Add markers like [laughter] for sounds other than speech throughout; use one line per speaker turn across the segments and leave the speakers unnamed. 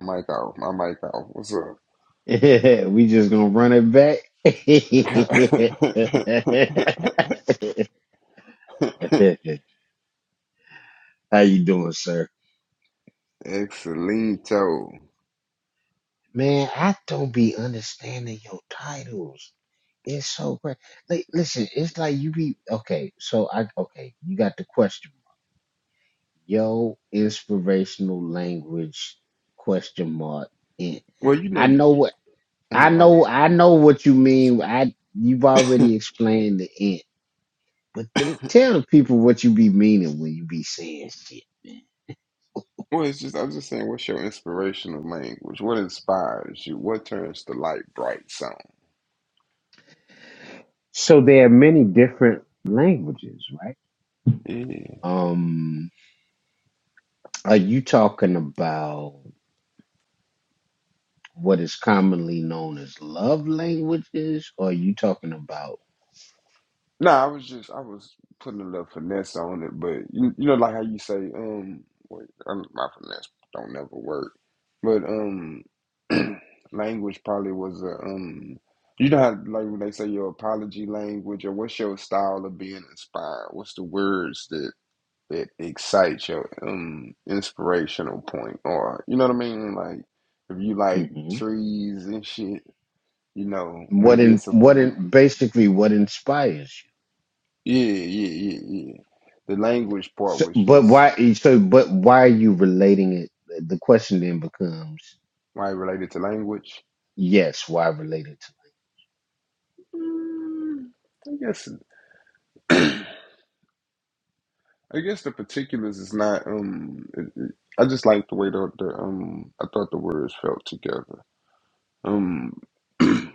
Mic off. My mic off. What's up? [laughs] Excelito. Well, you know the [clears throat] Oh, well, it's just I'm just saying. What's your inspirational language? What inspires you? What turns the light bright? Song. No, I was just I was putting a little finesse on it, but you you know like how you say um wait um, my finesse don't never work, but um [clears throat] language probably was a um you know how like when they say your apology language or what's your style of being inspired? What's the words that that excite your um inspirational point or you know what I mean? Like if you like trees and shit, you know maybe it's a Yeah, yeah, yeah, yeah. The language part was just why it related to language. Mm, I guess [clears throat] I guess the particulars is not um it, it, I just like the way the, the um I thought the words felt together. Um [clears throat] and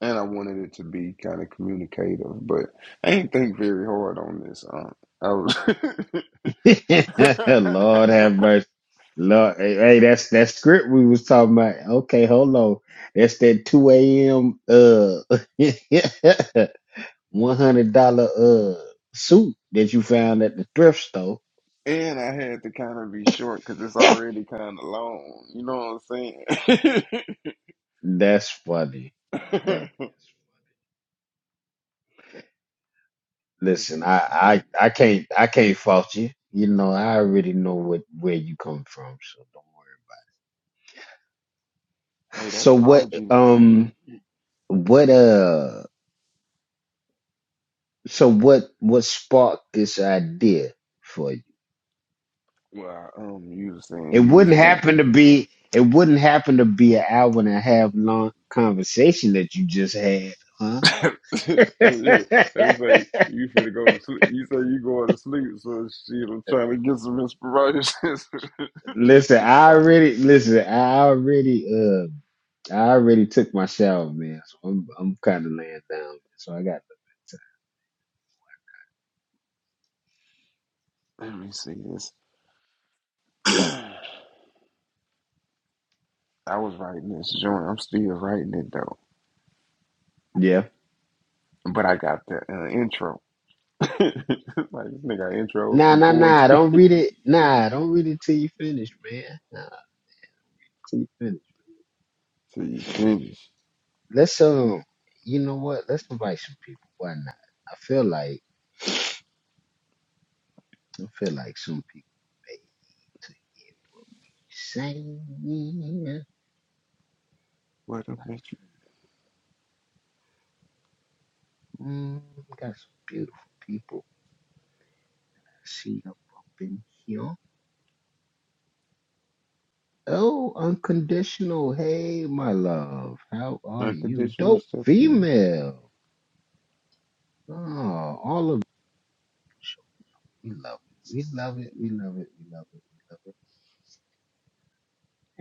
I wanted it to be kind of communicative, but I didn't think very hard on this. Um I was [laughs] and I had to kind of be short because it's already kind of long. You know what I'm saying? [laughs] What if he was? like, Hey, that apology. mm, Well, um, you was saying you was going. [laughs] That's it. That was like you finna go to sleep. You say you going to sleep, so shit. I'm trying to get some inspiration. [laughs] Let me Stop. Let me see this. [clears throat] I was writing this joint. I'm still writing it though, but I got the uh, intro. [laughs] like this nigga got intros for the poetry. [laughs] Till you finish. What a make you unconditional step in.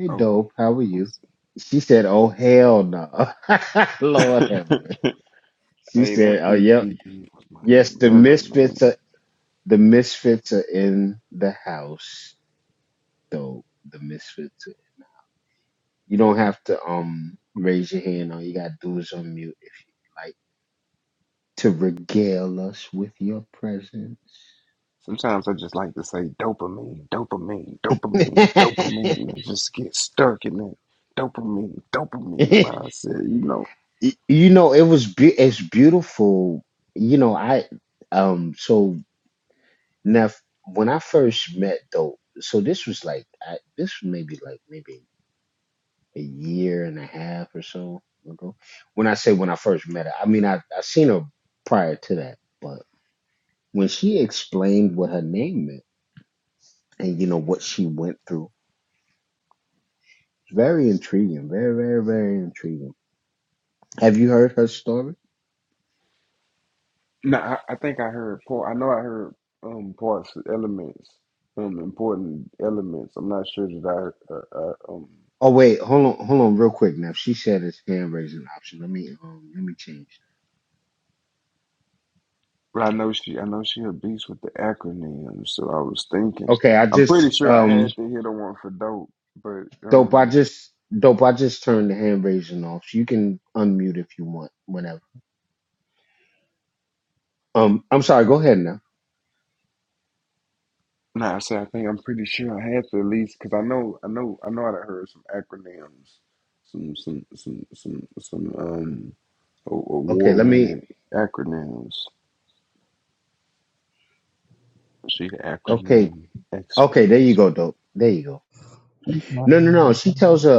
Oh, what's [laughs] Hey, that PCP was monumental, man. Sometimes I just like to say dopamine, dopamine, dopamine, dopamine. and just get stuck in that dopamine, dopamine mindset, you know. Nah, I, I think I heard part. I know I heard um parts, elements, um important elements. I'm not sure that I, uh, I um, but I know she, I know she a beast with the acronyms. So I was thinking, I'm pretty sure I had to hit a one for dope, but um. Nah, I said I think I'm pretty sure I had to at least because I know I know I know I done heard some acronyms, some some some some some um award winning acronyms. She the acronym expert.
I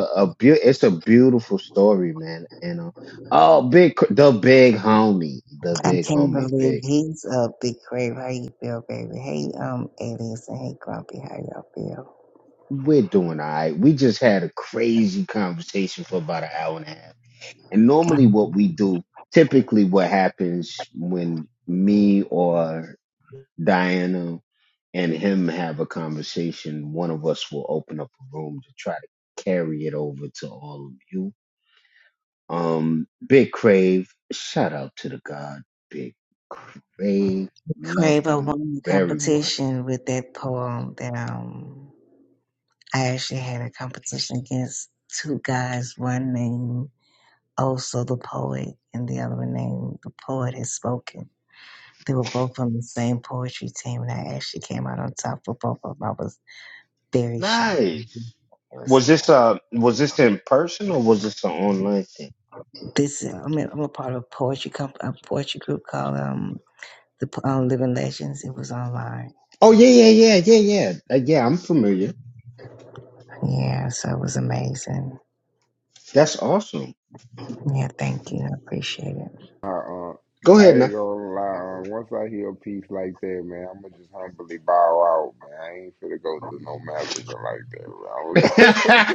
can't believe he's up, Big Crave. How you feel, baby? Hey, um, Alias and hey, Grumpy. How y'all feel? Crave, I won the competition with that poem that um, I actually had a competition against two guys. One named also the poet, and the other one named the poet has spoken. They were both from the same poetry team, and I actually came out on top for both of them. I was very shocked. It was nice. this I'm a, I'm a part of a poetry comp, a poetry group called um the um, Living Legends. It was online. Yeah, so it was amazing. Yeah, thank you. I appreciate it.
Uh, uh, I ain't gonna lie. Uh, once I hear a piece like that, man, I'ma just humbly bow out, man. I ain't finna go through no massacre like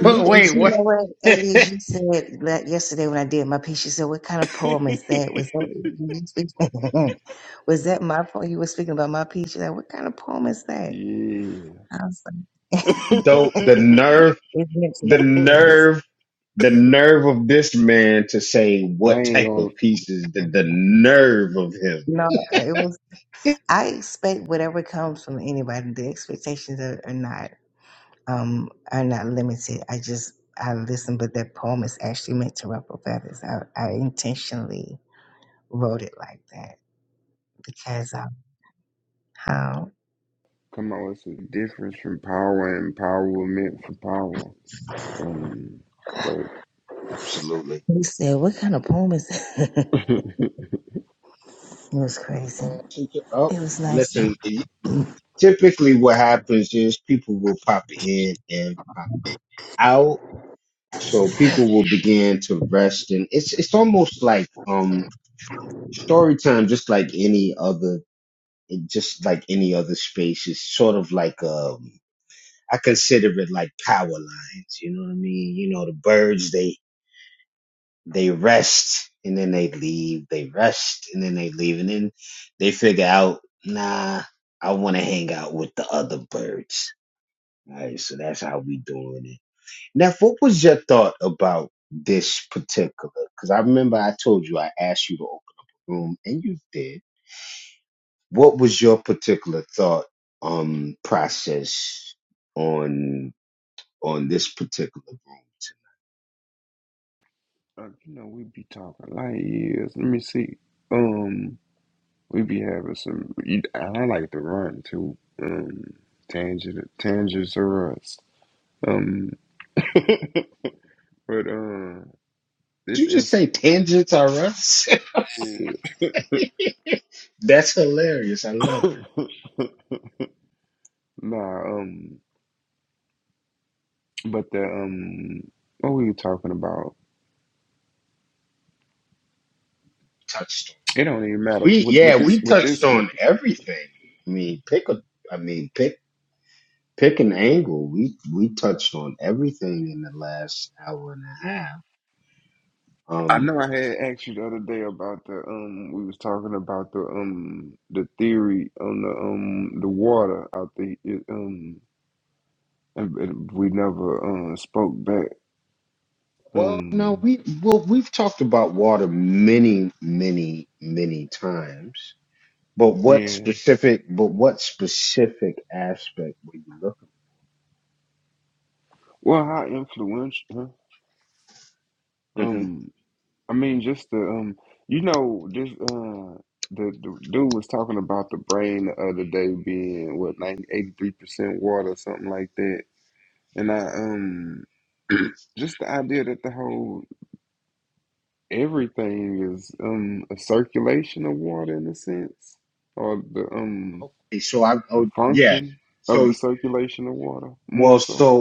You, but you know what, Aries, you said that yesterday when I did my piece, you said, what kind of poem is that?
that,
Was
bro. [laughs]
that, [laughs] was that my poem? You were speaking about my piece. You're like, what kind of poem is that?
yeah.
I was like, [laughs] it's meant to represent us.
[laughs] I ain't gonna
No, it was, I expect whatever comes from anybody. The expectations are, are not. um, are not limited. I just I listen, but that poem is actually meant to ruffle feathers. I, I intentionally wrote it like that because of how
come out with some difference from power and empowerment for power. Um, but
he said, "What kind of poem is that?" [laughs] it was crazy. It was nice though. She's
uh, you know, we be talking light years. Let me see. Um, we be having some. you- and I like to run too. Um, tangent, tangents are us. Um, but uh, this is [coughs] nah. Um, but the um, what were you talking about? It don't even matter with with this with this with I know I had asked you the other day about the um we was talking about the um the theory on the um the water out the it, um and, and we never uh, spoke back um yeah well how influential huh? um I mean just the um you know this uh the, the dude was talking about the brain the other day being what 90 83 percent water or something like that and I um just the idea that the whole everything is um a circulation of water in a sense, or the um a function of the circulation of water more so.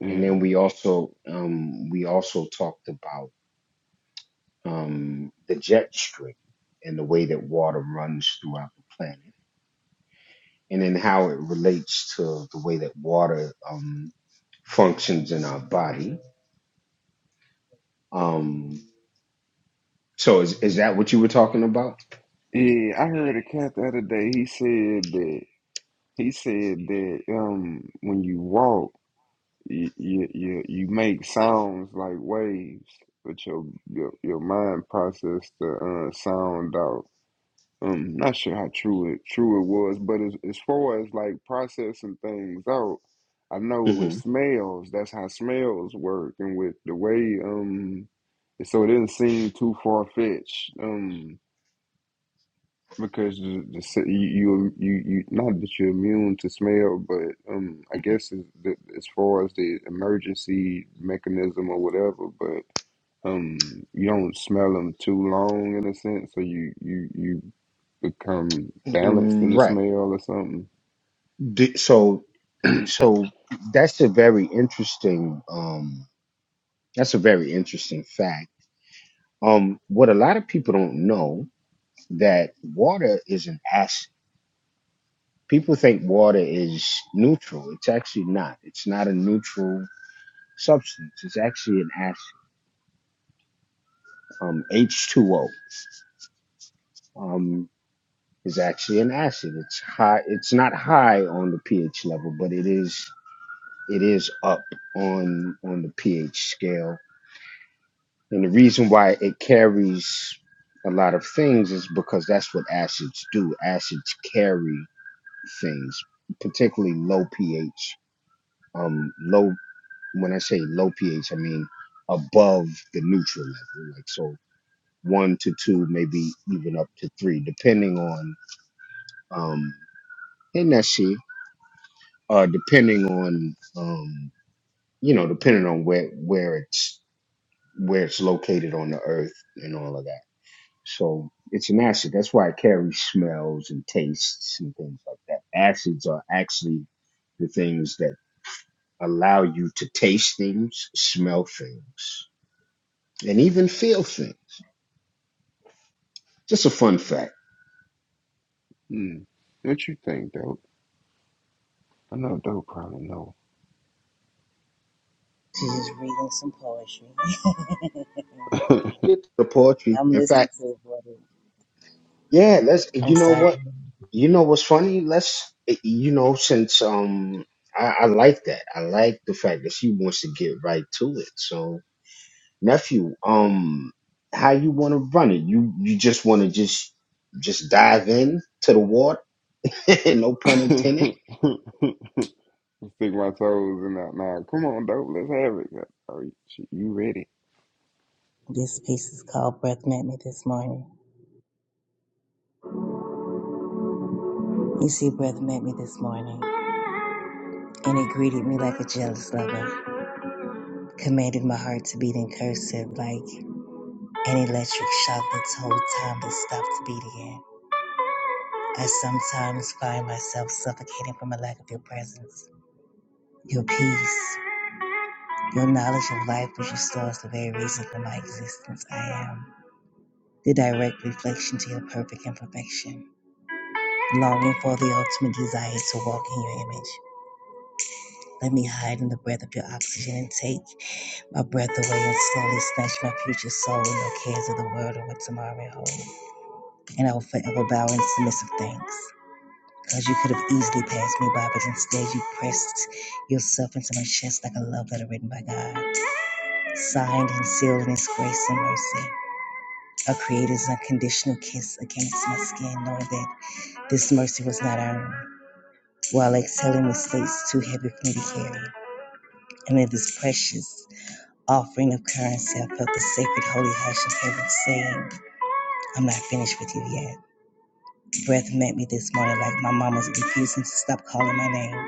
Yeah, yeah. I heard a cat the other day. He said that he said that um when you walk, you you you, you make sounds like waves, but your your your mind process the uh, sound out. Um, not sure how true it true it was, but as as far as like processing things out, I know with smells, that's how smells work, and with the way um, so it didn't seem too far fetched um because the, the s- you, you you you not that you're immune to smell, but um I guess as, the- as far as the emergency mechanism or whatever, um you don't smell them too long in a sense so you you you become balanced in the smell or something hmm. what you think dope i know dope probably know
just reading some poetry. [laughs] I'm listening to it. but I'm sorry.
[laughs] stick my toes in that Nah, come on dope let's have it oh shit, you ready
This piece is called "Breath Met Me This Morning." You see, breath met me this morning, and it greeted me like a jealous lover. Commanded my heart to beat in cursive, like. An electric shock that told time to stop to beat again. I sometimes find myself suffocating from a lack of your presence, your peace, your knowledge of life, which restores the very reason for my existence. I am the direct reflection to your perfect imperfection, longing for the ultimate desire to walk in your image. Let me hide in the breath of your oxygen and take my breath away and slowly snatch my future soul and the cares of the world or what tomorrow may hold. And I will forever bow in submissive thanks. Because you could have easily passed me by, but instead you pressed yourself into my chest like a love letter written by God, signed and sealed in His grace and mercy. A Creator's unconditional kiss against my skin, knowing that this mercy was not our own, while exhaling with states too heavy for me to carry. And in this precious offering of currency, I felt the sacred holy hush of heaven saying, I'm not finished with you yet. Breath met me this morning like my mom was refusing to stop calling my name.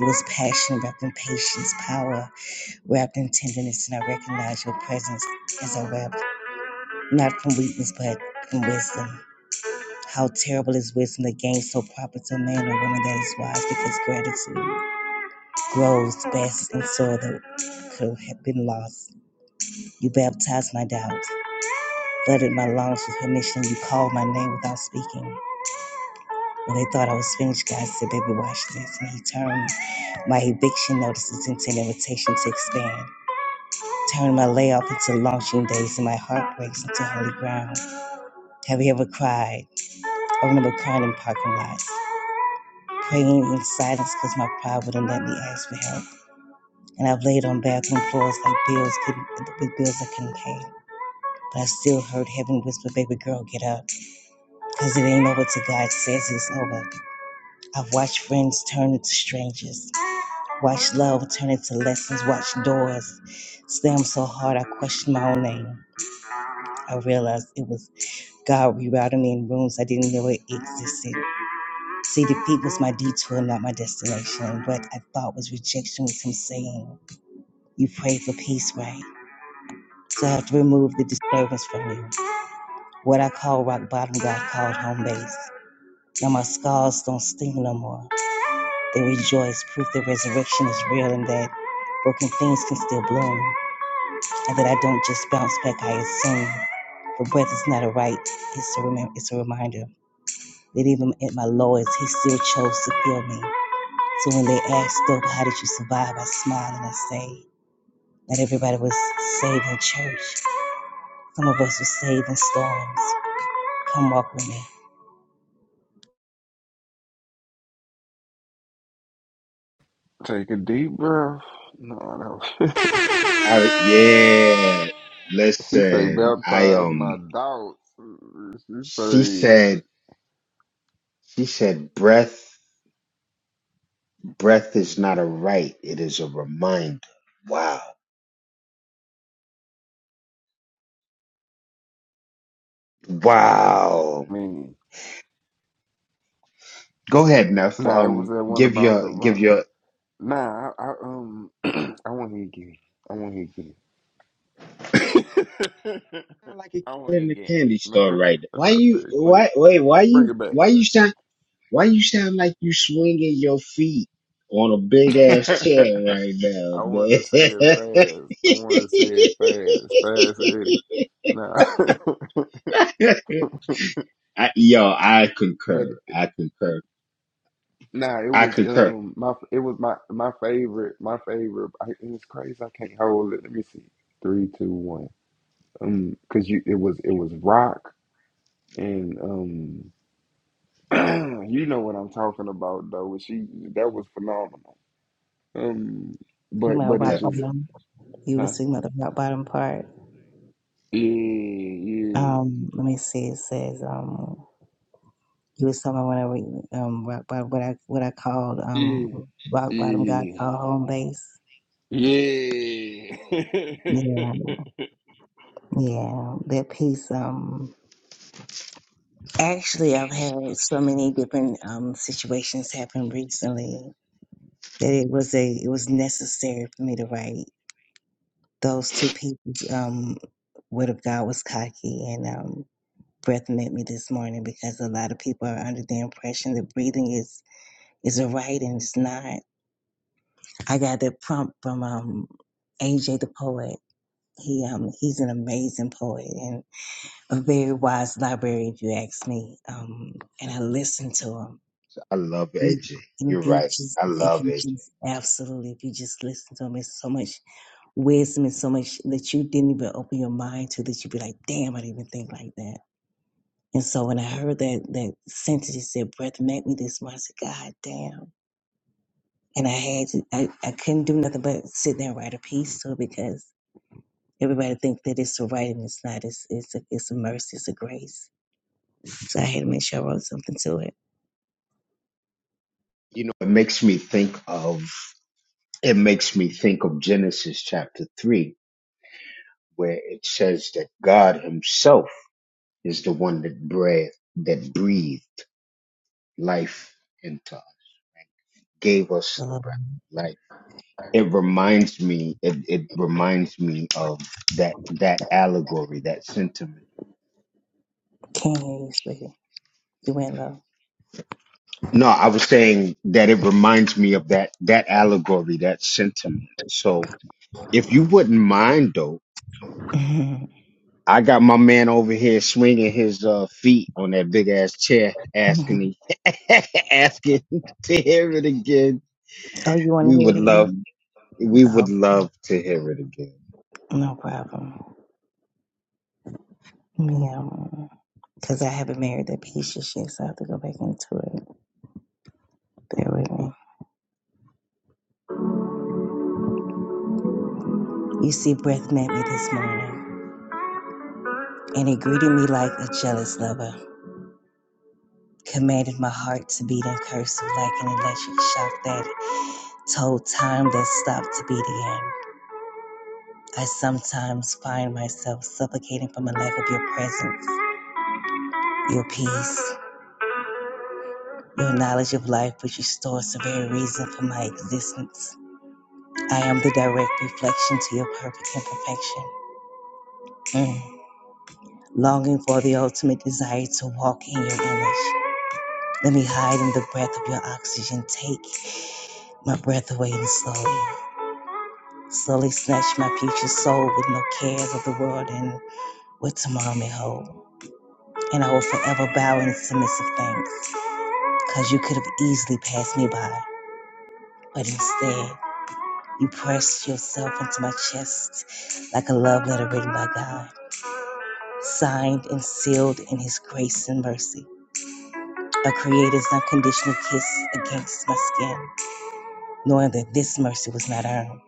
It was passion wrapped in patience, power wrapped in tenderness, and I recognize your presence as I wept, not from weakness, but from wisdom. How terrible is wisdom that gains so proper to man or woman that is wise because gratitude grows best in soil that could have been lost. You baptized my doubt, flooded my lungs with permission. You called my name without speaking. When they thought I was finished, God said, Baby, watch this. And he turned my eviction notices into an invitation to expand. Turn my layoff into launching days and my heart breaks into holy ground. Have you ever cried? I remember crying in parking lots, praying in silence because my pride wouldn't let me ask for help. And I've laid on bathroom floors like bills couldn't, with bills I couldn't pay. But I still heard heaven whisper, baby girl, get up. Because it ain't over till God says it's over. I've watched friends turn into strangers, watched love turn into lessons, watched doors slam so hard I questioned my own name. I realized it was God rerouted me in rooms I didn't know it existed. See, defeat was my detour, not my destination. What I thought was rejection was him saying, You prayed for peace, right? So I have to remove the disturbance from you. What I call rock bottom, God called home base. Now my scars don't sting no more. They rejoice, proof that resurrection is real and that broken things can still bloom. And that I don't just bounce back, I assume. For breath is not a right, it's a, rem- it's a reminder. that even at my lowest, he still chose to heal me. So when they asked, Dope, how did you survive? I smiled and I say, not everybody was saved in church. Some of us were saved in storms. Come walk with me.
take a deep breath no no [laughs] she say baptize my doubts she say man nah it was that one about the rock Nah, I, I um, [clears throat] I want to hear again. I want to hear again. [laughs] I want to hear again. [laughs] That's what I said. Quick, bring it back. [laughs] I wanted to say it fast. I wanted to say it fast, fast Eddie. Nah, [laughs] but nah, it was um my it was my my favorite my favorite. I, and it's crazy. I can't hold it. Let me see. Three, two, one. Um, cause you it was it was rock and um [clears throat] you know what I'm talking about though. She that was phenomenal. Um,
Speak
but
my
but it
rock
just
bottom. You were
huh?
speaking about the rock bottom part.
Yeah, yeah,
Um, let me see. It says, um, you was talking about when I re- um rock bottom, what I what I called
yeah,
um rock bottom. God called home base.
yeah,
Yeah,
yeah.
yeah. That piece. Um, Actually, I've had so many different um, situations happen recently that it was a it was necessary for me to write those two pieces. Um, Word of God was cocky, and um, breath met me this morning because a lot of people are under the impression that breathing is is a right and it's not. I got that prompt from um, AJ the poet. He um he's an amazing poet and a very wise library if you ask me. Um, and I listened to him If you you just, if you just, absolutely, if you just listen to him, it's so much wisdom and so much that you didn't even open your mind to that you'd be like, damn, I didn't even think like that. And so when I heard that, that sentence, he said, breath make me this much, I said, God damn. And I had to, I, I couldn't do nothing but sit there and write a piece to it because everybody thinks that it's a right and it's not. It's, it's, a, it's a mercy, it's a grace. So I had to make sure I wrote something to it. Okay, sweetie. You went low. [laughs] oh, you want to hear it again? Oh, no problem. Meow. Because I haven't married that piece of shit, so I have to go back into it. Bear with me. You see, breath met me this morning, and it greeted me like a jealous lover. commanded my heart to beat and cursive like an electric shock that told time that stopped to beat again. I sometimes find myself suffocating from a lack of your presence, your peace, your knowledge of life, which restores the very reason for my existence. I am the direct reflection to your perfect imperfection, Mm. longing for the ultimate desire to walk in your image. Let me hide in the breath of your oxygen. Take my breath away and slowly. Sully snatched my future soul with no cares of the world and what tomorrow may hold. And I will forever bow in submissive thanks, because you could have easily passed me by. But instead, you pressed yourself into my chest like a love letter written by God, signed and sealed in His grace and mercy. A Creator's unconditional kiss against my skin, knowing that this mercy was not earned,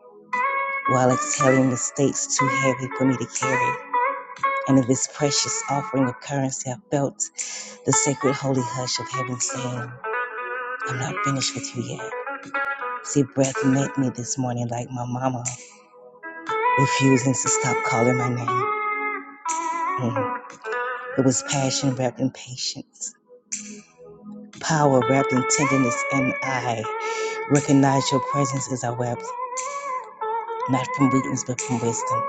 while exhaling mistakes too heavy for me to carry. and in this precious offering of currency, I felt the sacred holy hush of heaven saying, I'm not finished with you yet. See, breath met me this morning like my mama, refusing to stop calling my name. Mhm. It was passion wrapped in patience, power wrapped in tenderness, and I recognized your presence as I wept, not from weakness, but from wisdom.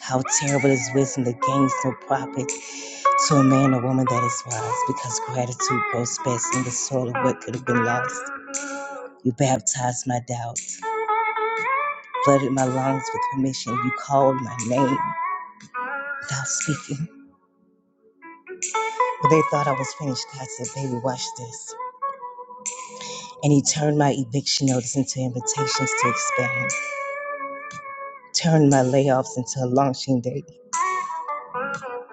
How terrible is wisdom that gains no profit to a man or woman that is wise, because gratitude grows best in the soil of what could have been lost. You baptized my doubts, flooded my lungs with permission. You called my name without speaking. When they thought I was finished, God said, Baby, watch this. And He turned my eviction notice into invitations to expand, turned my layoffs into a launching date,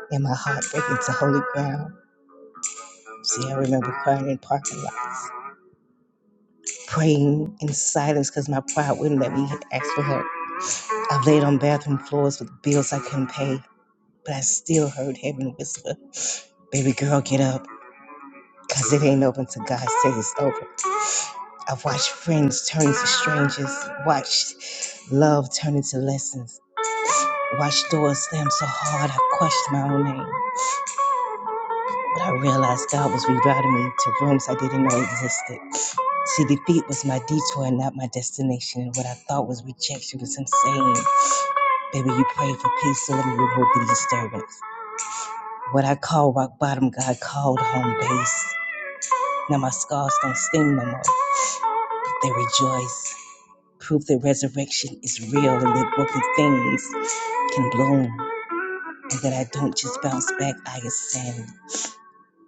and my heartbreak into holy ground. See, I remember crying in parking lots, praying in silence because my pride wouldn't let me ask for help. I've laid on bathroom floors with bills I couldn't pay, but I still heard heaven whisper, Baby girl, get up. because it ain't open to God says it's open. I've watched friends turn to strangers, watched love turn into lessons, watched doors slam so hard I questioned my own name. But I realized God was rerouting me to rooms I didn't know existed. See, defeat was my detour and not my destination, and what I thought was rejection was insane. Baby, you prayed for peace, so let me remove the disturbance. What I call rock bottom, God called home base. Now my scars don't sting no more, they rejoice. proof that resurrection is real and that broken things can bloom, and that I don't just bounce back, I ascend.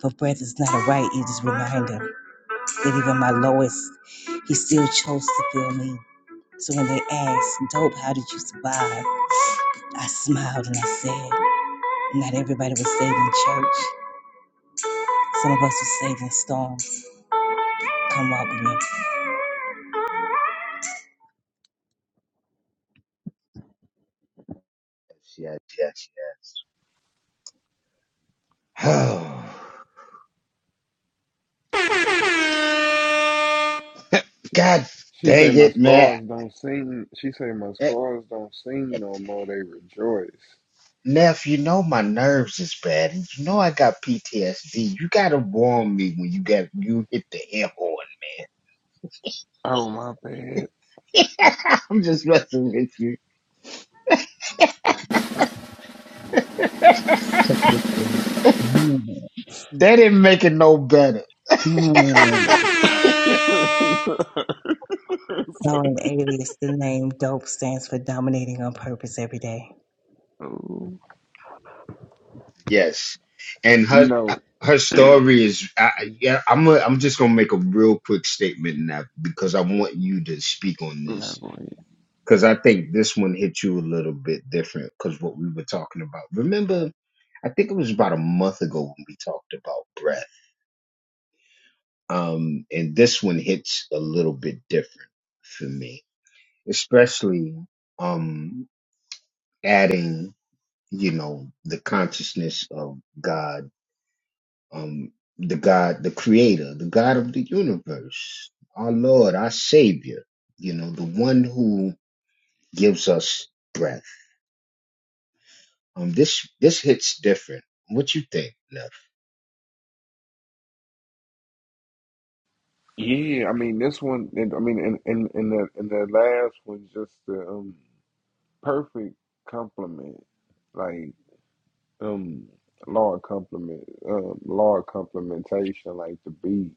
For breath is not a right, it is a reminder that even my lowest, he still chose to feel me. So when they asked, Dope, how did you survive? I smiled and I said, Not everybody was saved in church. Some of us were saved in storms. Come walk
[laughs] She say my scars don't sing. She say my scars don't sing no more. They rejoice. Oh my bad.
with me. [laughs]
[laughs]
Knowing alias, the name DOPE stands for Dominating on Purpose Every Day.
you know. I'm not going Yeah, I mean this one. and- I mean, in in in the in the last one, just the um, perfect compliment, like um, law of compliment, um, law of complementation, like the beat,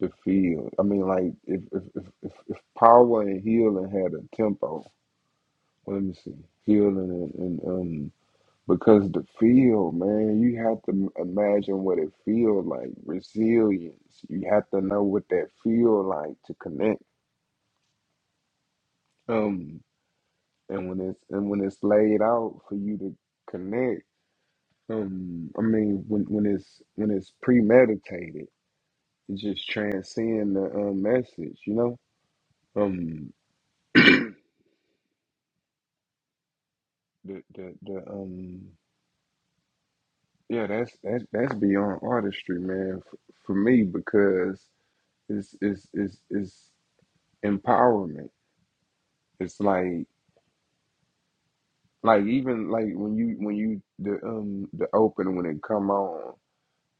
the feel. I mean, like if if if if, if power and healing had a tempo, well, let me see, healing and, and um, because the feel, man, you have to imagine what it feels like. Resilience. You have to know what that feel like to connect. Um and when it's and when it's laid out for you to connect um i mean when when it's when it's premeditated it just transcends the um, message you know um the the, the um yeah that's that's that's beyond artistry man for, for me because it's it's it's it's empowerment it's like like even like when you when you the um the open when it come on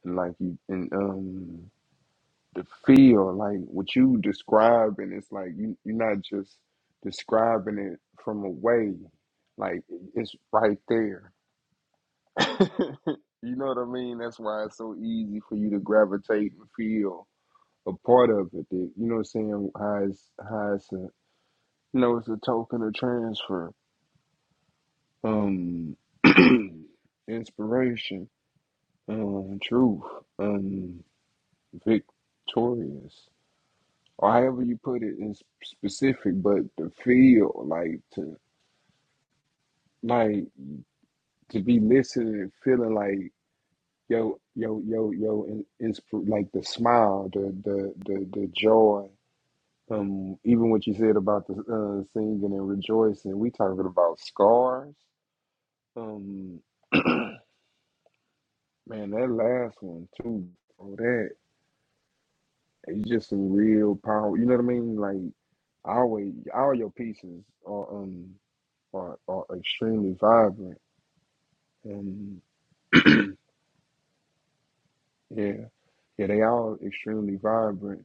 and like you and um the feel like what you describing it's like you, you're not just describing it from a way like it's right there [laughs] you know what i mean that's why it's so easy for you to gravitate and feel a part of it that, you know what i'm saying how it's, how it's a you know it's a token of transfer um [clears throat] inspiration um truth um victorious or however you put it is specific, but the feel like to like to be listening feeling like yo yo yo yo in, insp- like the smile, the the the the joy. Um, even what you said about the uh, singing and rejoicing, we talking about scars. Um, man, that last one too. Oh, that it's just some real power. You know what I mean? Like always, all your pieces are um are, are extremely vibrant And yeah, yeah, they all extremely vibrant.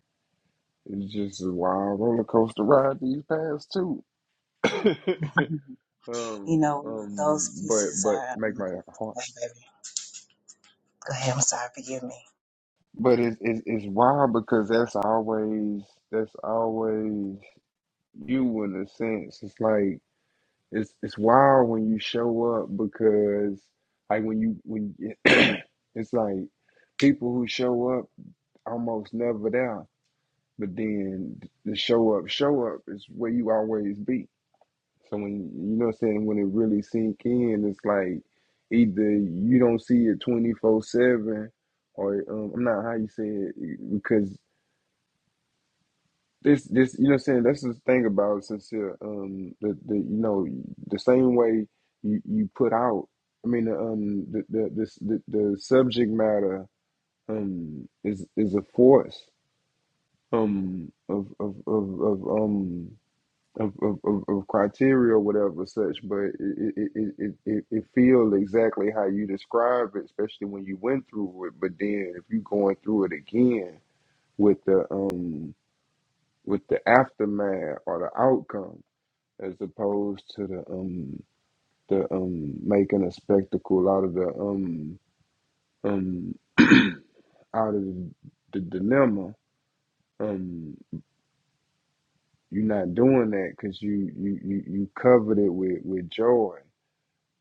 It's just a wild roller coaster ride these past two. [coughs] [laughs]
You
um,
know,
um,
those
but
pieces
but
are.
make
Um,
my heart.
wait, baby. Go ahead. I'm sorry. Forgive me.
But it's it's it's wild because that's always that's always you in a sense. It's like it's it's wild when you show up because like when you when [coughs] [clears throat] it's like people who show up almost never there But then the show up, show up is where you always be. So when you know what I'm saying, when it really sink in, it's like either you don't see it twenty four seven, or um, I'm not how you say it because this this you know what I'm saying. That's the thing about sincere. Um, the the you know the same way you, you put out. I mean, um, the the the, the subject matter um is is a force um of of of, of um of, of, of, of criteria or whatever such, but it, it, it, it, it it feels exactly how you describe it, especially when you went through it. But then if you are going through it again with the um with the aftermath or the outcome as opposed to the um the um making a spectacle out of the um um [clears throat] out of the dilemma um you're not doing that because you, you you you covered it with with joy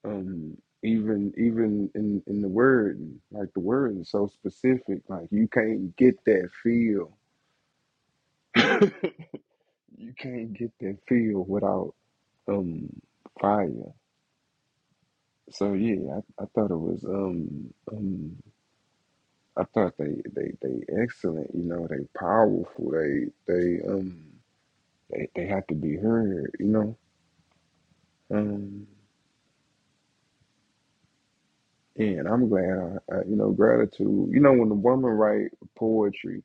um even even in in the word like the word is so specific like you can't get that feel [coughs] [laughs] you can't get that feel without um fire so yeah i, I thought it was um um i thought they they they excellent you know they powerful they they um they, they have to be heard you know Um, And I'm glad, I, I, you know, gratitude. You know, when the woman write poetry,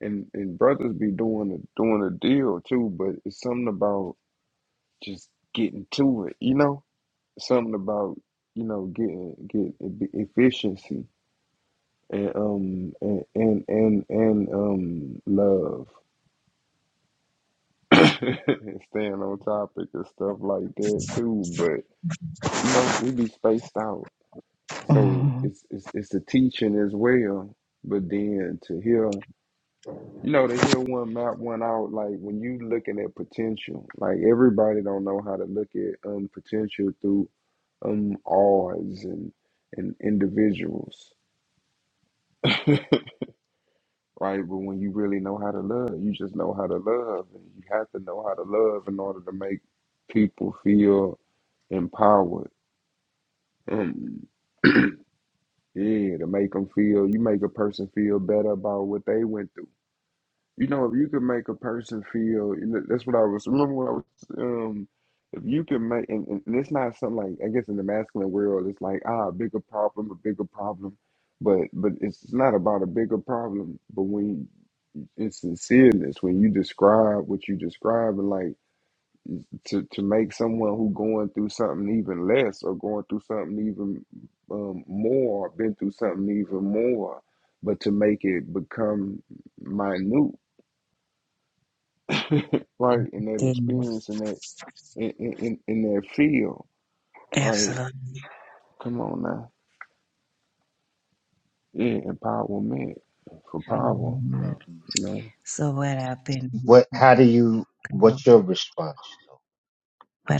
and and brothers be doing the doing the deal too, but it's something about just getting to it. You know, something about you know getting getting e- efficiency and um and and and, and um love [laughs] and staying on topic and stuff like that too. But you know, we be spaced out So
Mhm.
it's it's it's the teaching as well. But then to hear, you know, to hear one map one out, like when you looking at potential, like everybody don't know how to look at um potential through um odds and and individuals, right? But when you really know how to love, you just know how to love, and you have to know how to love in order to make people feel empowered. Um, yeah, to make them feel, you make a person feel better about what they went through You know, if you could make a person feel, you know, that's what I was, remember when I was, um, if you can make, and, and and it's not something like, I guess in the masculine world, it's like, ah, a bigger problem, a bigger problem. But, but it's not about a bigger problem, but when it's sincereness, when you describe what you describe and like to, to make someone who going through something even less or going through something even um, more, been through something even more, but to make it become minute [laughs] right? And that
Yeah,
experience and that in, in, in in that field, right?
absolutely.
Come on now. Yeah, empowerment for power,
Mhm.
you know.
So what I've been what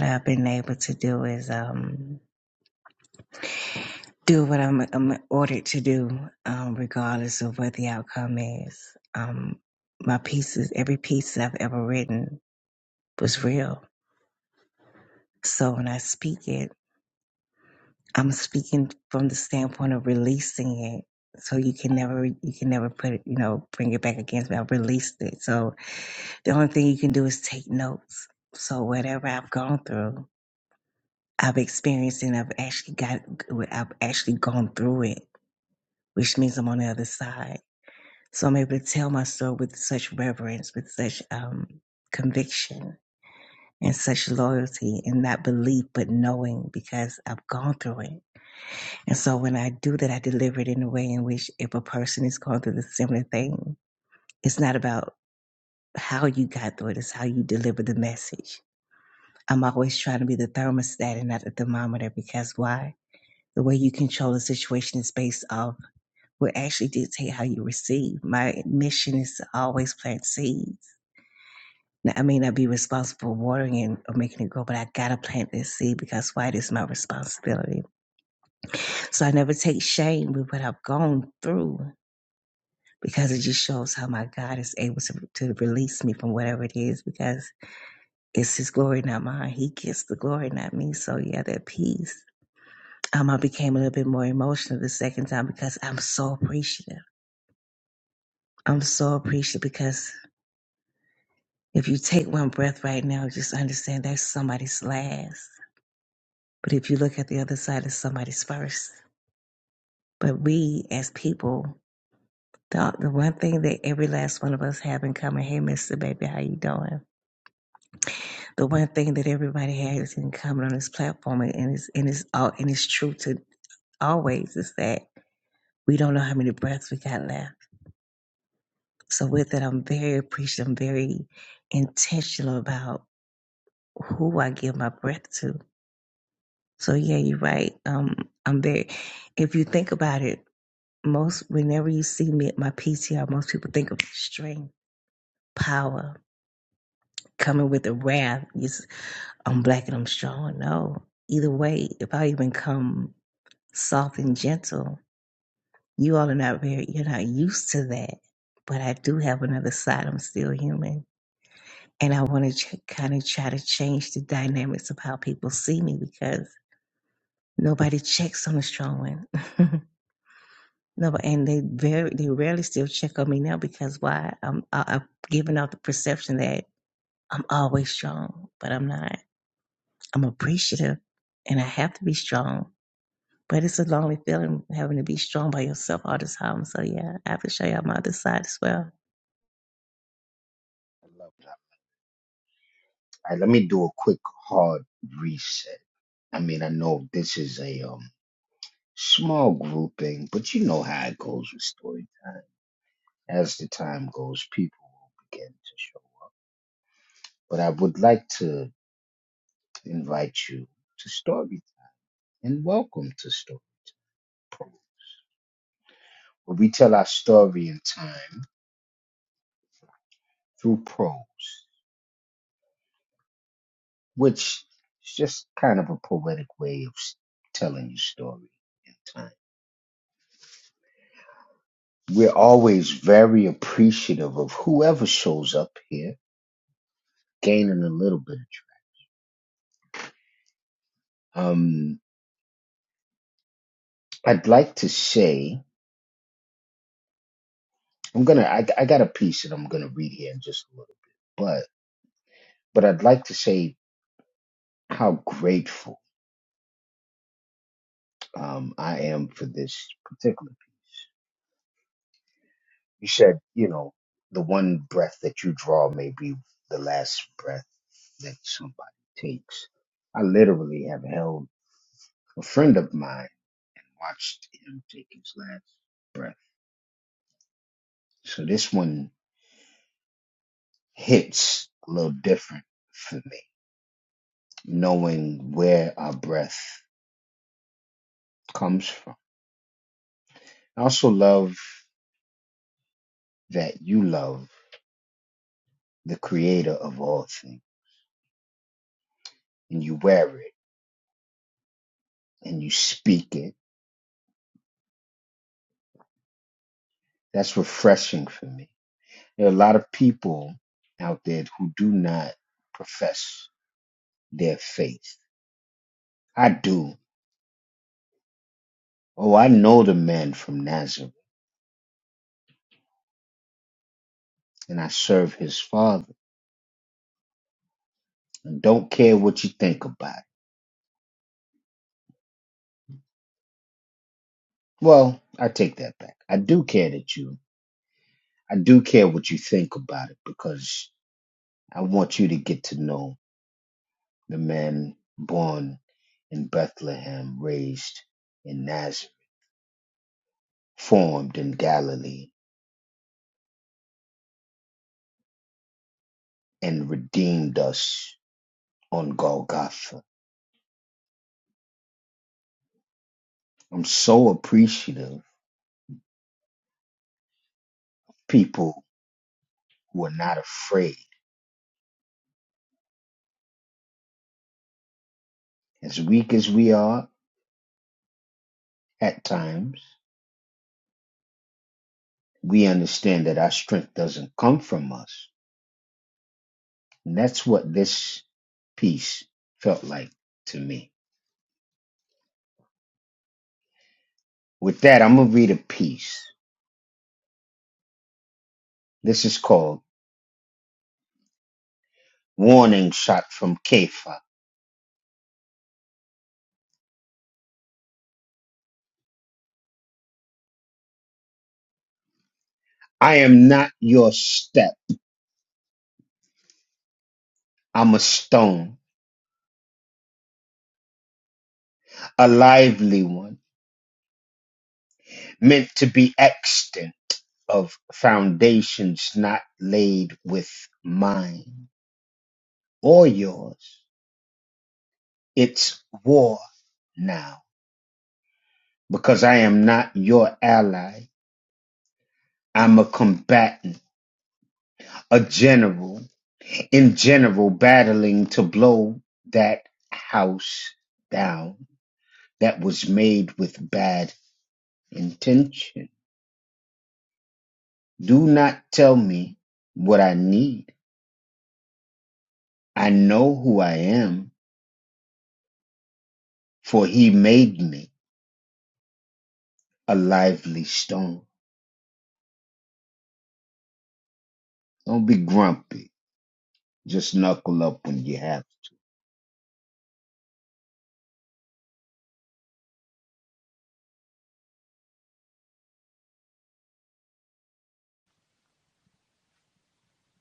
I've been able to do is um do what I'm, I'm ordered to do, um, regardless of what the outcome is. Um, my pieces, every piece I've ever written was real. So when I speak it. I'm speaking from the standpoint of releasing it. So you can never, you can never put it, you know, bring it back against me. I released it. So the only thing you can do is take notes. So whatever I've gone through, I've experienced and I've actually got, I've actually gone through it, which means I'm on the other side. So I'm able to tell my story with such reverence, with such um, conviction and such loyalty and not belief, but knowing because I've gone through it. And so when I do that, I deliver it in a way in which if a person is going through the similar thing, it's not about how you got through it, it's how you deliver the message. I'm always trying to be the thermostat and not the thermometer because why? The way you control a situation is based off what actually dictate how you receive. My mission is to always plant seeds. Now, I may not be responsible for watering it or making it grow, but I gotta plant this seed because why? It is my responsibility. So I never take shame with what I've gone through because it just shows how my God is able to, to release me from whatever it is because it's his glory, not mine. He gets the glory, not me. So yeah, that peace. Um, I became a little bit more emotional the second time because I'm so appreciative. I'm so appreciative because if you take one breath right now, just understand that's somebody's last. But if you look at the other side, it's somebody's first. But we as people, the, the one thing that every last one of us have in common, hey, Mr. Baby, how you doing? the one thing that everybody has in common on this platform, and it's and it's all and it's true to always is that we don't know how many breaths we got left. So with that, I'm very appreciative. I'm very intentional about who I give my breath to. So yeah, you're right. Um, I'm very. If you think about it, most whenever you see me at my PTR, most people think of strength, power, coming with the wrath. It's, I'm black and I'm strong. No, either way, if I even come soft and gentle. You all are not very, you're not used to that. But I do have another side. I'm still human. And I want to ch- kind of try to change the dynamics of how people see me because nobody checks on the strong one. [laughs] no, but- and they very, they rarely still check on me now because why? I'm, I, I'm giving off the perception that I'm always strong, but I'm not. I'm appreciative and I have to be strong But it's a lonely feeling having to be strong by yourself all the time. So yeah, I have to show y'all my other side as well.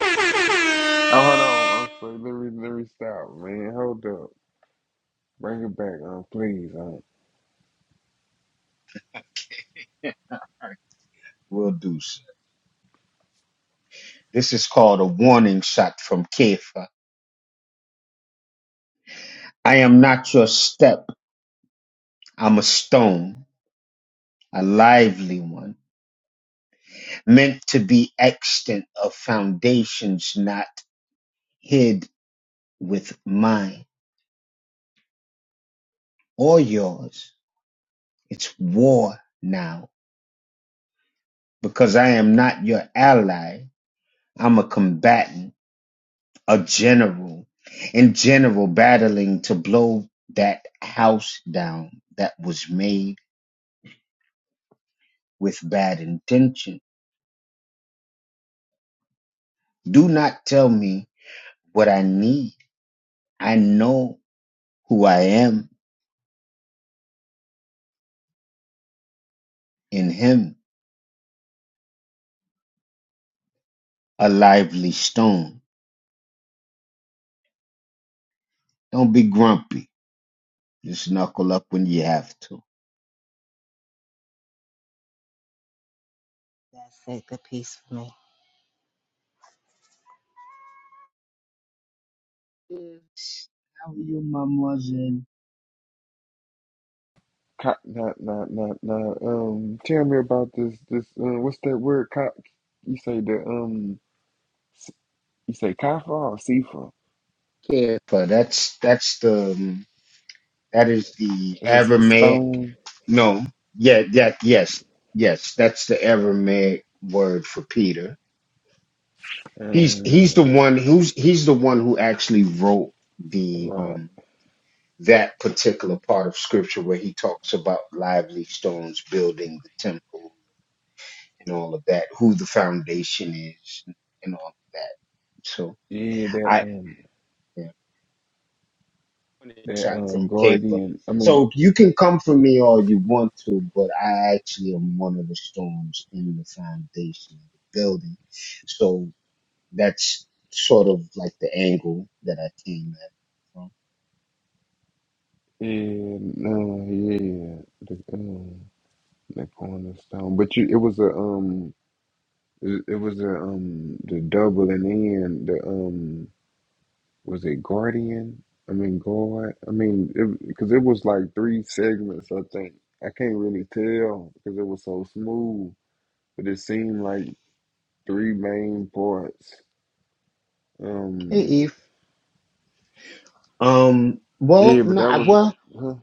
Oh, hold on. I'm [laughs] sorry. Let me, let me stop, man. Hold up. Bring it back, um, please. Um,
That's it, the piece for me.
co- not, not, not, not. Um, tell me about this, this, uh, what's that word? Co- you say the, um, s- you say kafa or sifa? It's just stone. Uh, the rock. Yeah, that, um, That uh, Guardian, I mean, and uh, yeah, the um, the cornerstone. But you, it was a um, it, it was a um, the double and then the um, was it Guardian? I mean, guard. I mean, it because it was like three segments. I think I can't really tell because it was so smooth, but it seemed like three main parts. Um, yeah, but that was huh?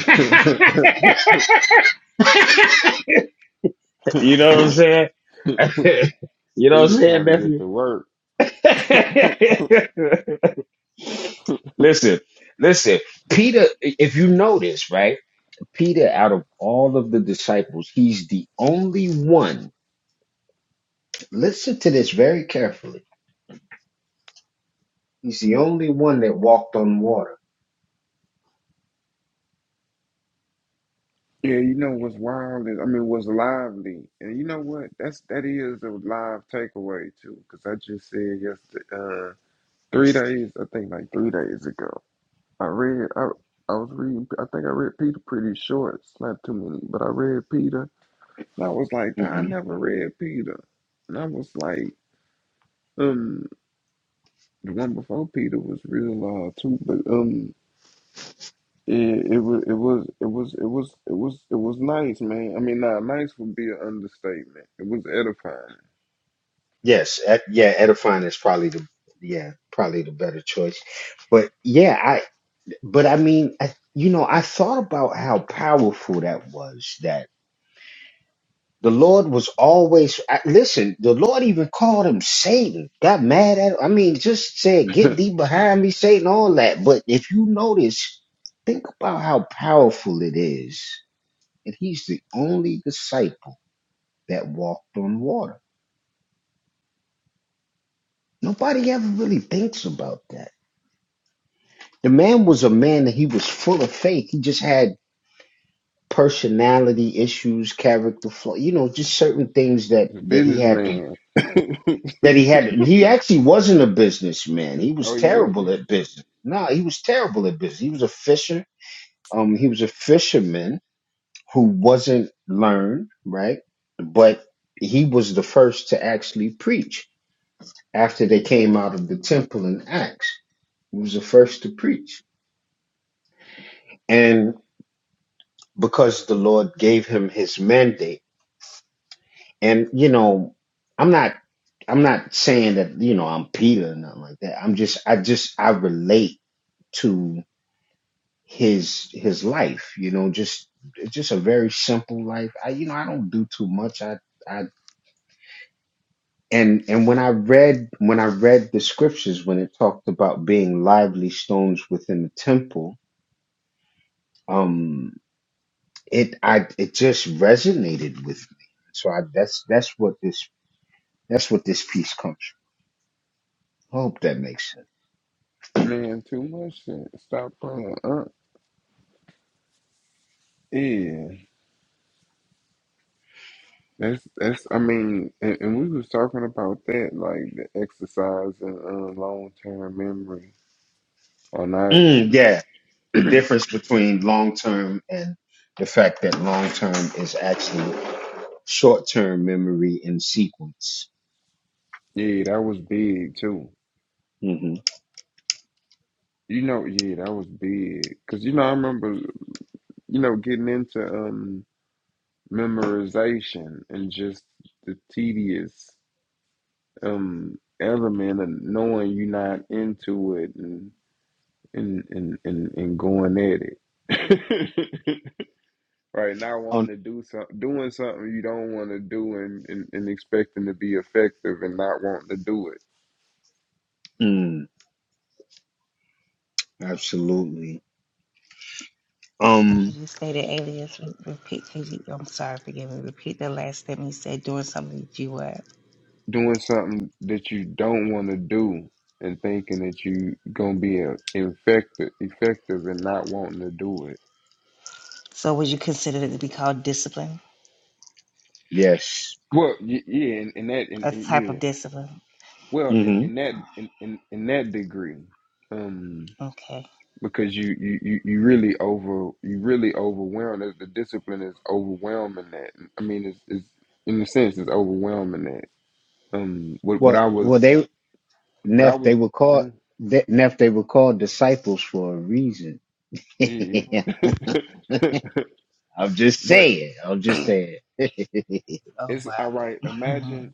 Yeah. [laughs]
You know what I'm saying? You know what
Peter
I'm saying,
trying to get
nephew?
to work. Yeah, you know what's wild is I mean what's lively, and you know what that's that is a live takeaway too. Because I just said yesterday, uh, three days I think like three days ago, I read I I was reading I think I read Peter pretty short, it's not too many, but I read Peter. And I was like, "Dang, I never read Peter, and I was like, um, the one before Peter was real uh too, but um. It, it was it was it was it was it was it was nice, man. I mean, nah, nice would be an understatement. It was edifying. [laughs] Businessman, oh, you wasn't man. Too much shit. Stop playing. Uh, yeah, that's that's. I mean, and, and we was talking about that, like the exercise and uh, long term memory or not. [clears throat] Yeah, that was big too. You know, yeah, that was big. Cause you know, I remember, you know, getting into um. memorization and just the tedious um element of knowing you're not into it and and and and, and going at it [laughs] right now wanting to do some doing something you don't want to do and, and and expecting to be effective and not wanting to do it
You just stated alias. Re- Repeat, cause you, I'm sorry, forgive me. Repeat the last statement you said doing something that you were.
doing something that you don't want to do and thinking that you gonna be a effective effective and not wanting to do it
So, would you consider it to be called discipline?
well, y- yeah, and, and that, and,
A
and
type
yeah.
of discipline?
Well, in, in that in, in in that degree, um,
Okay.
because you you you you really over you really overwhelm the, the discipline is overwhelming that. I mean, it's, it's in a sense it's overwhelming that. Um, what what I was what I was, mhm, yeah. [laughs] but [clears throat]
Oh,
it's all right.
wow. [laughs]
Imagine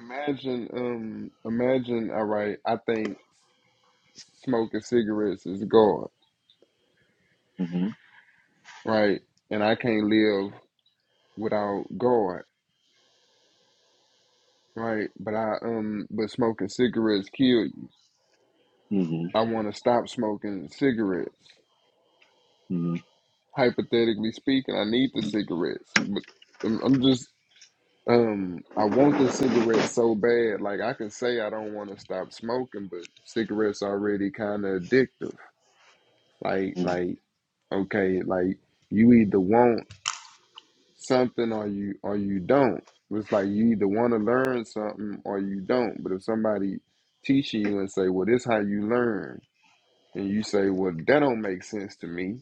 imagine um imagine all right. I think smoking cigarettes is God, right? And I can't live without God. Right, but I um, but smoking cigarettes kill you. I want to stop smoking cigarettes. Hypothetically speaking, I need the cigarettes, but I'm, I'm just um, I want the cigarettes so bad. Like I can say I don't want to stop smoking, but cigarettes already kind of addictive. Like like okay, like you either want something or you or you don't. It's like you either want to learn something or you don't. But if somebody teaching you and say, well, this how you learn and you say, "Well, that don't make sense to me,"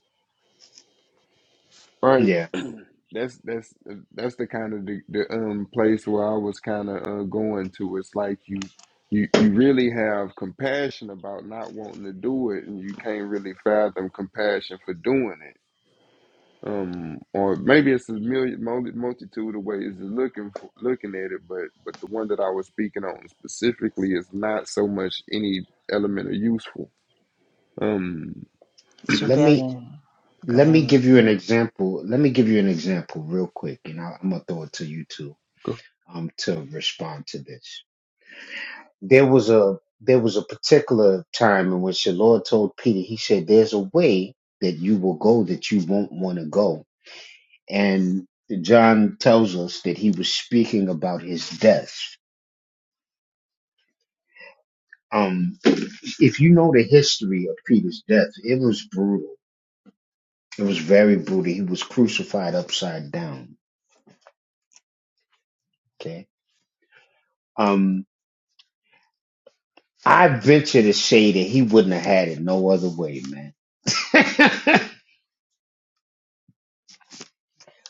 right? [clears throat] that's that's that's the kind of the, the um place where I was kind of uh, going to. It's like you you you really have compassion about not wanting to do it, and you can't really fathom compassion for doing it. Um, or maybe it's a million mul- multitude of ways of looking for, looking at it, but but the one that I was speaking on specifically is not so much any element of useful. Um,
it's rebellion. Go ahead and listen.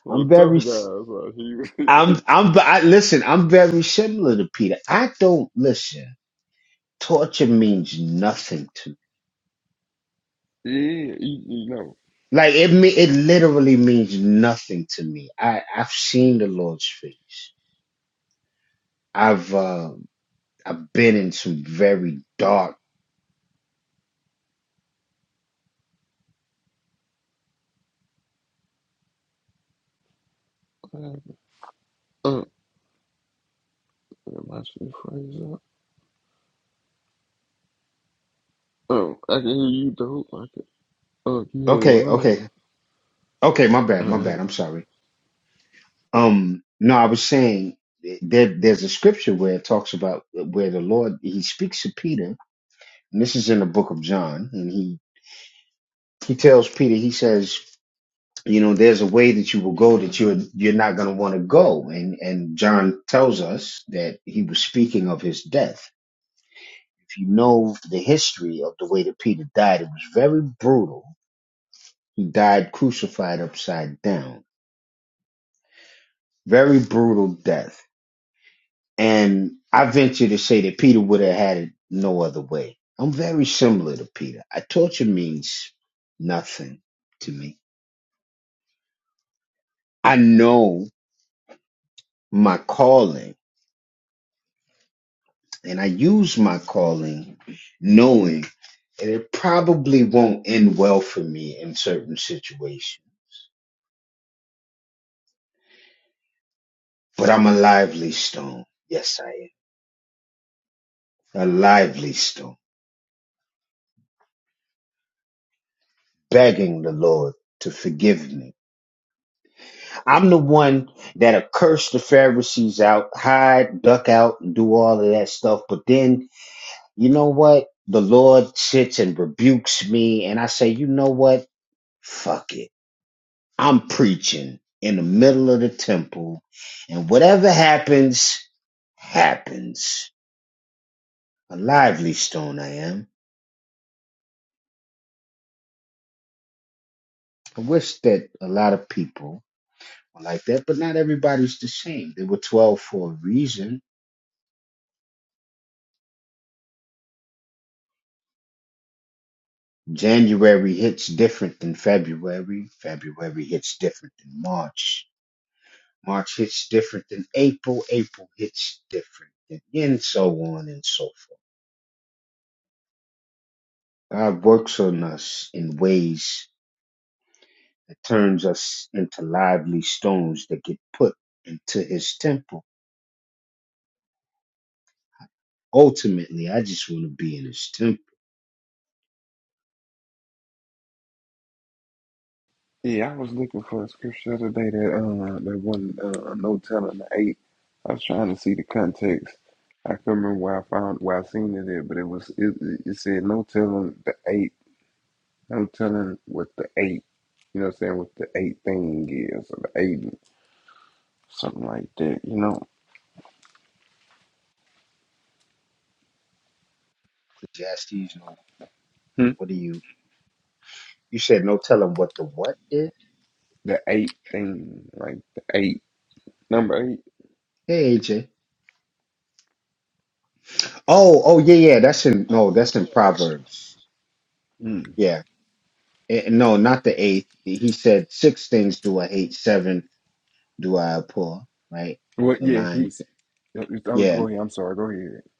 Well, tough guys. Like he, [laughs] yeah, you, you know. Uh, am I should phrase up? Oh, I can hear you, dope. I can. Oh, you hear one out. All right. Yeah, I was looking for a scripture the other day that uh that one uh no telling the eight. I was trying to see the context. I couldn't remember where I found where I seen it at, but it was it, it it said no telling the eight, no telling what the eight, you know, what I'm saying what the eight thing is or the eight, something like that, you know. The eight thing, like the eight, number eight. Mm. Well, yeah, he's. i it's- Oh, go ahead. I'm sorry. Go ahead.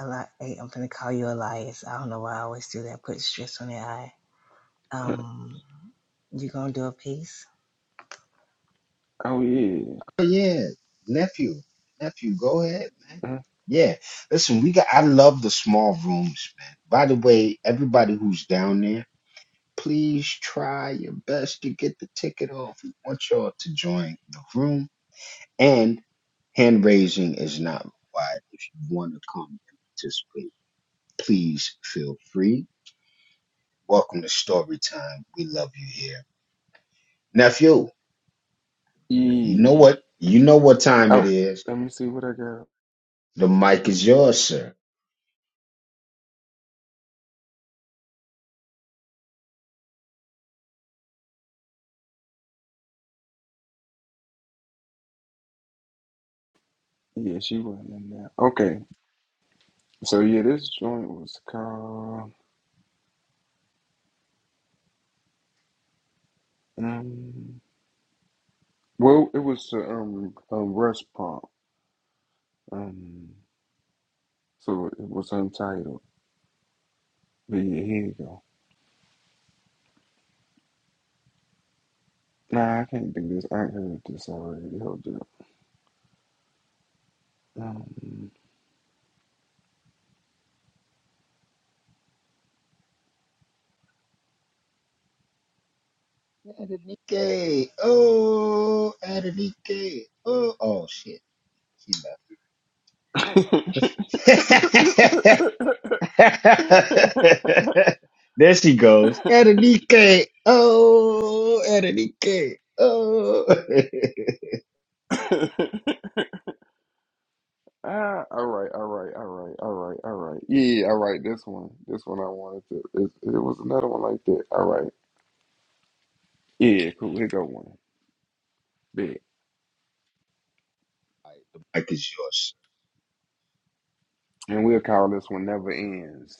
Eli- hey, I'm going to call you Elias. I don't know why I always do that, put stress on the I.
[laughs]
Um, you going to do a piece?
Oh yeah, Uh, yeah. Oh, let me see what I got. Yeah, she wasn't in there. Okay, so yeah, this joint was called. Um, well, it was uh, um um Rush Pump. Um, so it was untitled. But yeah, here you go. Nah, I can't do this. I heard this already. Hold up. Um, [laughs] ah, all right, all right, all right, all right, all right. Yeah, yeah, all right. This one, this one I wanted to. It, it was another one like that. All right. Yeah, cool. Here go one. Big. And we'll call this one never ends.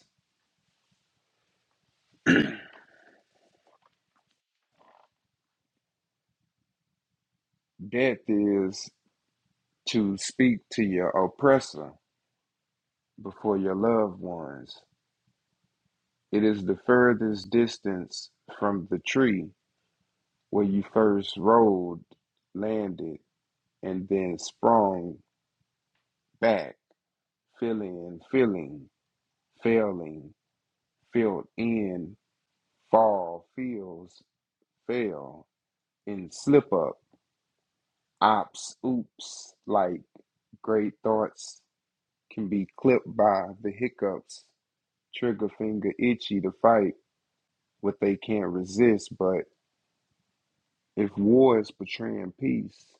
Death is to speak to your oppressor before your loved ones. It is the furthest distance from the tree where you first rolled, landed, and then sprung back filling, filling, failing, filled in, fall, feels, fail, and slip up, ops, oops, like great thoughts can be clipped by the hiccups, trigger finger itchy to fight what they can't resist. But if war is betraying peace,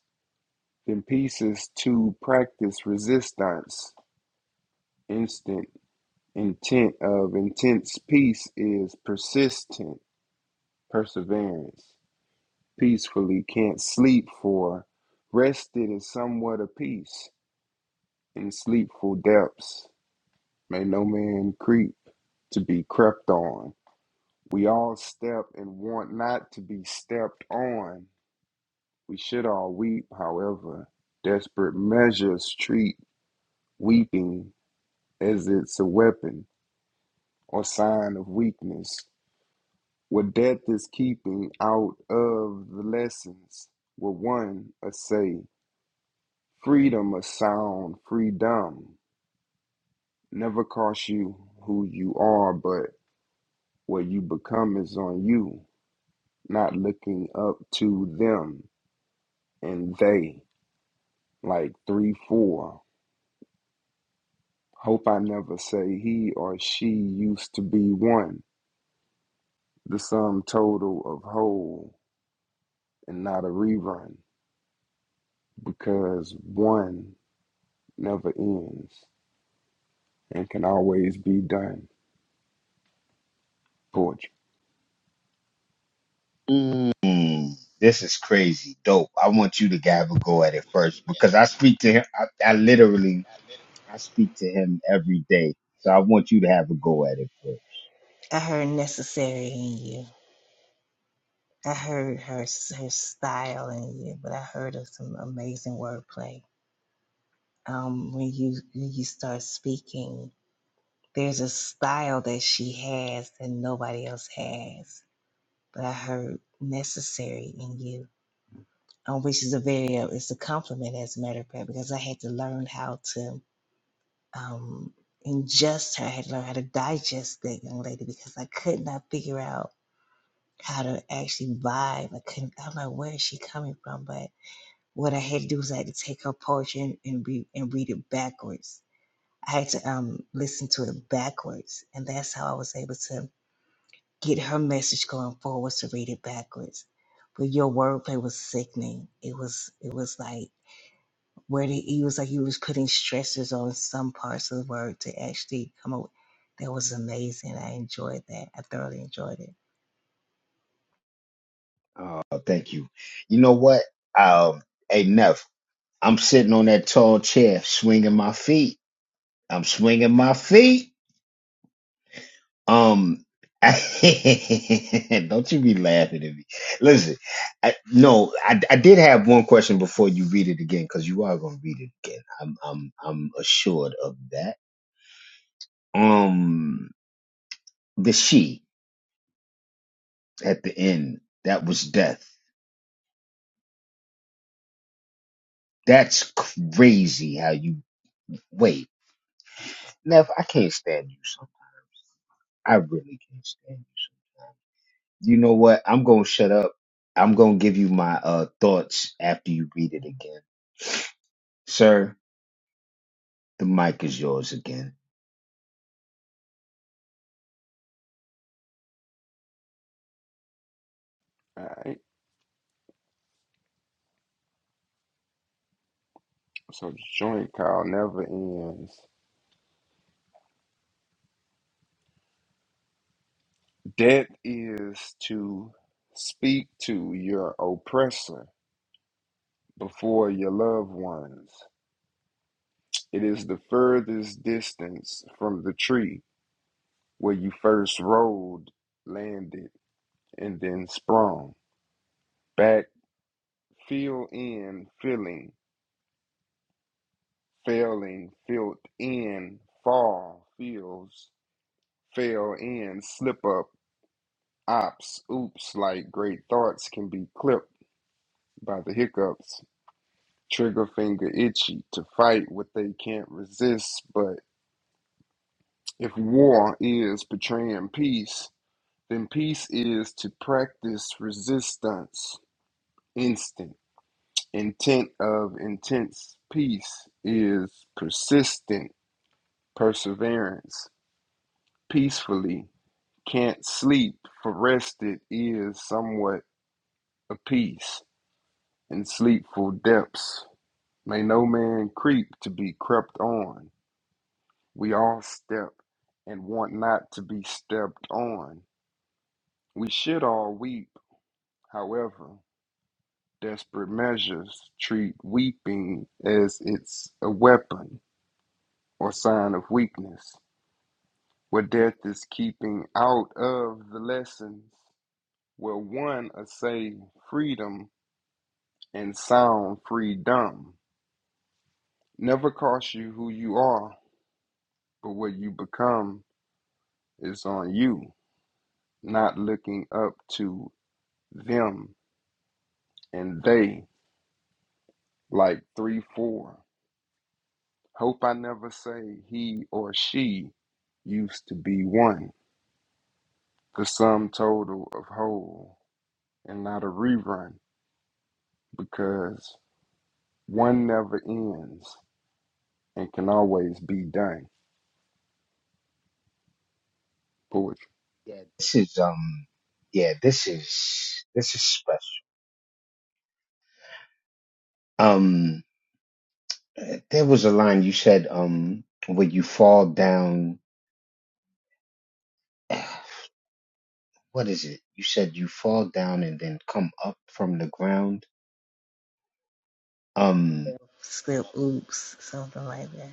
then peace is to practice resistance, instant intent of intense peace is persistent perseverance, peacefully can't sleep for, rested is somewhat of peace in sleepful depths may no man creep to be crept on. We all step and want not to be stepped on. We should all weep, however, desperate measures treat weeping as it's a weapon or sign of weakness. What death is keeping out of the lessons, what one essay Freedom of sound, freedom never costs you who you are, but what you become is on you, not looking up to them and they, like 3 4. Hope I never say he or she used to be one, the sum total of whole and not a rerun, because one never ends and can always be done. Poetry.
I heard necessary in you. I heard her her style in you, but I heard of some amazing wordplay. Um, when you when you start speaking, there's a style that she has that nobody else has. But I heard necessary in you, um, which is a very uh, it's a compliment as a matter of fact because I had to learn how to um ingest her. I had to learn how to digest that young lady because I could not figure out. how to actually vibe. I couldn't. I'm like, where is she coming from? But what I had to do was I had to take her poetry and, and read and read it backwards. I had to um listen to it backwards, and that's how I was able to get her message going forward to read it backwards. But your wordplay was sickening. It was it was like where the it was like you was putting stressors on some parts of the word to actually come up. That was amazing. I enjoyed that. I thoroughly enjoyed it.
All right. So the joint call never ends That is to speak to your oppressor before your loved ones. It is the furthest distance from the tree where you first rolled, landed, and then sprung. Back, fill in, filling, failing, filled in, fall, feels, fail in, slip up, ops, oops, like great thoughts can be clipped by the hiccups trigger finger itchy to fight what they can't resist. But if war is betraying peace, then peace is to practice resistance, instant. Intent of intense peace is persistent perseverance, peacefully. Can't sleep for rested is somewhat apiece, in sleepful depths. May no man creep to be crept on We all step and want not to be stepped on. We should all weep. However, desperate measures treat weeping as it's a weapon or sign of weakness, where death is keeping out of the lessons, where one assay freedom and sound freedom. Never costs you who you are, but what you become is on you, not looking up to them. and they like three four hope i never say he or she used to be one the sum total of whole and not a rerun because one never ends and can always be done poetry
Slip, oops, something like that.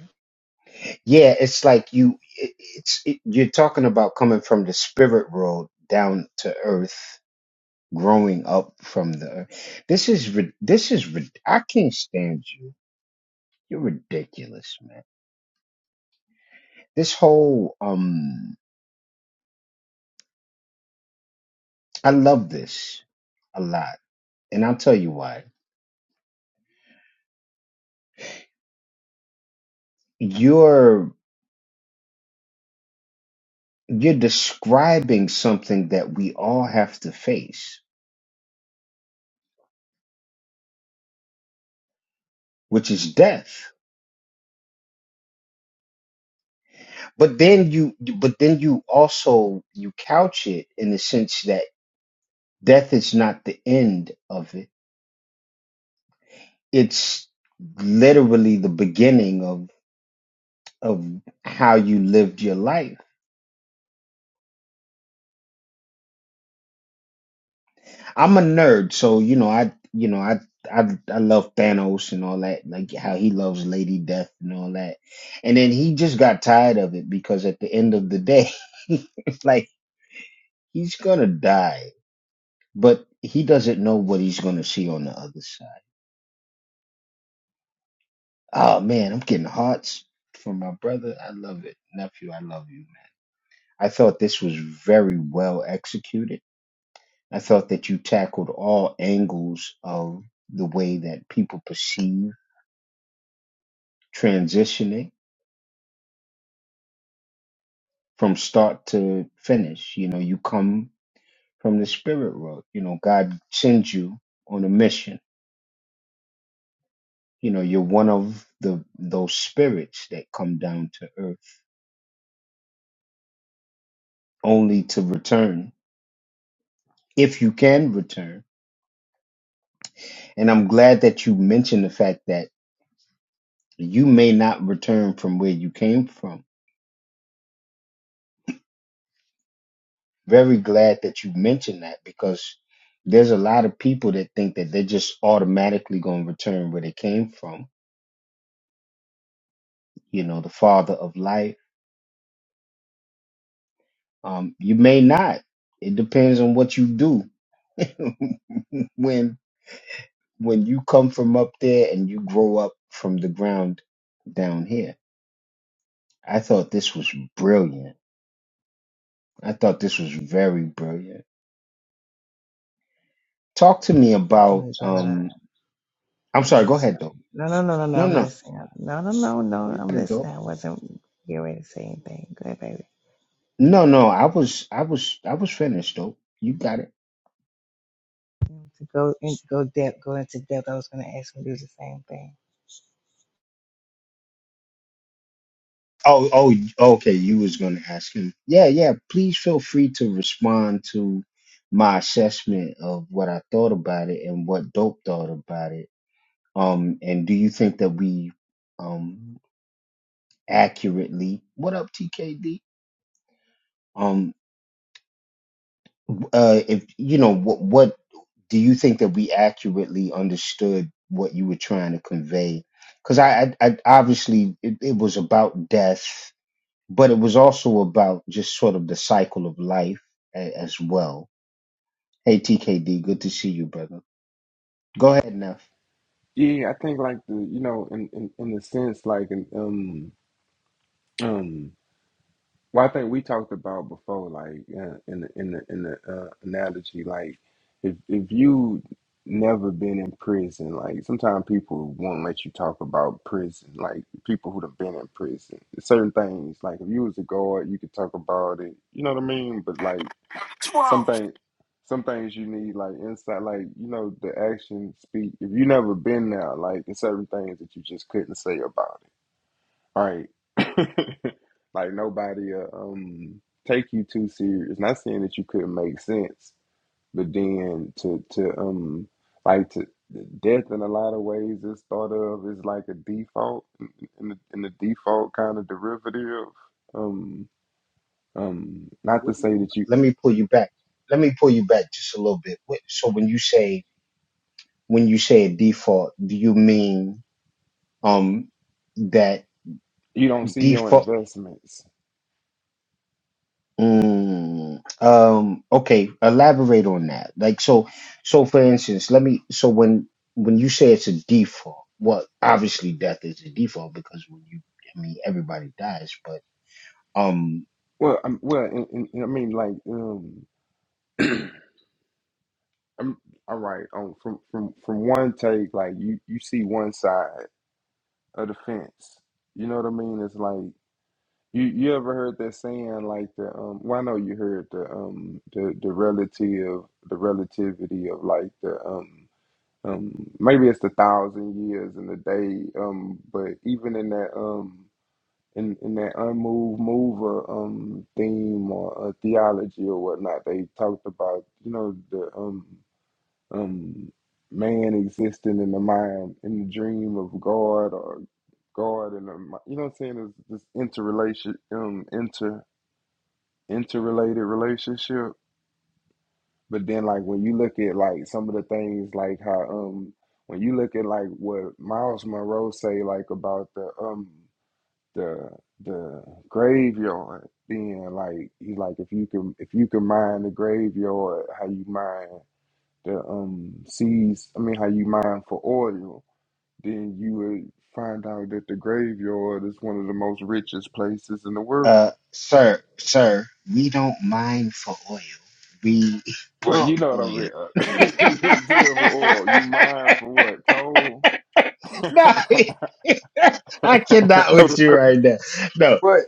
can we try to. Okay, what's happening? No, no, no, no, no. I'm listening. No, no, no, no. I'm listening. I wasn't getting ready to say anything. Go ahead, baby. To go in, go depth, go into depth. I was going to ask you to do the same thing.
yeah i think like the you know in in, in the sense like an um um Well, I think we talked about before, like uh, in the in the in the uh, analogy, like if if you never been in prison, like sometimes people won't let you talk about prison, like people who've been in prison. Certain things, like if you was a guard, you could talk about it. You know what I mean? But like
Two hours.
something, some things you need like insight, like you know the action speak. If you never been there, like there's certain things that you just couldn't say about it. Right. [laughs] like nobody uh, um take you too serious. Not saying that you couldn't make sense, but then to to um like to death in a lot of ways is thought of as like a default in the, in the default kind of derivative. Um um not to say that you you don't see your investments. Well, i well, in, in, in- I mean, like, um, I'm, right. Um, from from from one take, like you you see one side, a defense. You know what I mean? It's like you you ever heard that saying like the um well I know you heard the um the the relative the relativity of like the um um maybe it's the thousand years and the day um but even in that um in, in that unmoved mover um theme or uh, theology or whatnot they talked about you know the um um man existing in the mind in the dream of God or God and um, you know what I'm saying is this interrelation um inter interrelated relationship. But then like when you look at like some of the things like how um when you look at like what Miles Monroe say like about the um the the graveyard being like he's like if you can if you can mine the graveyard how you mine the um seas I mean how you mine for oil then you would find out that the graveyard is one of the most richest places in the world. Well, you know what I mean. [laughs] you drill for oil. You mine for what? Coal? [laughs] but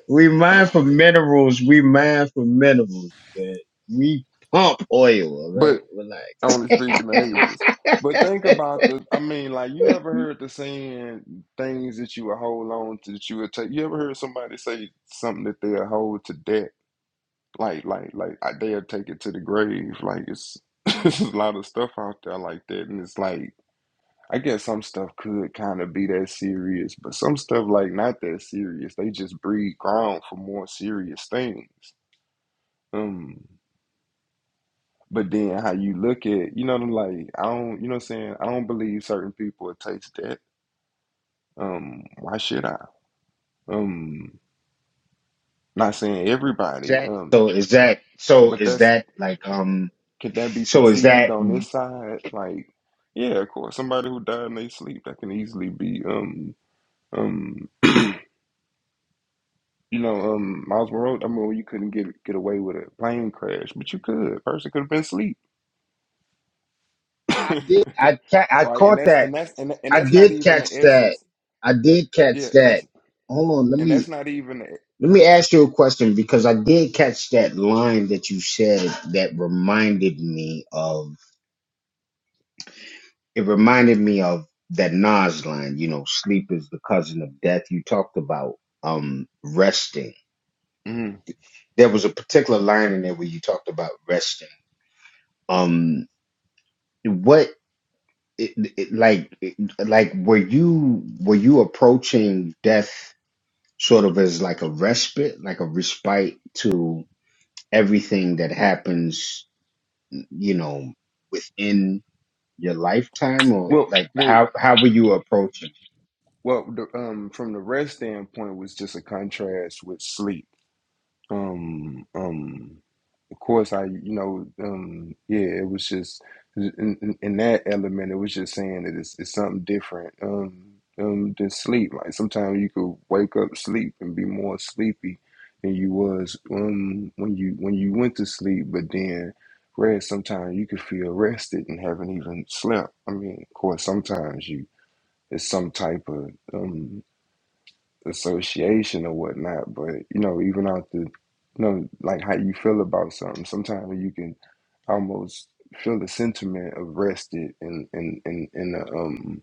but only speaking of aliens. But think about the I mean, like you ever heard the saying things that you would hold on to that you would take you ever heard somebody say something that they'll hold to debt? Like, like, like I, they'll take it to the grave. Like it's, [laughs] it's a lot of stuff out there like that, and it's like I guess some stuff could kind of be that serious, but some stuff like not that serious. They just breed ground for more serious things. Um, but then how you look at, you know, like I don't, you know, what I'm saying I don't believe certain people will taste that. Um, why should I? Um, not saying everybody. Um, but that's Could that be perceived on this side? Like, yeah, of course, somebody who died in their sleep that can easily be um um you know um Miles Monroe. I mean, you couldn't get get away with a plane crash, but you could. Person could have been asleep, [laughs] right? And that's and that's and and that's not even the essence. Yeah, and that's and that's not even. The, uh, mm. Well, well, well. The, um, from the rest standpoint, was just a contrast with sleep. Um, um. of course I you know um yeah it was just in, in in that element it was just saying that it's, it's something different um um than sleep like sometimes you could wake up sleep and be more sleepy than you was um when you when you went to sleep but then rest sometimes you could feel rested and haven't even slept I mean of course sometimes you it's some type of um association or whatnot, but you know, even out the you know, like how you feel about something, sometimes you can almost feel the sentiment of rested in in in, in a um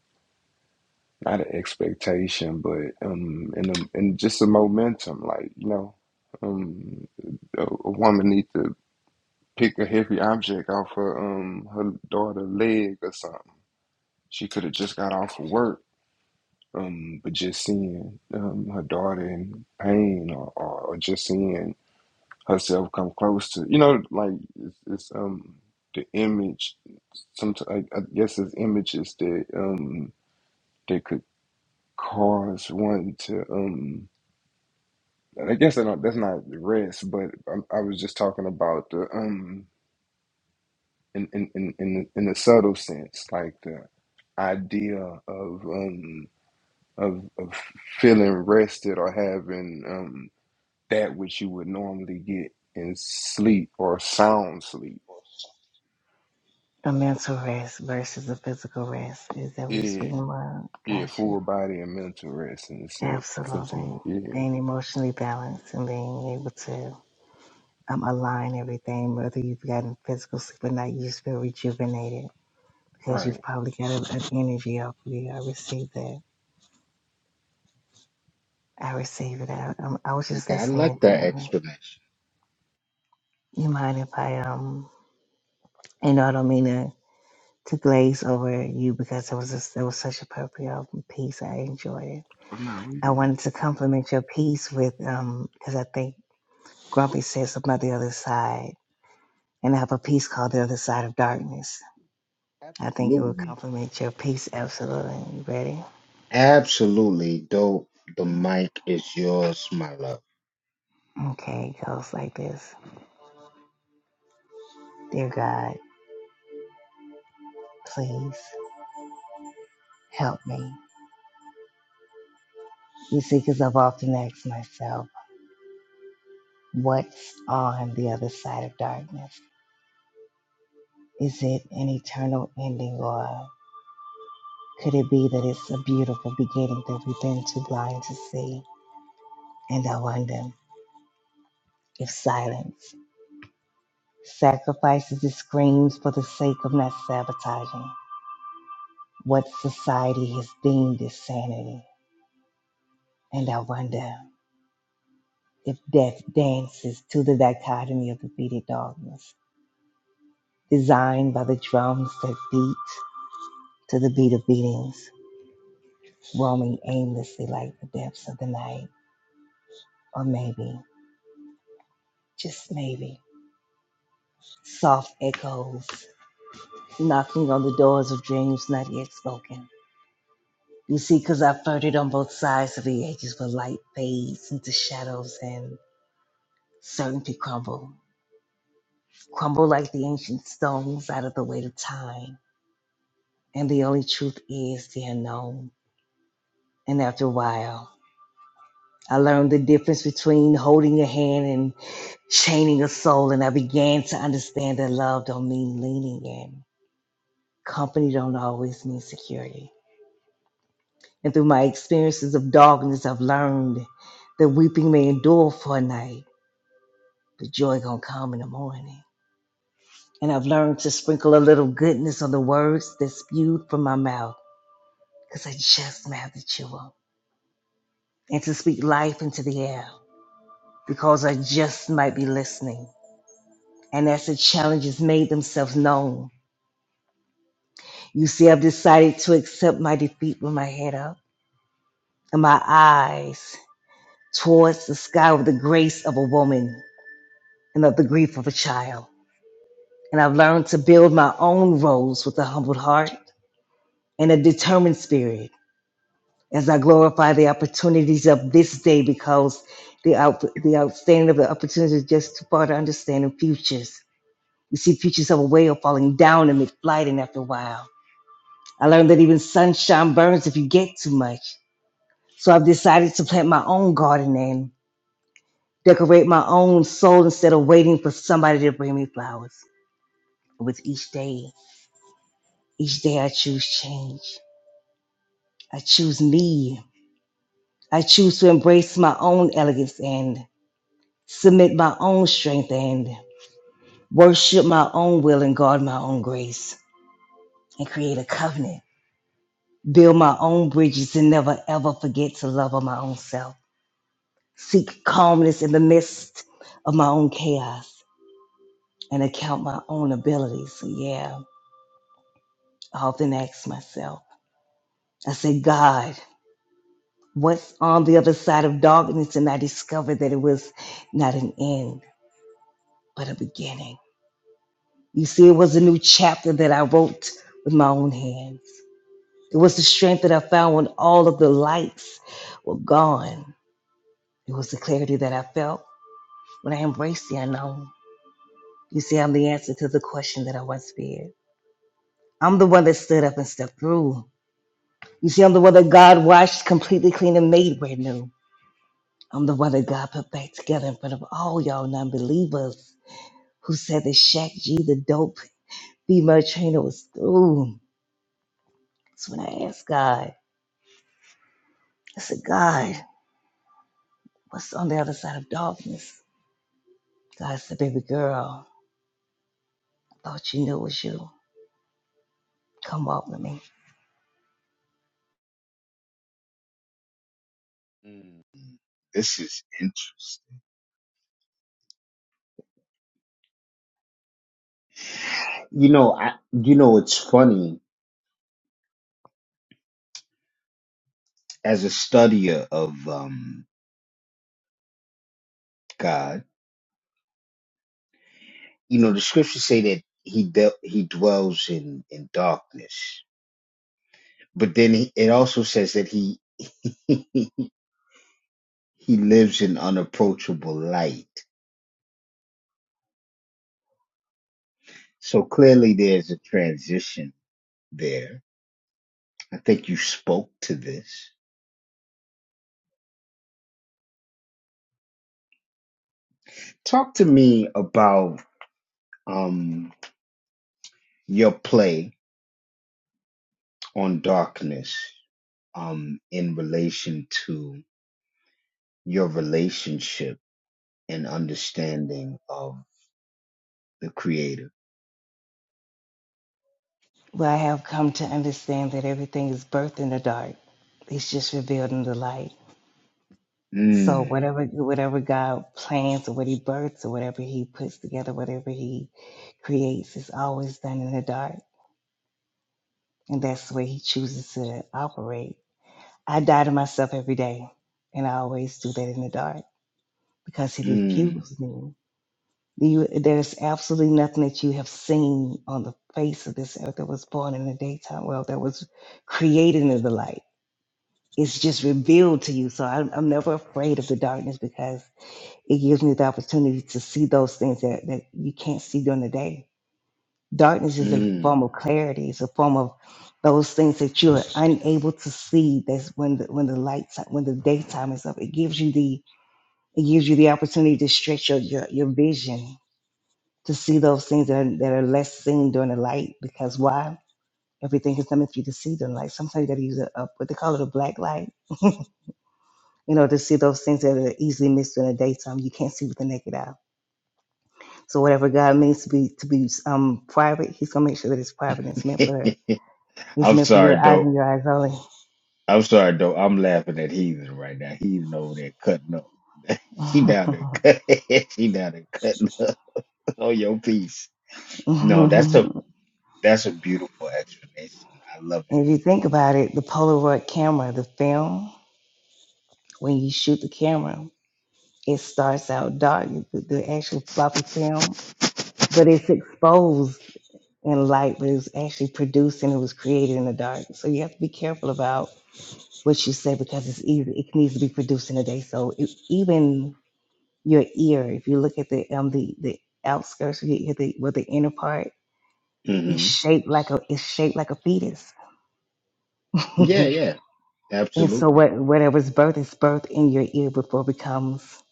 not an expectation but um in a in just a momentum like you know um a, a woman need to pick a heavy object off her um her daughter leg or something she could have just got off of work um, but just seeing um, her daughter in pain, or, or, or just seeing herself come close to, you know, like it's, it's um the image. Sometimes I, I guess it's images that um that could cause one to um. I guess I don't, that's not the rest, but I, I was just talking about the um in in in in, the, in the subtle sense, like the idea of um of of feeling rested or having um that which you would normally get in sleep or sound sleep.
The mental rest versus the physical rest. Is that what you're
Yeah,
speaking about?
yeah,
Gotcha.
full body and mental rest and sen-
Absolutely.
sentiment. Yeah,
Being emotionally balanced and being able to um, align everything, whether you've gotten physical sleep or not, you just feel rejuvenated because
right.
you've probably got an energy off of you. I received that. I receive it. I, um, I was just listening intently. You mind if I um? You know, I don't mean to to glaze over you because it was just, it was such a appropriate um, piece. I enjoyed it.
Oh, no, we
I
good.
wanted to compliment your piece with um because I think Grumpy said something about the other side, and I have a piece called "The Other Side of Darkness." I think it would compliment your piece absolutely. You ready? Okay, it goes like this. Dear God, please help me. You see, because I've often asked myself. what's on the other side of darkness. Is it an eternal ending, or could it be that it's a beautiful beginning that we've been too blind to see? And I wonder if silence sacrifices its screams for the sake of not sabotaging what society has deemed as sanity. And I wonder if death dances to the dichotomy of defeated darkness, designed by the drums that beat to the beat of beatings roaming aimlessly like the depths of the night, or maybe, just maybe, soft echoes knocking on the doors of dreams not yet spoken. You see, 'cause I flirted on both sides of the edges where light fades into shadows and certainty crumble, crumble like the ancient stones out of the weight of time. And the only truth is the unknown. And after a while, I learned the difference between holding your hand and chaining a soul, and I began to understand that love don't mean leaning in. Company don't always mean security. And through my experiences of darkness, I've learned that weeping may endure for a night, but joy gonna come in the morning. And I've learned to sprinkle a little goodness on the words that spewed from my mouth, because I just might have to chew 'em. And to speak life into the air, because I just might be listening and as the challenges made themselves known. You see, I've decided to accept my defeat with my head up and my eyes towards the sky with the grace of a woman and of the grief of a child. And I've learned to build my own roles with a humbled heart and a determined spirit as I glorify the opportunities of this day because the, out, the outstanding of the opportunities is just too far to understand in futures. You see, futures have a way of falling down amid flight, and after a while. I learned that even sunshine burns if you get too much. So I've decided to plant my own garden and decorate my own soul instead of waiting for somebody to bring me flowers. With each day, each day I choose change. I choose me. I choose to embrace my own elegance and submit my own strength and worship my own will and guard my own grace and create a covenant. Build my own bridges and never ever forget to love on my own self. seek calmness in the midst of my own chaos and account my own abilities. So yeah, I often ask myself, I say, God, what's on the other side of darkness? And I discovered that it was not an end, but a beginning. You see, it was a new chapter that I wrote with my own hands. It was the strength that I found when all of the lights were gone. It was the clarity that I felt when I embraced the unknown. You see, I'm the answer to the question that I once feared. I'm the one that stood up and stepped through. You see, I'm the one that God washed completely clean and made brand new. I'm the one that God put back together in front of all y'all non believers who said that Shaq G, the dope female trainer, was through. That's when I asked God, I said, God, what's on the other side of darkness? God said, baby girl, I thought you knew it was you. Come walk with me. Well, I have come to understand that everything is birthed in the dark, it's just revealed in the light. So whatever whatever God plans or what He births or whatever He puts together, whatever He creates, is always done in the dark, and that's the way He chooses to operate. I die to myself every day, and I always do that in the dark because He refused me. You, there's absolutely nothing that you have seen on the face of this earth that was born in the daytime, well, that was created in the light. It's just revealed to you. So I'm, I'm never afraid of the darkness because It gives me the opportunity to see those things that, that you can't see during the day. Darkness is a form of clarity. It's a form of those things that you're unable to see. That's when the, when the lights when the daytime is up. It gives you the it gives you the opportunity to stretch your your, your vision to see those things that are, that are less seen during the light. Because why? Everything is coming for you to see during the light. Sometimes you got to use a, a what they call it a black light you know, to see those things that are easily missed in the daytime. You can't see with the naked eye. So whatever God means to be to be um private, He's gonna make sure that it's private and it's meant for her. It's meant for your eyes and your eyes only. [laughs] and if you think about it, the Polaroid camera, the film, when you shoot the camera, it starts out dark, the, the actual floppy film, but it's exposed in light, but it was actually produced and it was created in the dark. So you have to be careful about what you say because it's easy. It needs to be produced in a day. So it, even your ear. If you look at the um the the outskirts, you get the with the inner part, it's shaped like a it's shaped like a fetus. [laughs] and so what whatever's birth is birth in your ear before it becomes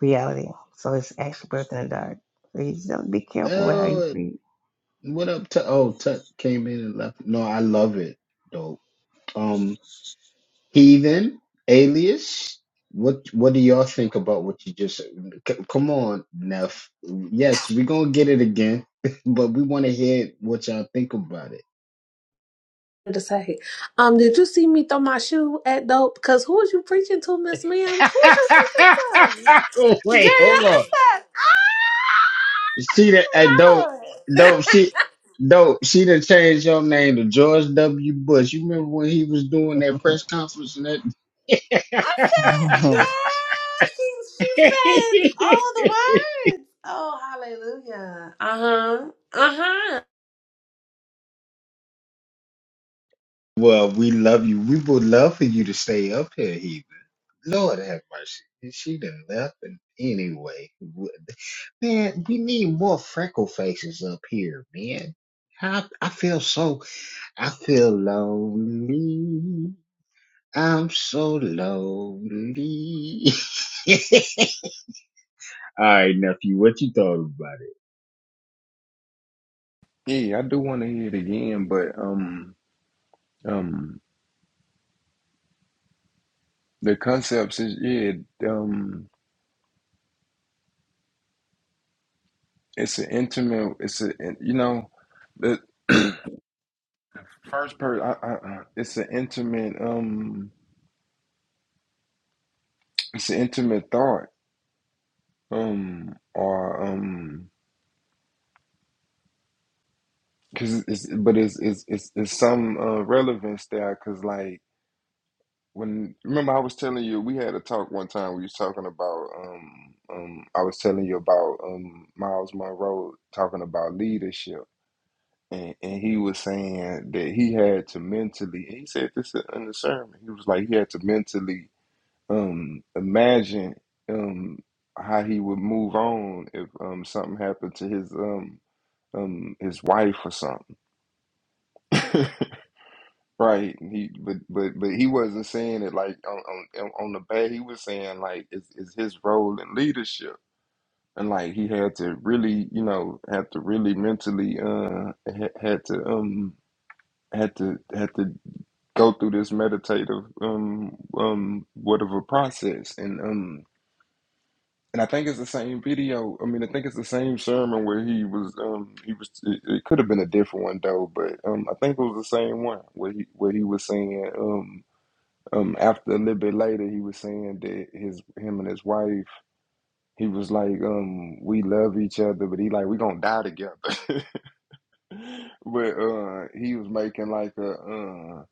reality. So it's actually birth in the dark. So you just have to be careful with how you speak.
to say. Um, did you see me throw my shoe at dope? Cause who was you preaching to, Miss Ma'am? Who was you preaching to? Girl, I said, ah, my lord.
[laughs]
I said, girl, she she said all the words. Oh, hallelujah. Uh huh. Uh huh.
Yeah, I do want to hear it again, but um, um, the concepts is yeah, um, it's an intimate. It's a you know, the [clears throat] first person. I, I, I- it's an intimate. Um, it's an intimate thought. Um, or um. Cause it's, but it's it's it's, it's some uh, relevance there. Cause like when remember I was telling you we had a talk one time. We was talking about um um I was telling you about um Miles Monroe talking about leadership, and and he was saying that he had to mentally. And he said this in the sermon. He was like he had to mentally um imagine um how he would move on if um something happened to his um um his wife or something. [laughs] Right. He but but but he wasn't saying it like on on on the back. He was saying like it's it's his role in leadership. And like he had to really, you know, had to really mentally uh had, had to um had to had to go through this meditative um um whatever process and um and I think it's the same video. I mean, I think it's the same sermon where he was um he was it, it could have been a different one though, but um I think it was the same one where he where he was saying um um after a little bit later he was saying that his him and his wife he was like um we love each other but he like we gonna die together [laughs] but uh he was making like a uh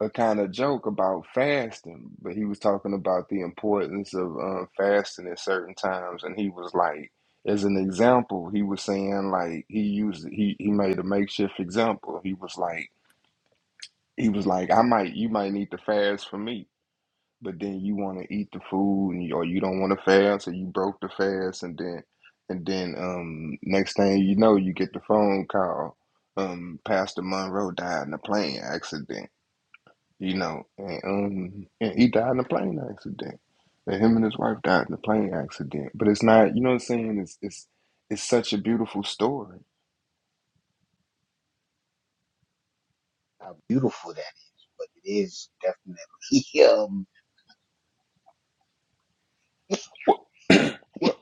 a kind of joke about fasting but he was talking about the importance of uh, fasting at certain times and he was like as an example he was saying like he used he he made a makeshift example he was like he was like i might you might need to fast for me but then you want to eat the food and you, or you don't want to fast or you broke the fast and then and then um next thing you know you get the phone call um Pastor Monroe died in a plane accident you know and um and he died in a plane accident and him and his wife died in a plane accident but it's not you know what I'm saying it's it's it's such a beautiful story well, well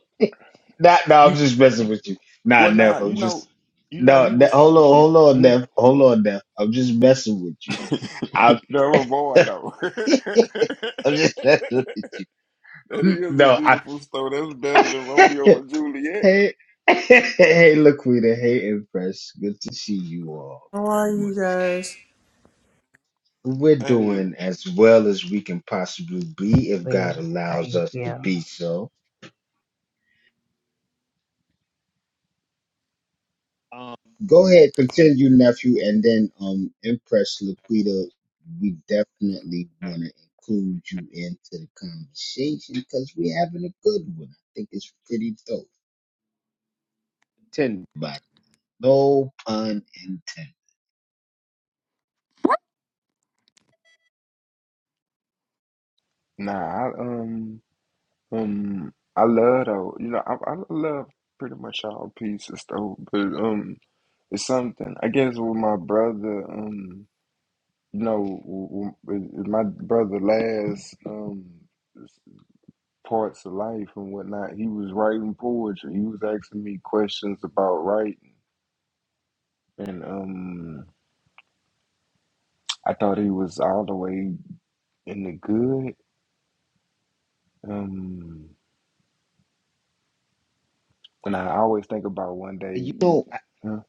you well nah you know you know he was [clears throat] [laughs] Never boy though. [laughs] that is a beautiful story. That's better than Romeo and Juliet.
How are you guys?
Hey,
it's weird how you feel.
nah, I, um, um, I love though. You know, I, I love pretty much all pieces though. But um, it's something. I guess with my brother, um, you know, w- w- with my brother last um parts of life and whatnot, he was writing poetry. He was asking me questions about writing. and um, I thought he was all the way in the good. Um, and I always think about one day, you- huh,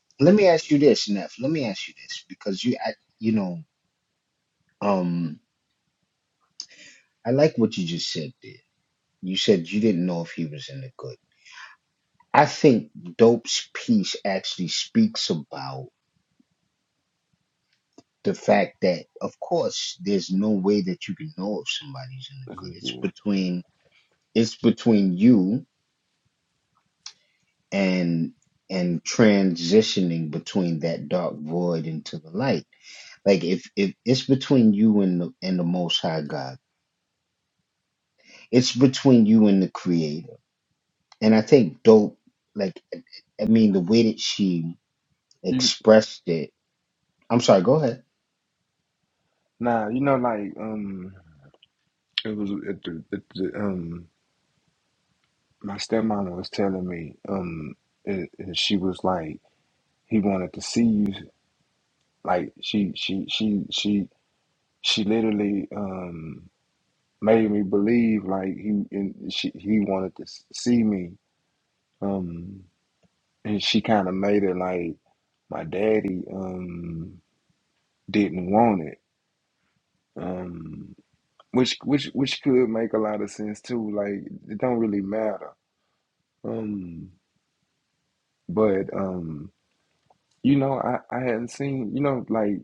this is good. You, nah, you know, like um, it was at the, at the um, my stepmom was telling me um, it, it- she was like he wanted to see you, like she she she she she literally um made me believe like he and she he wanted to s- see me. Um, and she kind of made it like my daddy um didn't want it um which which which could make a lot of sense too like it don't really matter um but um you know i i hadn't seen you know like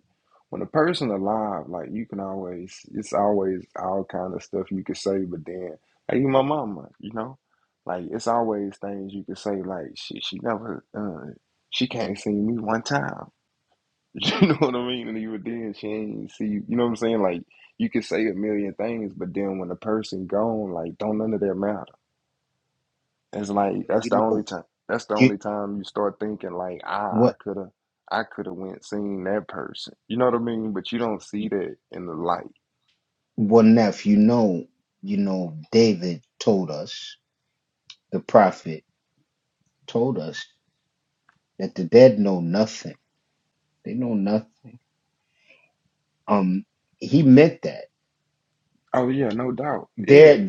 when a person alive like you can always it's always all kind of stuff you could say but then like even my mama you know like it's always things you could say like she she never uh she can't see me one time [laughs] You know what I mean? And even then, she ain't see. You know what I'm saying? Like you could say a million things, but then when the person gone, like don't none of that matter. It's like that's the only time. That's the only time you start thinking like, ah, I could have, I could have went seen that person. You know what I mean? But you don't see that in the light. Oh yeah, no doubt. Yeah,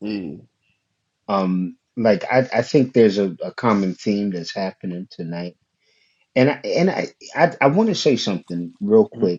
yeah, Mhm.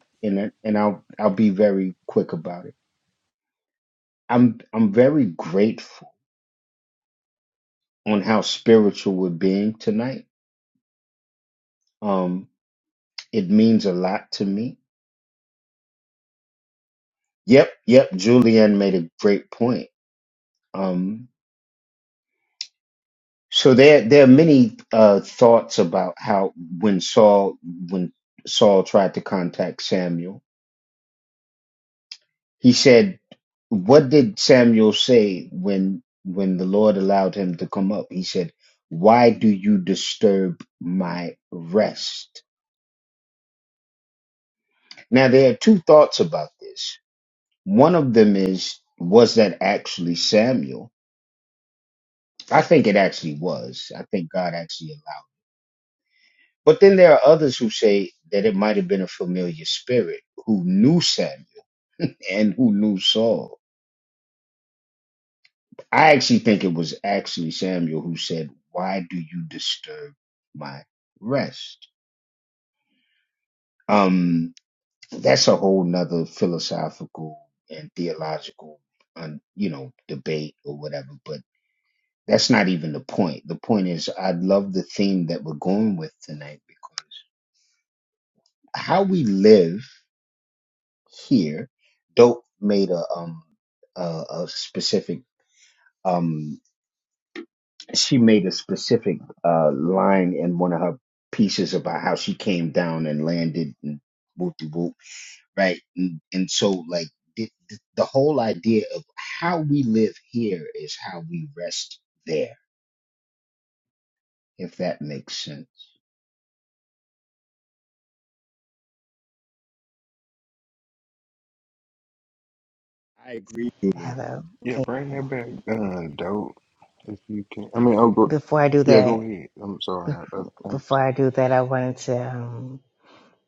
Hello.
yeah. Bring that back, uh, dope. If you can, I mean, oh, go,
Before I do
yeah, go
that,
ahead. I'm sorry. I, I, I,
before I do that, I wanted to um,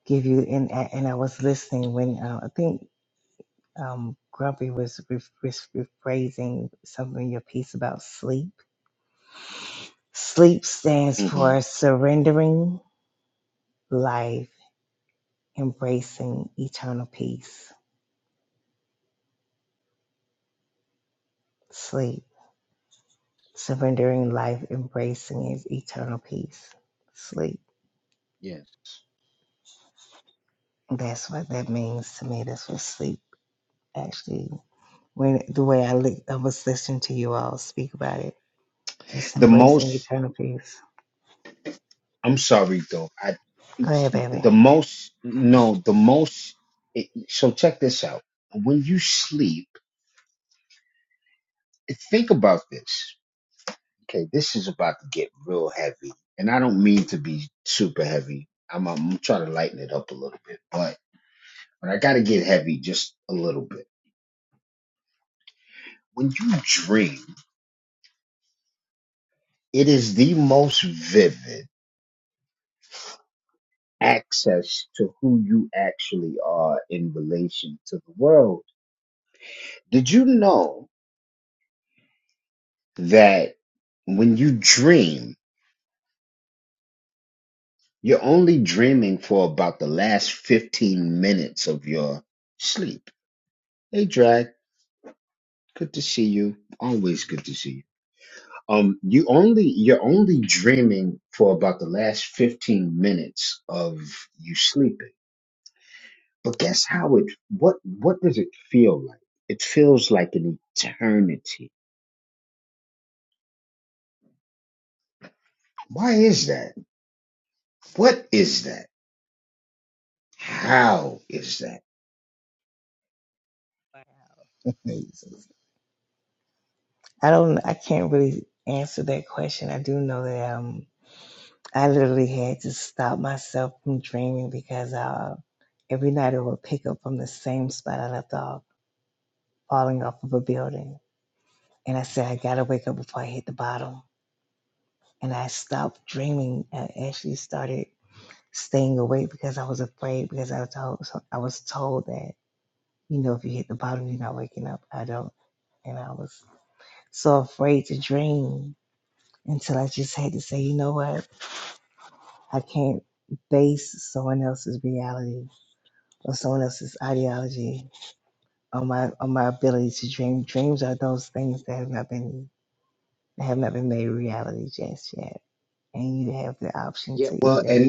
give you and and I was listening when uh, I think um, Grumpy was rephrasing re- rephrasing some of your piece about sleep. Sleep stands for surrendering life, embracing eternal peace. Sleep, surrendering life, embracing is eternal peace. Sleep. That's what that means to me. That's what sleep actually. When the way I, li- I was listening to you all speak about it, it's embracing eternal peace. Go ahead, baby. [laughs] Jesus. I don't. I can't really answer that question. I do know that um, I literally had to stop myself from dreaming because uh, every night I would pick up from the same spot I left off, falling off of a building. And I said, I gotta wake up before I hit the bottom. And I stopped dreaming. I actually started staying awake because I was afraid because I was told so I was told that you know if you hit the bottom you're not waking up. I don't. And I was so afraid to dream until I just had to say, you know what? I can't base someone else's reality or someone else's ideology on my on my ability to dream. Dreams are those things that have not been that have not been made reality just yet. And you have the option to either,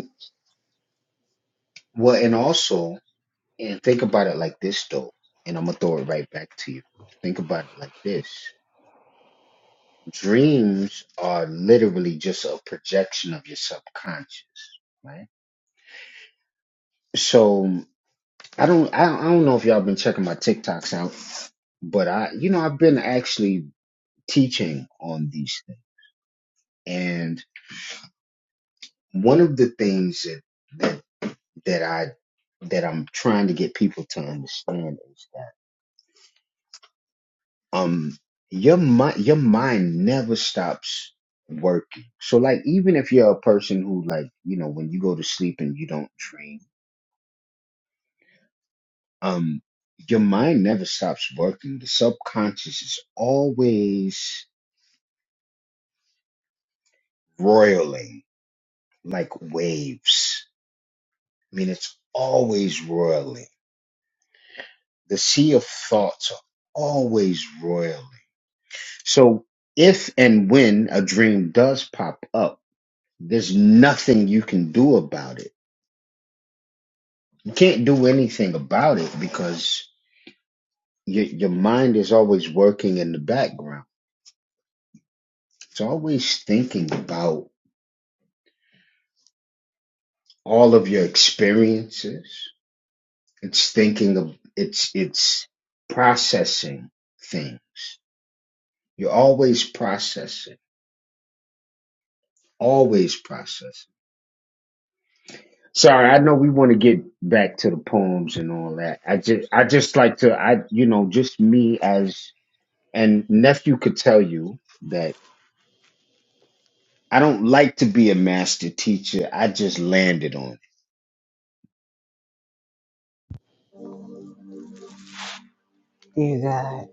dear God,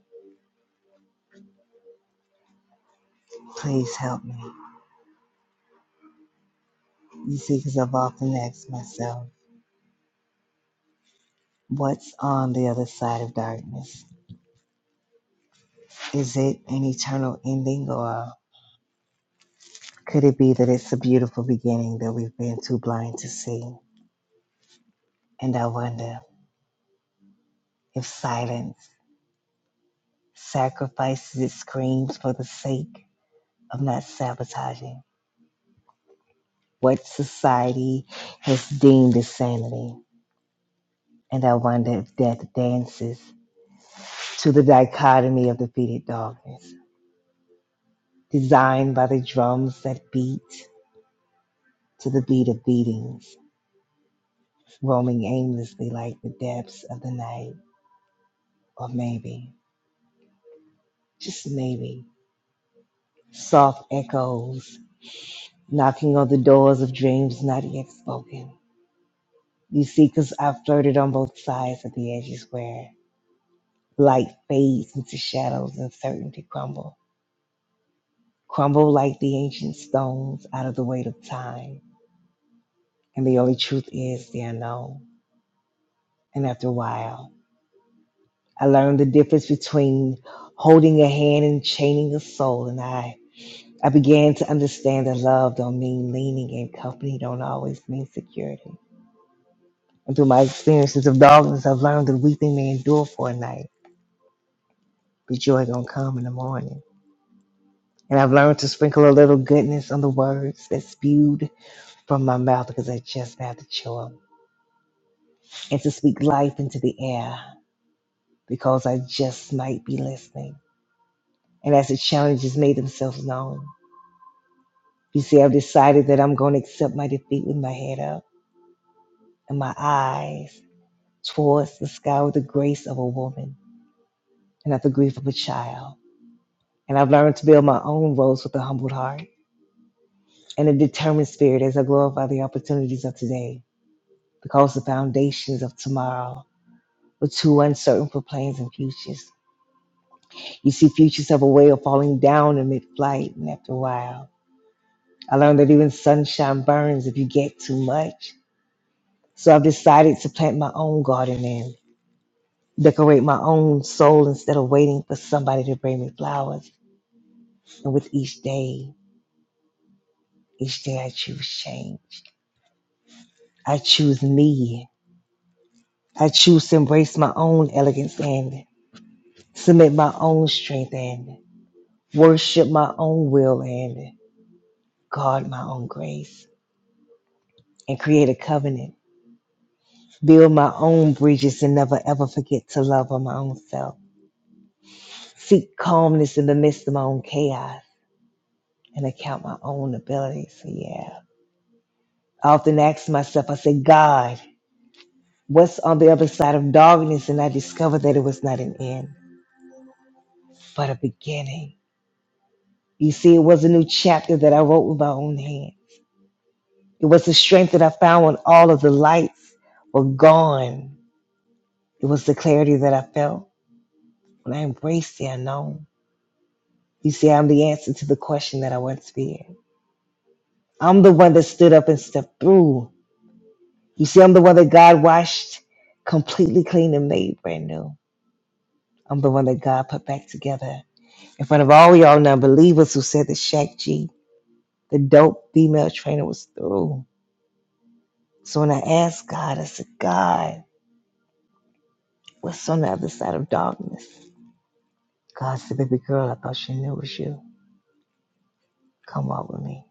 please help me. You see, because I've often asked myself, what's on the other side of darkness? Is it an eternal ending, or could it be that it's a beautiful beginning that we've been too blind to see? And I wonder if silence sacrifices it screams for the sake of not sabotaging what society has deemed as sanity. And I wonder if death dances to the dichotomy of defeated darkness, designed by the drums that beat to the beat of beatings, roaming aimlessly like the depths of the night. Or maybe, just maybe, soft echoes knocking on the doors of dreams not yet spoken You see, 'cause I've flirted on both sides of the edges where light fades into shadows and certainty crumble. Crumble like the ancient stones out of the weight of time. And the only truth is the unknown. And after a while, I learned the difference between holding a hand and chaining a soul. And I, I began to understand that love don't mean leaning and company don't always mean security. And through my experiences of darkness, I've learned that weeping may endure for a night, but joy gonna come in the morning. And I've learned to sprinkle a little goodness on the words that spewed from my mouth because I just had the choice. And to speak life into the air because I just might be listening. And as the challenges made themselves known, you see, I've decided that I'm going to accept my defeat with my head up and my eyes towards the sky with the grace of a woman and not the grief of a child. And I've learned to build my own roads with a humbled heart and a determined spirit as I glorify the opportunities of today because the foundations of tomorrow are too uncertain for plans and futures. You see, futures have a way of falling down in mid flight, and after a while, I learned that even sunshine burns if you get too much. So I've decided to plant my own garden and decorate my own soul instead of waiting for somebody to bring me flowers. And with each day, each day I choose change. I choose me. I choose to embrace my own elegance and submit my own strength. and. worship my own will and guard my own grace and create a covenant. Build my own bridges and never ever forget to love on my own self. Seek calmness in the midst of my own chaos and account my own abilities. So yeah. I often ask myself, I say, God, what's on the other side of darkness? And I discovered that it was not an end, but a beginning. You see, it was a new chapter that I wrote with my own hand. It was the strength that I found when all of the lights were gone It was the clarity that I felt when I embraced the unknown. You see, I'm the answer to the question that I once feared. I'm the one that stood up and stepped through. You see, I'm the one that God washed completely clean and made brand new. I'm the one that God put back together in front of all y'all non-believers who said that Shaq G, the dope female trainer, was through. So when I asked God, I said, God, what's on the other side of darkness? God said, baby girl, I thought you knew it was you. Come walk with me.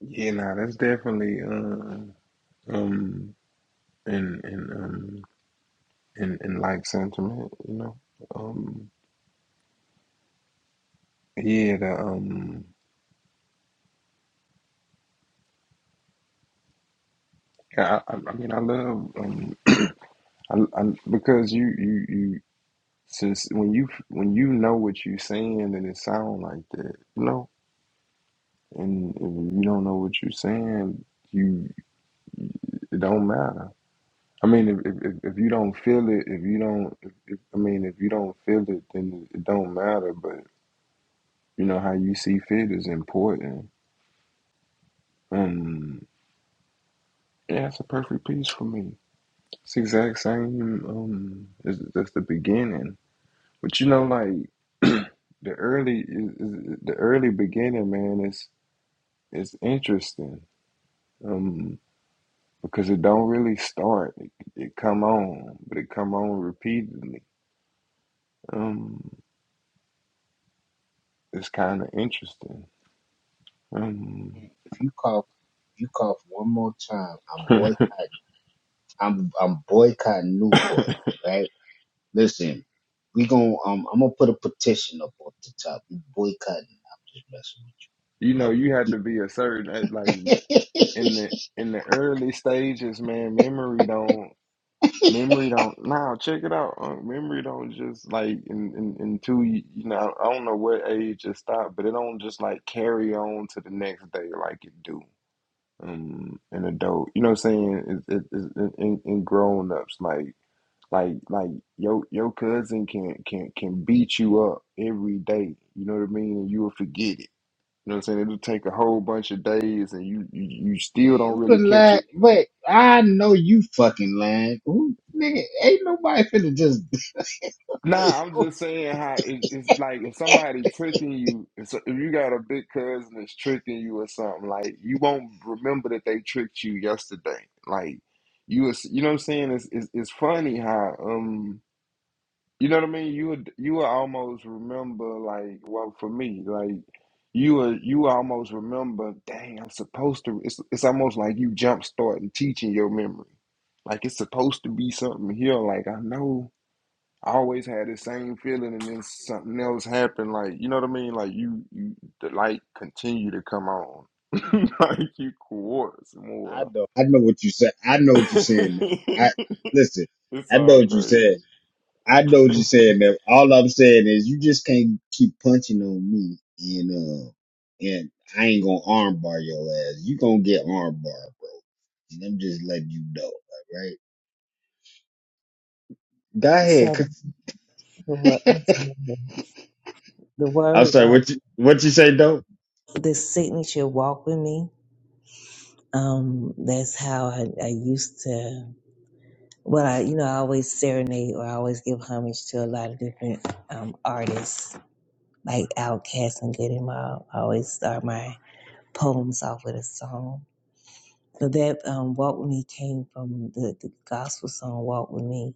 yeah, nah, that's definitely. Uh, Um, In in um in in like sentiment, you know. Um, yeah, the um, yeah, I, I I mean, I love um, I, I because you you you since when you when you know what you saying then it sound like that, you know. And if you don't know what you saying, you it don't matter. I mean, if if if if you don't feel it, if you don't, if, if, I mean, if you don't feel it, then it don't matter. But you know how you see fit is important. Um, Yeah, that's a perfect piece for me. It's the exact same um as that's the beginning. But you know like [clears throat] the early is, is the early beginning, man, is is interesting. Um because it don't really start. It, it come on, but it come on repeatedly. Um it's kind of interesting. Um [laughs] you know, you had to be a certain like in the in the early stages, man, memory don't Memory don't now check it out. Uh, memory don't just like in in until you, you know I don't know what age it stopped, but it don't just like carry on to the next day like it do. Um, an adult, you know what I'm saying? It, it, it, in, in grown ups, like like like your your cousin can can can beat you up every day. You know what I mean? And you will forget it. You know what I'm saying? It'll take a whole bunch of days, and you you, you still don't really catch it Nah, I'm just saying how it, it's like if somebody tricking you, if, so- if you got a big cousin that's tricking you or something, like you won't remember that they tricked you yesterday. Like you, was, you know what I'm saying? It's, it's it's funny how um, you know what I mean. You would you would almost remember like well for me like you would you would almost remember. Dang, I'm supposed to. It's it's almost like you jump starting teaching your memory. Like it's supposed to be something here. Like I know. I always had the same feeling, and then something else happened. Like you know what I mean? Like you, you the light continue to come on, [laughs] like you quartz more. [laughs] it's all crazy.
the word, the word,
Like
um,
what you what you say, dope?
the signature walk with me. Um, that's how I, I used to. Well, I, you know, I always serenade or I always give homage to a lot of different um, artists like Outkast and Goody Mob. I always start my poems off with a song. So that um, walk with me came from the, the gospel song "Walk with Me."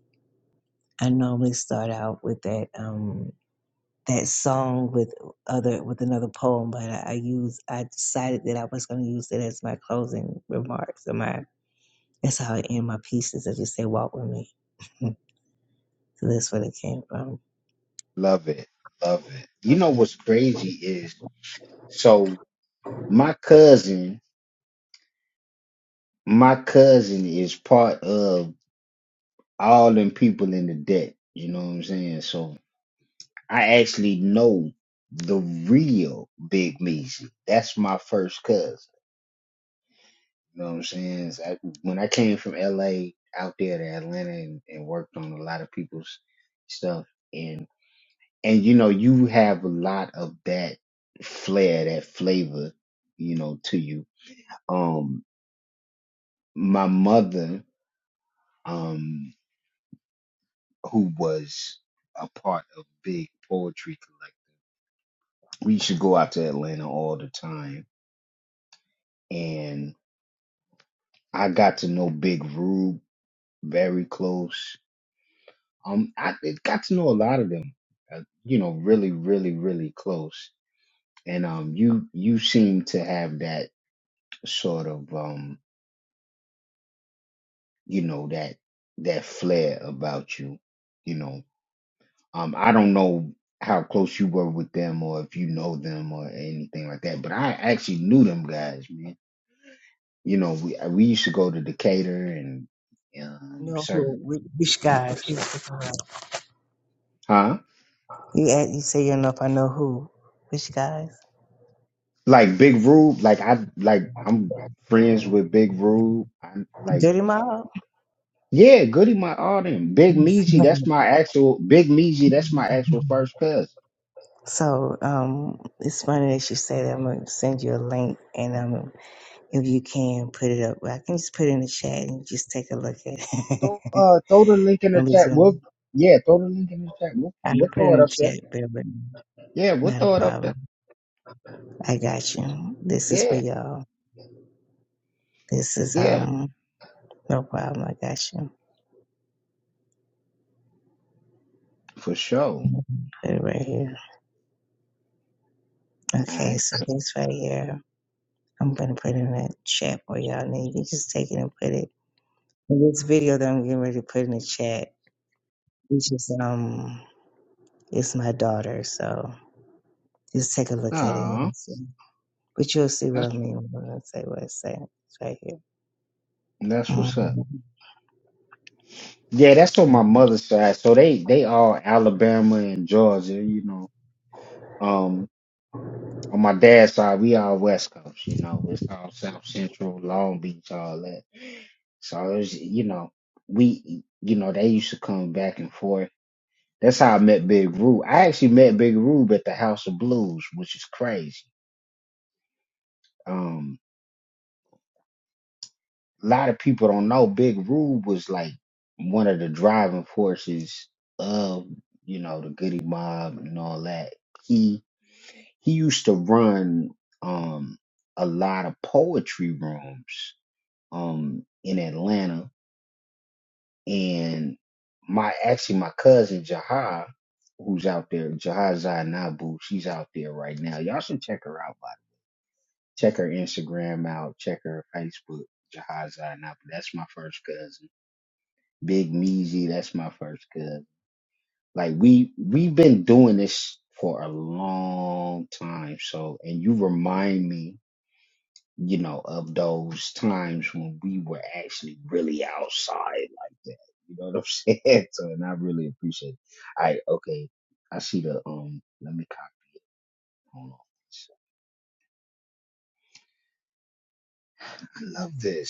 I normally start out with that. Um, that song with other with another poem, but I, I use I decided that I was going to use it as my closing remarks. And my that's how I end my pieces. I just say "Walk with me." [laughs] so that's where it came from. Know who? Whi- Which, guys? which guys? Who's the You ask, you say you don't know if I know who? Which guys? Dirty Mob. [laughs] So um, it's funny that you say that. I'm gonna send you a link, and um, if you can put it up, I can just put it in the chat and just take a look at it. [laughs] on the Zoom. I will put it in the chat, bear with me. Not a problem. I got you. This is for y'all. This is um, no problem. I got you. Put it right here. Okay, so this right here, I'm gonna put in the chat for y'all, and then you can just take it and put it. And This video that I'm getting ready to put in the chat, it's just um. It's my daughter, so just take a look at it and see. But you'll see what I mean when I say what it's saying It's right here. Mhm.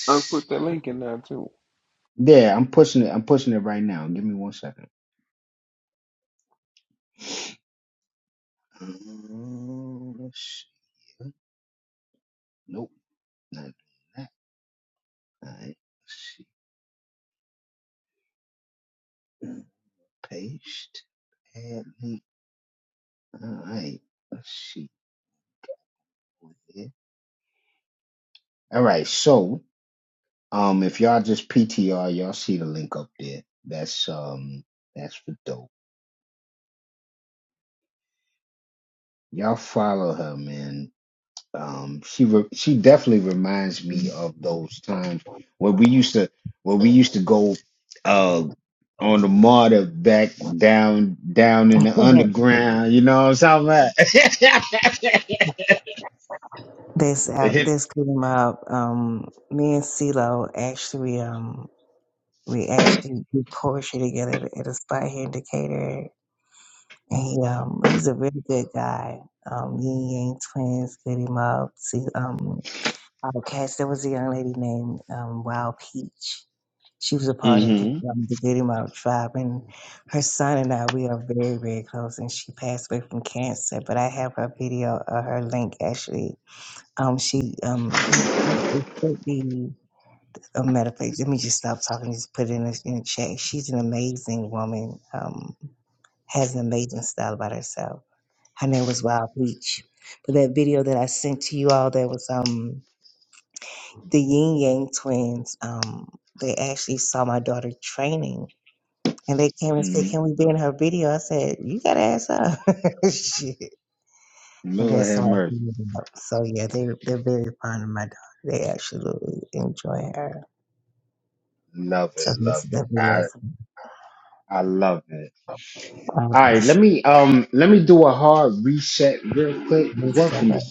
I put that link in there too.
[laughs] This out this came up. Um, me and CeeLo actually um we actually do poetry together at a spot here in Decatur. And he um he's a really good guy. Um, Yin Yang twins, get him up. See, um, Okay, so there was a young lady named um, Wild Peach. She was a part of the, um, the Good Amount tribe, and her son and I, we are very, very close. And she passed away from cancer, but I have her video or her link actually. Um, she, um, he actually sent me a medical. Let me just stop talking. Just put it in the, in the chat. She's an amazing woman. Um, has an amazing style about herself. Her name was Wild Peach. But that video that I sent to you all, that was um the Yin Yang twins, um, they actually saw my daughter training and they came and said, Can we be in her video? I said, You gotta ask her. [laughs] Shit. And that's how it ended up. So yeah, they they're very fond of my daughter. They absolutely enjoy her. So this is the video. I appreciate it. Thanks so much.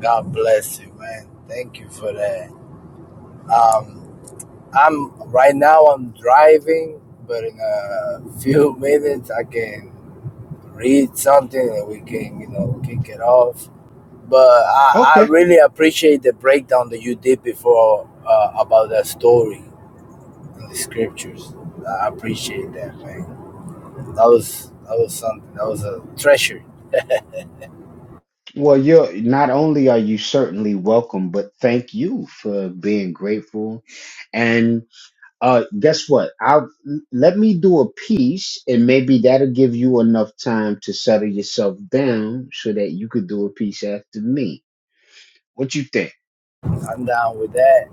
God bless you, man. Thank you for that. Um, I'm right now. I'm driving, but in a few [laughs] minutes I can read something and we can, you know, kick it off. But I, I really appreciate the breakdown that you did before uh, about that story in the scriptures. I appreciate that, man. That was that was something. That was a treasure. I'm down with that,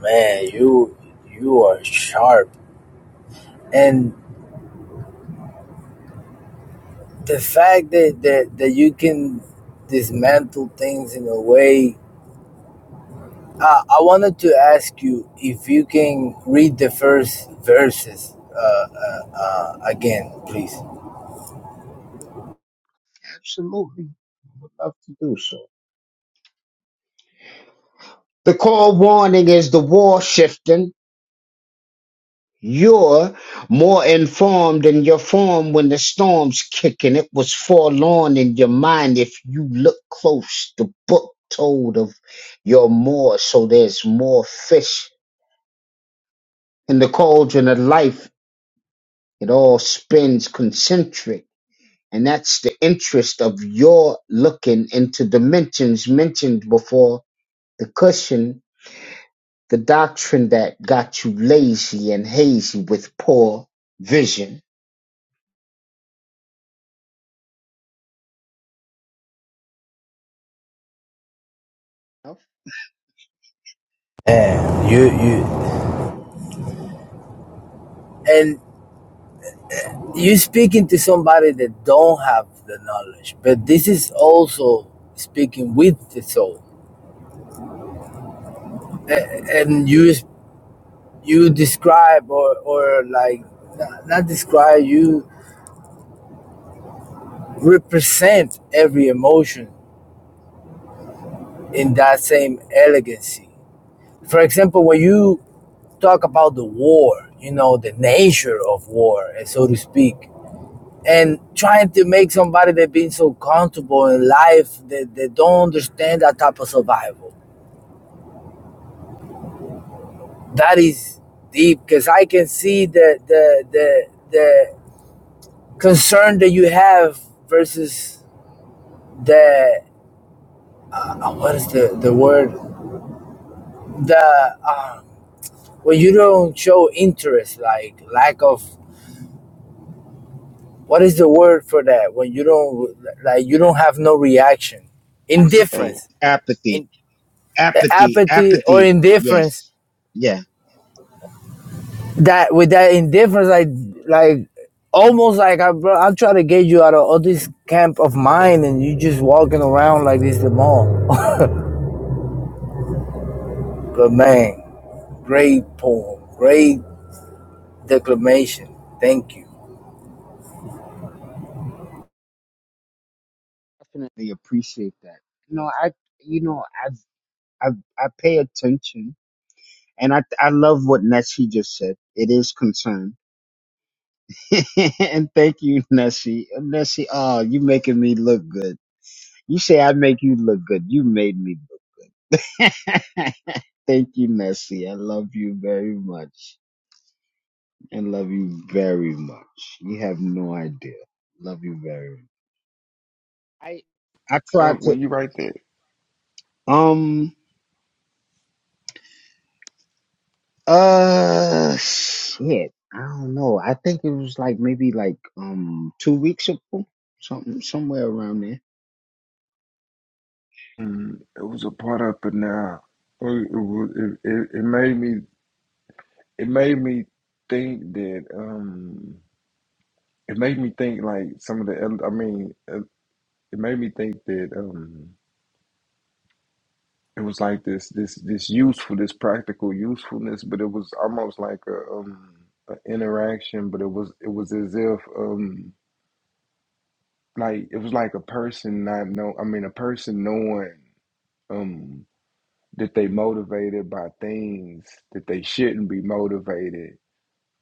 man. You you are sharp and. the fact that that that you can dismantle things in a way uh, i wanted to ask you if you can read the first verses uh, uh, uh, again please and you you and you speaking to somebody that don't have the knowledge but this is also speaking with the soul A- and you you describe or or like not not describe you represent every emotion in that same elegancy. For example, when you talk about the war, you know, the nature of war, eh, so to speak, and trying to make somebody that been so comfortable in life that they don't understand that type of survival. That is deep because I can see the the the the concern that you have versus the uh, what is the the word the uh, when you don't show interest like lack of what is the word for that when you don't like you don't have no reaction
It's, oh,
indifference in apathy or indifference that with that indifference like like almost like I, bro, i'm trying to get you out of all this camp of mine and you just walking around like this the mall but man great poem great declamation thank you
Unc, when you write that, mm, it was a part up in there. It, was- it, it, it made me. It made me think that. Um, it made me think like some of the. el- I mean, it, it made me think that. Um, it was like this this this useful this practical usefulness but it was almost like a um an interaction but it was it was as if um like it was like a person not know i mean a person knowing um that they motivated by things that they shouldn't be motivated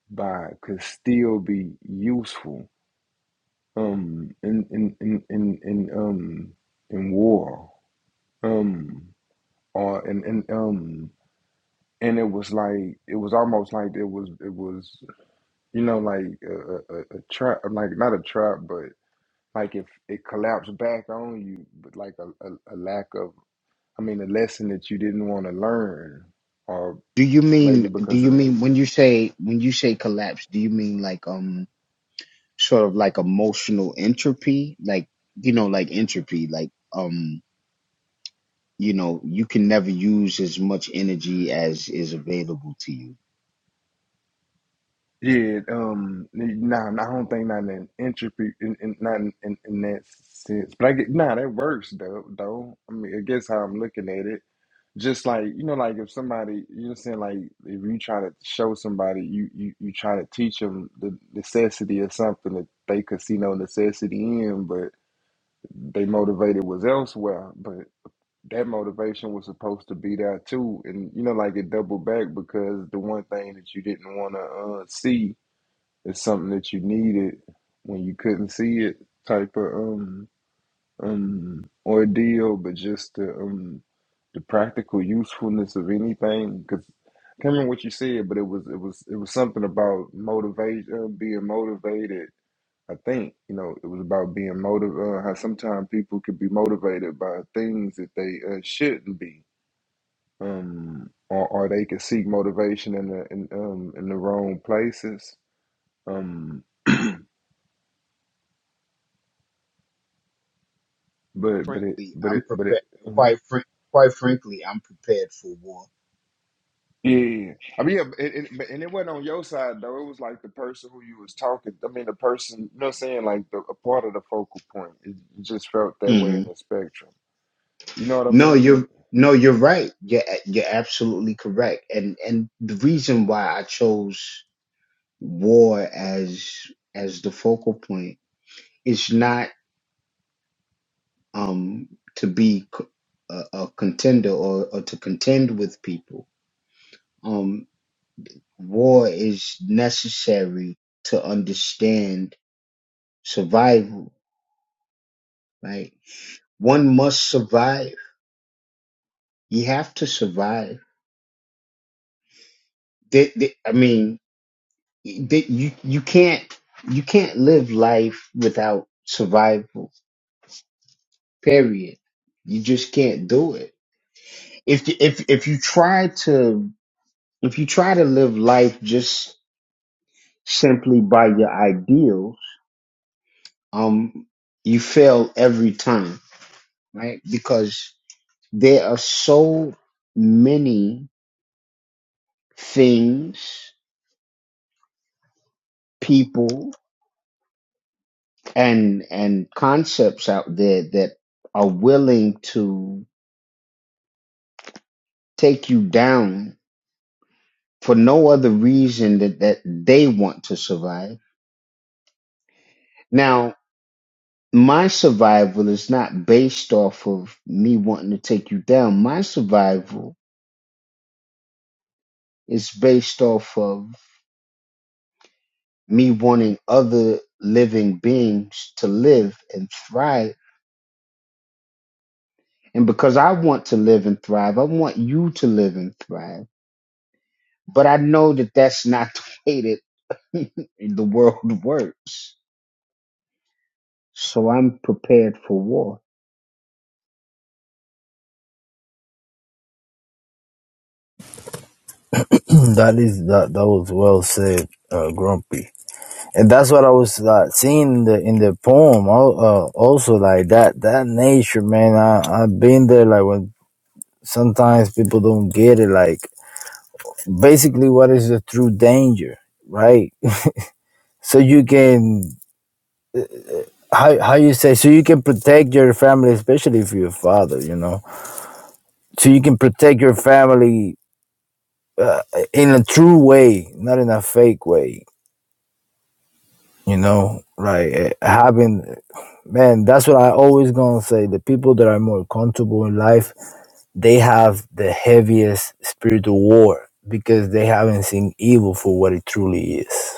by could still be useful um in in in in, in um in war um or in in um and it was like it was almost like it was it was you know like a, a, a trap like not a trap but like if it collapsed back on you but like a, a, a lack of i mean a lesson that you didn't want to learn or maybe because of the yeah um nah, nah, i don't think not in entropy in, in not in, in, in that sense but i get nah that works though though i mean i guess how i'm looking at it Just like you know, like if somebody you know, saying like if you try to show somebody you you you try to teach them the necessity of something that they could see no necessity in, but they motivated was elsewhere. But that motivation was supposed to be there too, and you know, like it doubled back because the one thing that you didn't want to uh, see is something that you needed when you couldn't see it, type of um um ordeal, but just the um the practical usefulness of anything. Because I can't remember what you said, but it was it was it was something about motivation, uh, being motivated. I think you know it was about being motivated. Uh, how sometimes people could be motivated by things that they uh, shouldn't be, um, or or they could seek motivation in the in um in the wrong places. Um, but but it but it but it. uh-huh. Yeah, I mean, yeah, but it, it, but- and it wasn't on your side though. It was like the person who you was talking. I mean, the person. You know, what I'm saying like the a part of the focal point. It, it just felt that way in the spectrum. You know what I mean?
that is that that was well said uh, grumpy And that's what I was like seeing in the in the poem. al- Uh, also, like that that nature, man. I I've been there. Like when sometimes people don't get it. Like basically, what is the true danger, right? [laughs] so you can how how you say so you can protect your family, especially if you're a father, you know. So you can protect your family in a true way, not in a fake way. You know, like eh, having, man, that's what I always gonna say. The people that are more comfortable in life, they have the heaviest spiritual war because they haven't seen evil for what it truly is.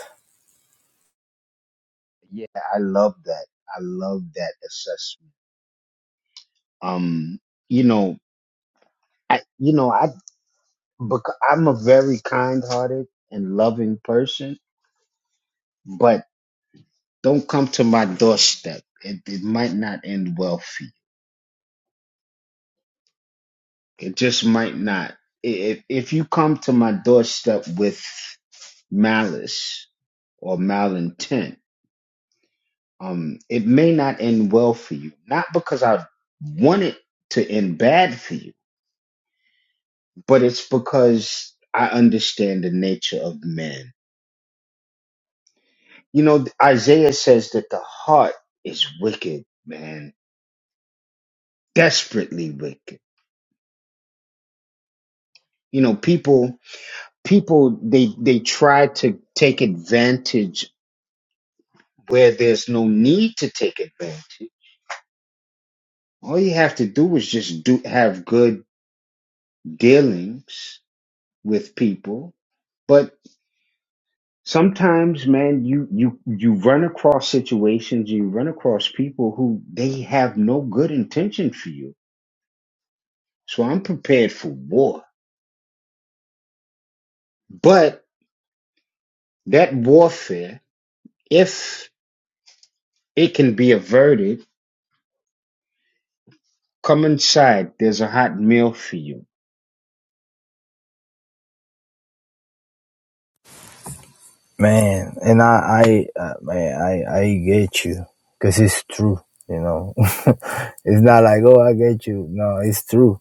Man, and I, I, uh, man, I, I get you because it's true. You know, [laughs] it's not like oh, I get you. No, it's true.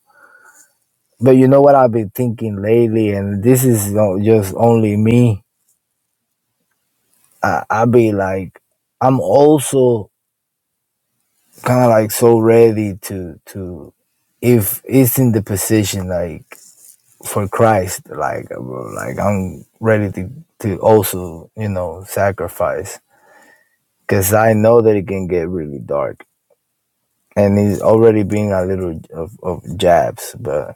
But you know what I've been thinking lately, and this is not just only me. I, I be like, I'm also kind of like so ready to to if it's in the position like for Christ, like bro, like I'm ready to to also you know sacrifice because I know that it can get really dark and it's already being a little of, of jabs, but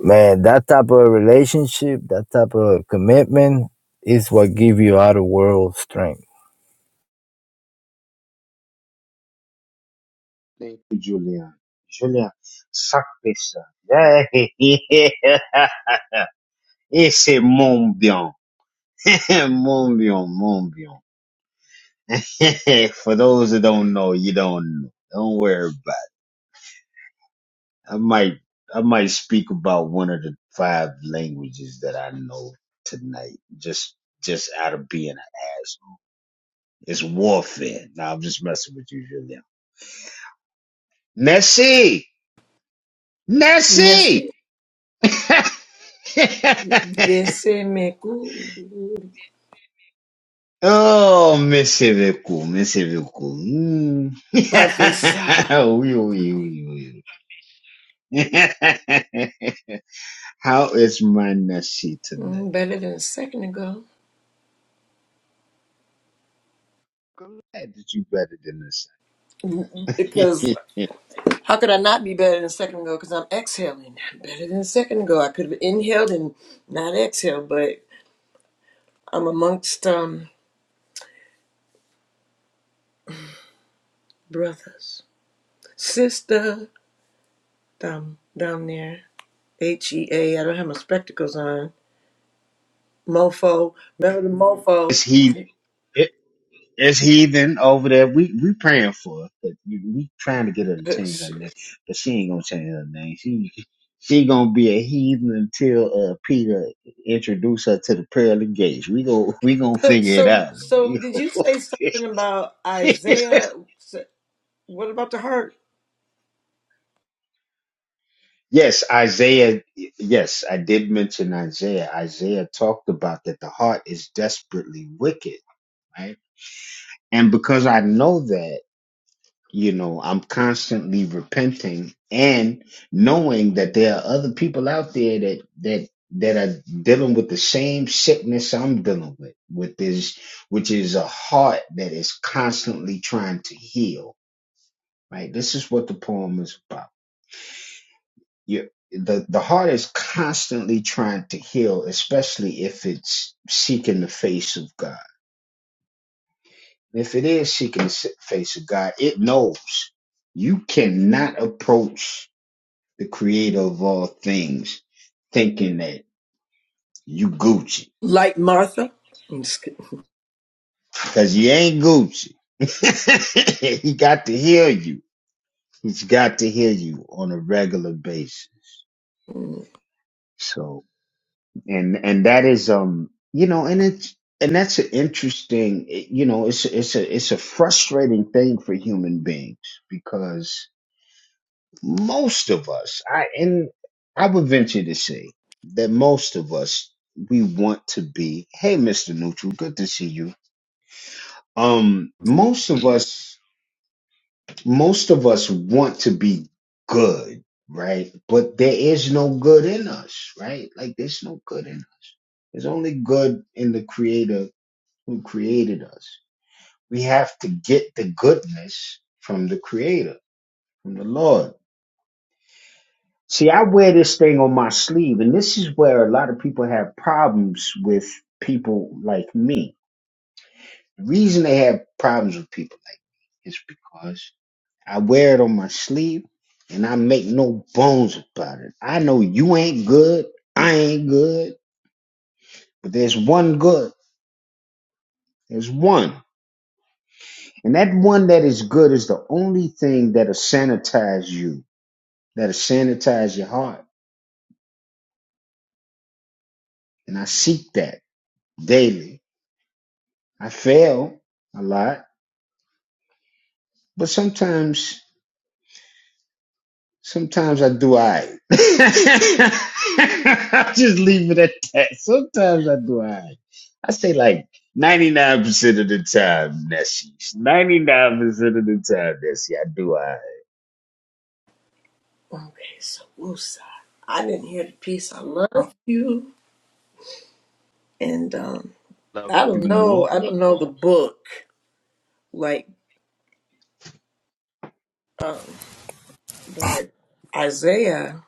man, that type of relationship, that type of commitment is what give you out of world strength.
Neste VC Meku Professor. Mm, better than a second ago. Because how could I not be better than a second ago? Because I'm exhaling. I'm better than a second ago. I could have inhaled and not exhaled, but I'm amongst um brothers. Sister down down there. H E A. I don't have my spectacles on. Mofo. Remember the mofo? [laughs] So, so, so, did you say something about Isaiah? S- What about the heart? Like Martha? I'm just kidding. Mm, Okay, so Wusa. I didn't hear the piece. I love you, and um, I don't know. I don't know the book, like, um, but Isaiah.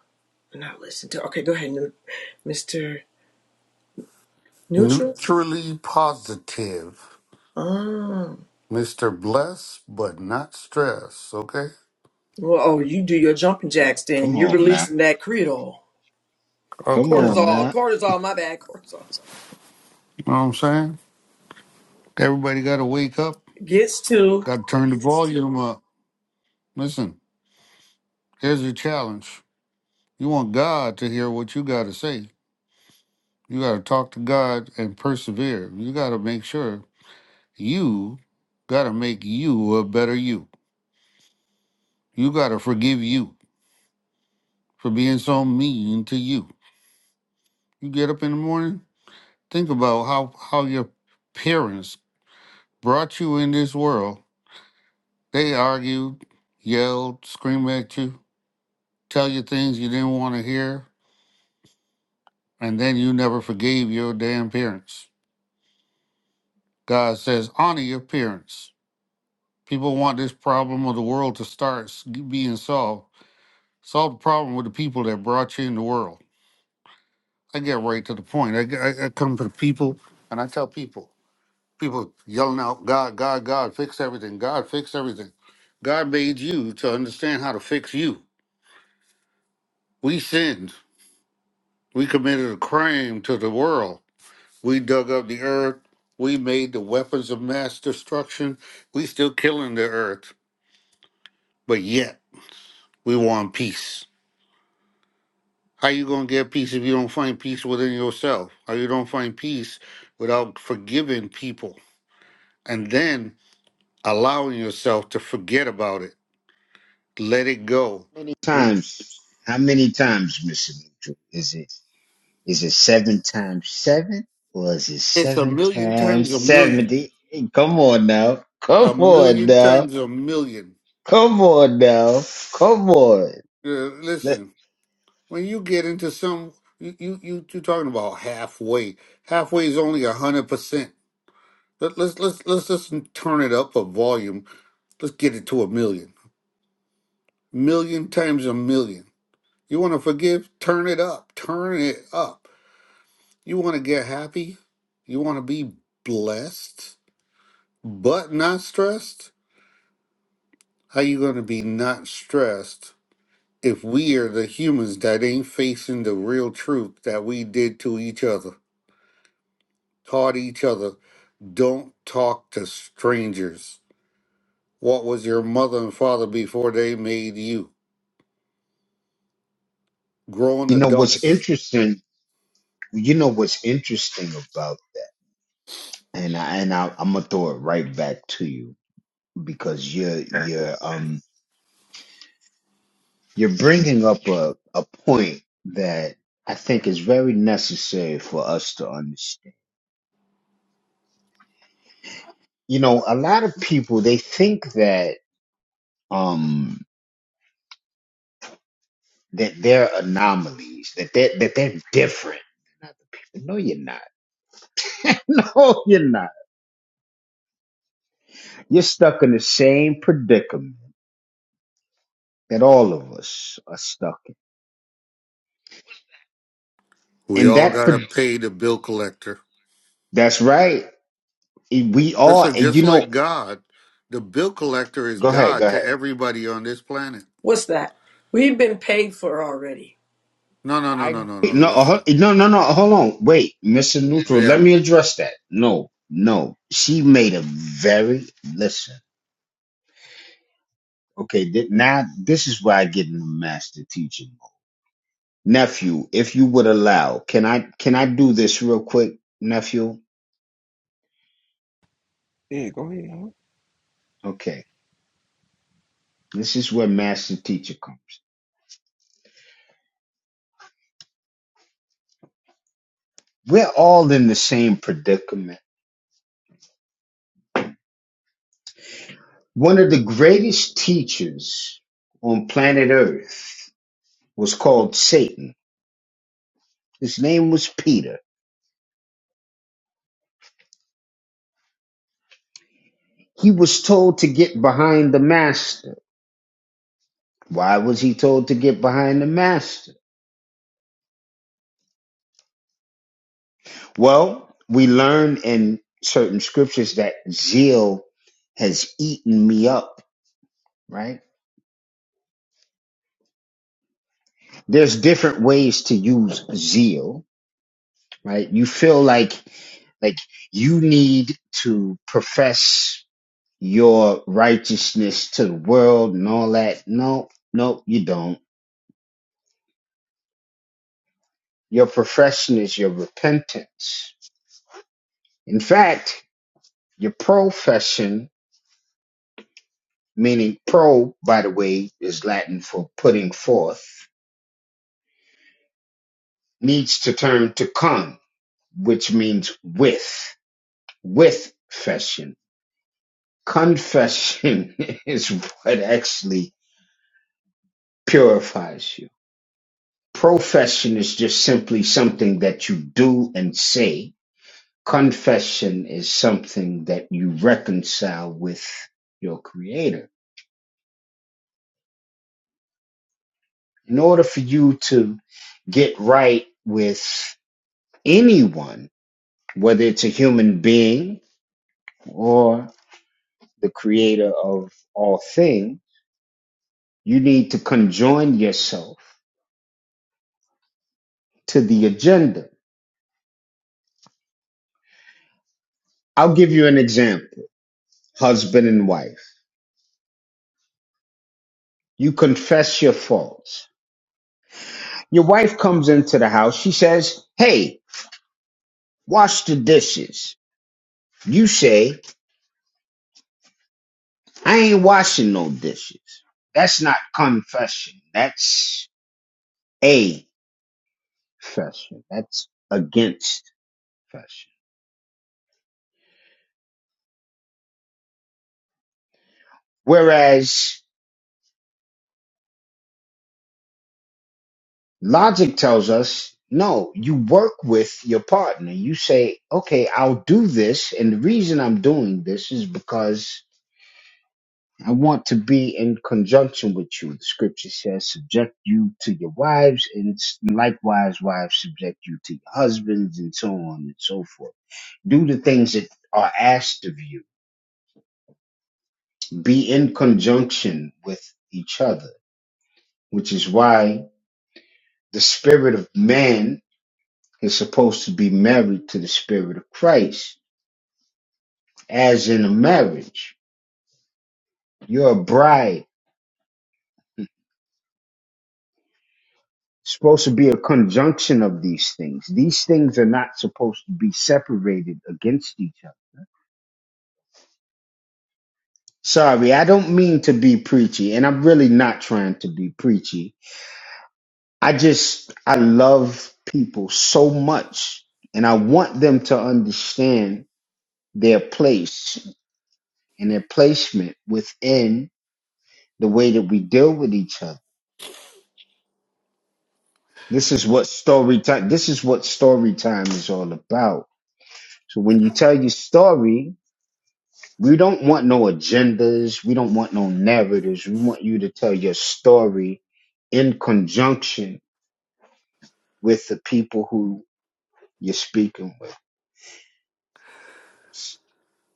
Not listen to. Okay, go ahead, Nu- Mr. Neutral.
Neutrally positive.
Um.
Mr. Bless, but not stress, okay?
Well, oh, you do your jumping jacks then. You're releasing that creedol.
Of course.
Cortisol, cortisol, my bad, cortisol.
You know what I'm saying? Everybody got to wake up,
gets to
got to turn the volume up. Listen, here's your challenge. You want God to hear what you got to say. You got to talk to God and persevere. You got to make sure you got to make you a better you. You got to forgive you for being so mean to you. You get up in the morning, think about how, how your parents brought you in this world. They argued, yelled, screamed at you, tell you things you didn't want to hear, and then you never forgave your damn parents. God says, honor your parents. People want this problem of the world to start s- being solved. Solve the problem with the people that brought you in the world. I get right to the point. I, I, I come to the people and I tell people, people yelling out, God, God, God, fix everything. God, fix everything. God made you to understand how to fix you. We sinned. We committed a crime to the world. We dug up the earth. We made the weapons of mass destruction. We still killing the earth, but yet we want peace. How you gonna get peace if you don't find peace within yourself? How you don't find peace without forgiving people and then allowing yourself to forget about it, let it go. It's a million times a million, a million times a million. Uh, listen, when you get into some you you you you talking about halfway halfway is only a hundred percent Let, let's let's let's just turn it up a volume let's get it to a million million times a million you want to forgive turn it up turn it up you want to get happy you want to be blessed but not stressed how you going to be not stressed if we are the humans that ain't facing the real truth that we did to each other taught each other Don't talk to strangers. What was your mother and father before they made you? Grown adults. We all got to pay the bill collector. So just like God, the bill collector is God to everybody on this planet.
what's that? We've been paid for already.
No, no, no, no, no, no. Listen. Oh, Yeah.
Yeah, go ahead.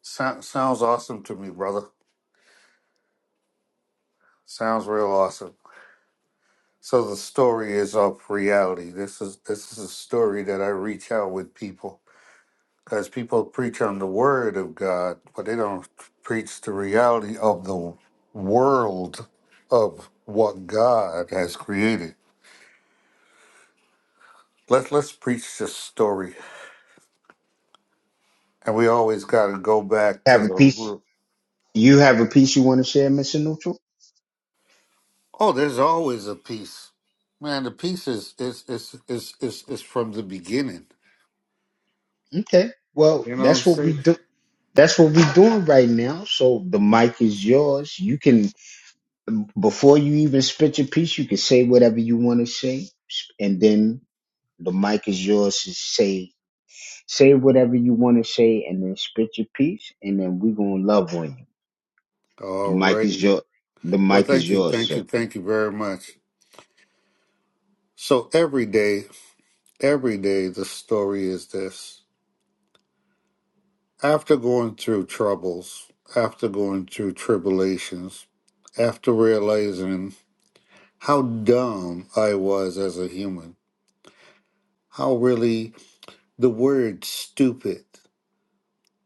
So- sounds awesome to me, brother. Sounds real awesome. So the story is of reality. This is this is a story that I reach out with people because people preach on the word of God, but they don't preach the reality of the world of what God has created. Let's let's preach this story, and we always got to go back to the root. Oh, there's always a peace, man. The peace is is is is is, is from the beginning. You know what I'm saying? All righty. Well, thank you, thank you, thank you very much. So every day, every day, the story is this. after going through troubles, after going through tribulations, after realizing how dumb I was as a human, how really the word stupid,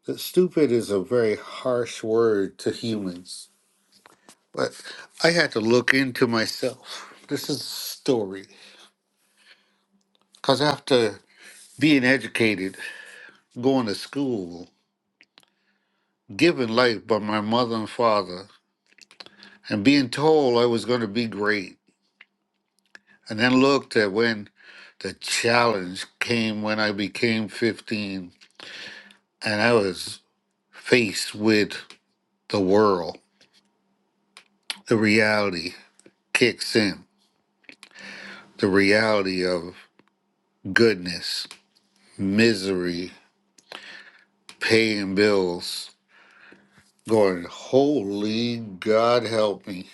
that stupid is a very harsh word to humans. But I had to look into myself. This is a story. Because after being educated, going to school, given life by my mother and father, and being told I was going to be great, And then looked at when the challenge came when I became 15 and I was faced with the world. The reality kicks in the reality of goodness, misery, paying bills, going, Holy God, help me.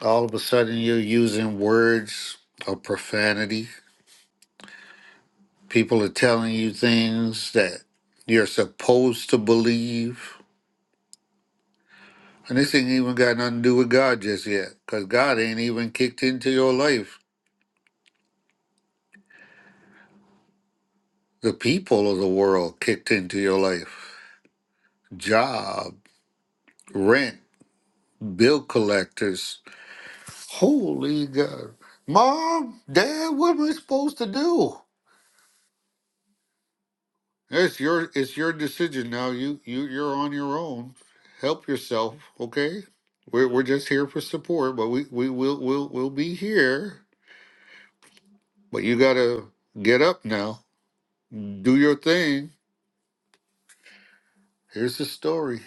All of a sudden, you're using words of profanity. People are telling you things that you're supposed to believe And this ain't even got nothing to do with God just yet, because God ain't even kicked into your life. The people of the world kicked into your life. Job, rent, bill collectors. Holy God. Mom, Dad, what am I supposed to do? It's your it's your decision now. You you you're on your own. Help yourself, okay? We're we're just here for support, but we, we will will will be here. But you gotta get up now. Do your thing Here's the story.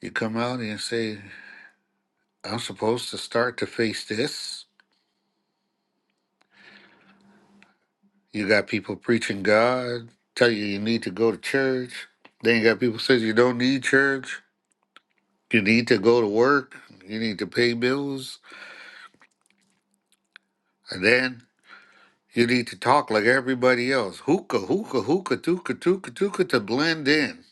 You come out and say, I'm supposed to start to face this. You got people preaching God, tell you you need to go to church. Then you got people says you don't need church. You need to go to work. You need to pay bills. And then you need to talk like everybody else. Hookah, hookah, hookah, tookah, tookah, tookah to blend in.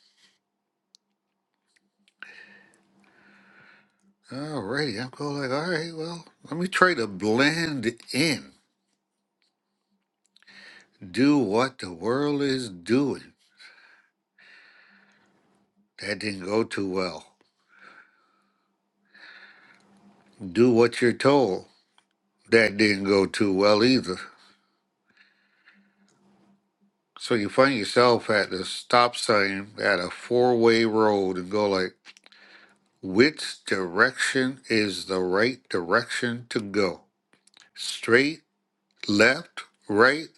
All right, I'm going like, all right, well, let me try to blend in. Do what the world is doing. That didn't go too well. do what you're told. That didn't go too well either. So you find yourself at the stop sign at a four way road and go like, which direction is the right direction to go? Straight, left, right,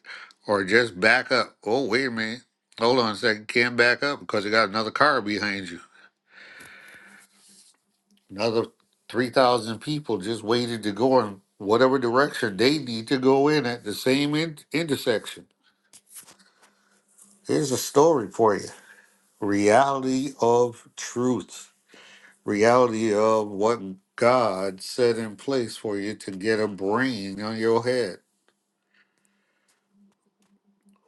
or just back up? Oh, wait a minute. Hold on a second. Can't back up because you got another car behind you. Another 3,000 people just waited to go in whatever direction they need to go in at the same in- intersection. Here's a story for you reality of truth, reality of what God set in place for you to get a brain on your head.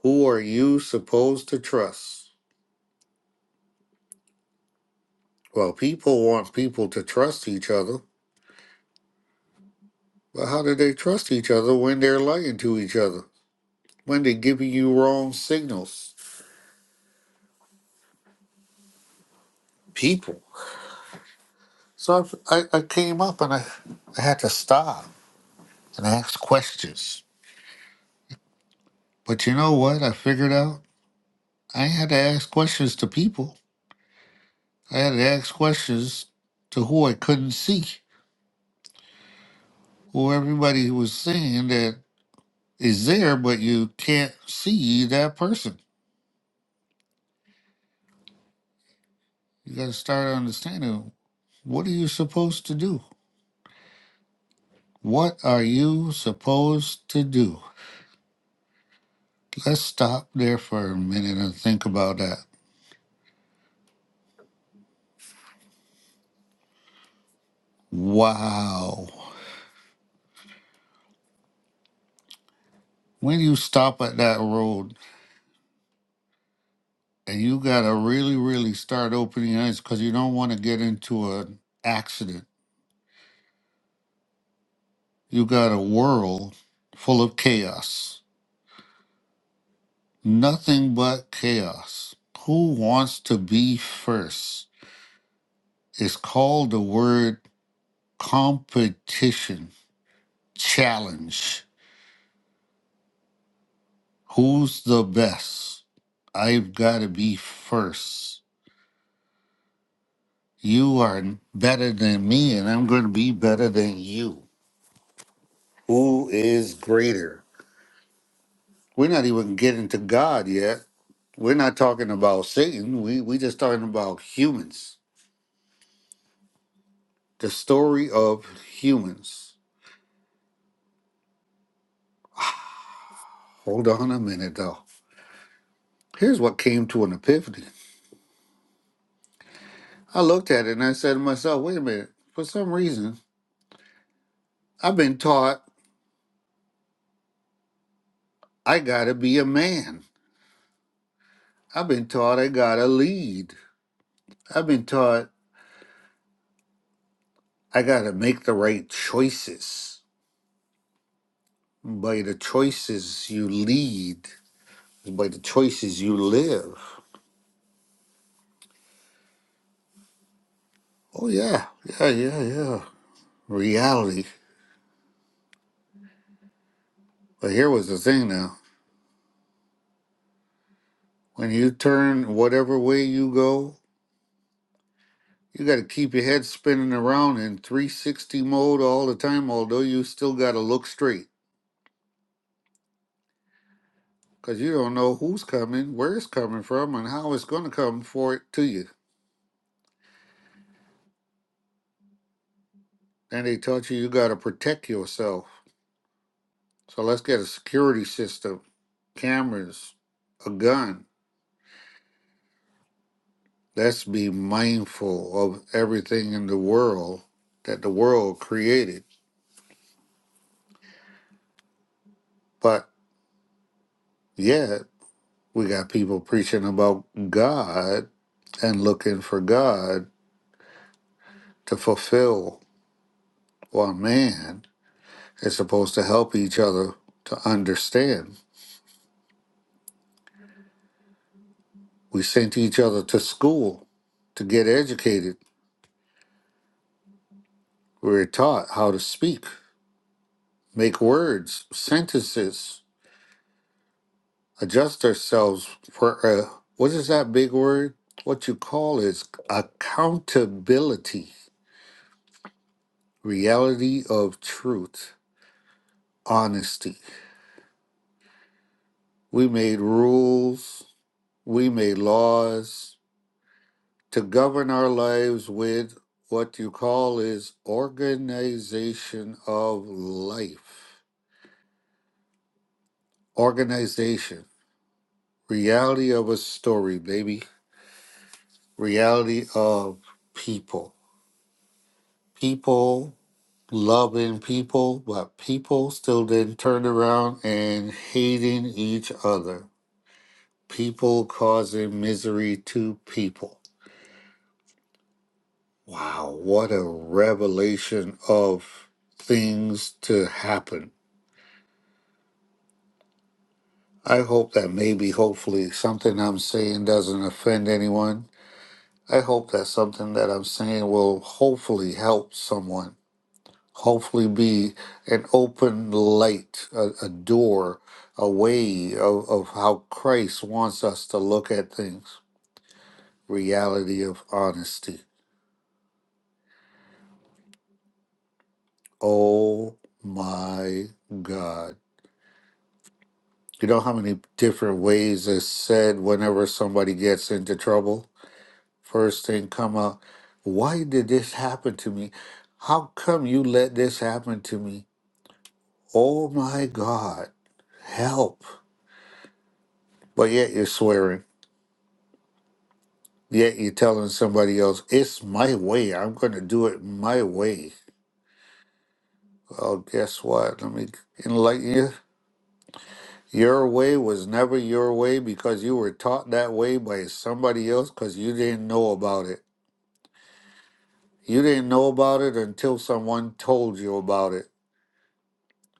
Who are you supposed to trust? Well, people want people to trust each other, but how do they trust each other when they're lying to each other, when they're giving you wrong signals? People. So I, I, came up and I, I had to stop and ask questions. But you know what I figured out? I had to ask questions to people. I had to ask questions to who I couldn't see, who everybody was saying that is there, but you can't see that person. You got to start understanding what are you supposed to do? What are you supposed to do? Let's stop there for a minute and think about that. Wow. When you stop at that road and you got to really, really start opening your eyes because you don't want to get into an accident You got a world full of chaos, nothing but chaos. Who wants to be first? It's called the word competition, challenge. Who's the best? I've got to be first. You are better than me, and I'm going to be better than you. Who is greater? We're not even getting to God yet. We're not talking about Satan. We we just talking about humans The story of humans. Hold on a minute, though. Here's what came to an epiphany. I looked at it and I said to myself, wait a minute. For some reason, I've been taught I gotta be a man. I've been taught I gotta lead. I've been taught I gotta make the right choices. By the choices you lead, by the choices you live. Oh, yeah, yeah, yeah, yeah. Reality. But here was the thing now when you turn whatever way you go You got to keep your head spinning around in 360 mode all the time, although you still got to look straight because you don't know who's coming, where it's coming from, and how it's going to come for it to you. And they taught you you got to protect yourself. So let's get a security system, cameras, a gun. Let's be mindful of everything in the world that the world created. But yet, we got people preaching about God and looking for God to fulfill one man is supposed to help each other to understand. We sent each other to school to get educated. We were taught how to speak, make words, sentences, adjust ourselves for uh, what is that big word? What you call is accountability, reality of truth, honesty. We made rules, we made laws, to govern our lives with what you call is organization of life. Organization. Reality of a story, baby. Reality of people. People loving people, but people still then turn around and hating each other. People causing misery to people. Wow, what a revelation of things to happen I hope that maybe, hopefully, something I'm saying doesn't offend anyone. I hope that something that I'm saying will hopefully help someone, hopefully, be an open light, a, a door, a way of, of how Christ wants us to look at things. Reality of honesty. Oh my God. You know how many different ways it's said whenever somebody gets into trouble? First thing come up, why did this happen to me? How come you let this happen to me? Oh my God, help. But yet you're swearing. Yet you're telling somebody else, it's my way. I'm going to do it my way. Well, guess what? Let me enlighten you. Your way was never your way because you were taught that way by somebody else because you didn't know about it. You didn't know about it until someone told you about it.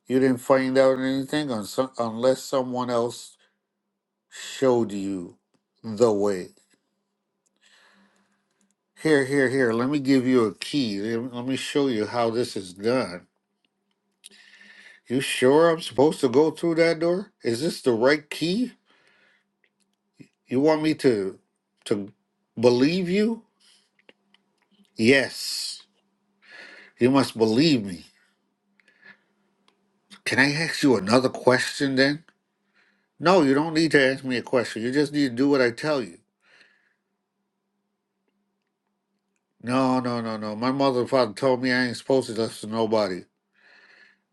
You didn't find out anything on some, unless someone else showed you the way. Here, here, here, let me give you a key. Let let me show you how this is done. You sure I'm supposed to go through that door? Is this the right key? You want me to to believe you? Yes. You must believe me. Can I ask you another question then? No, you don't need to ask me a question. You just need to do what I tell you. No, no, no, no. My mother and father told me I ain't supposed to listen to nobody.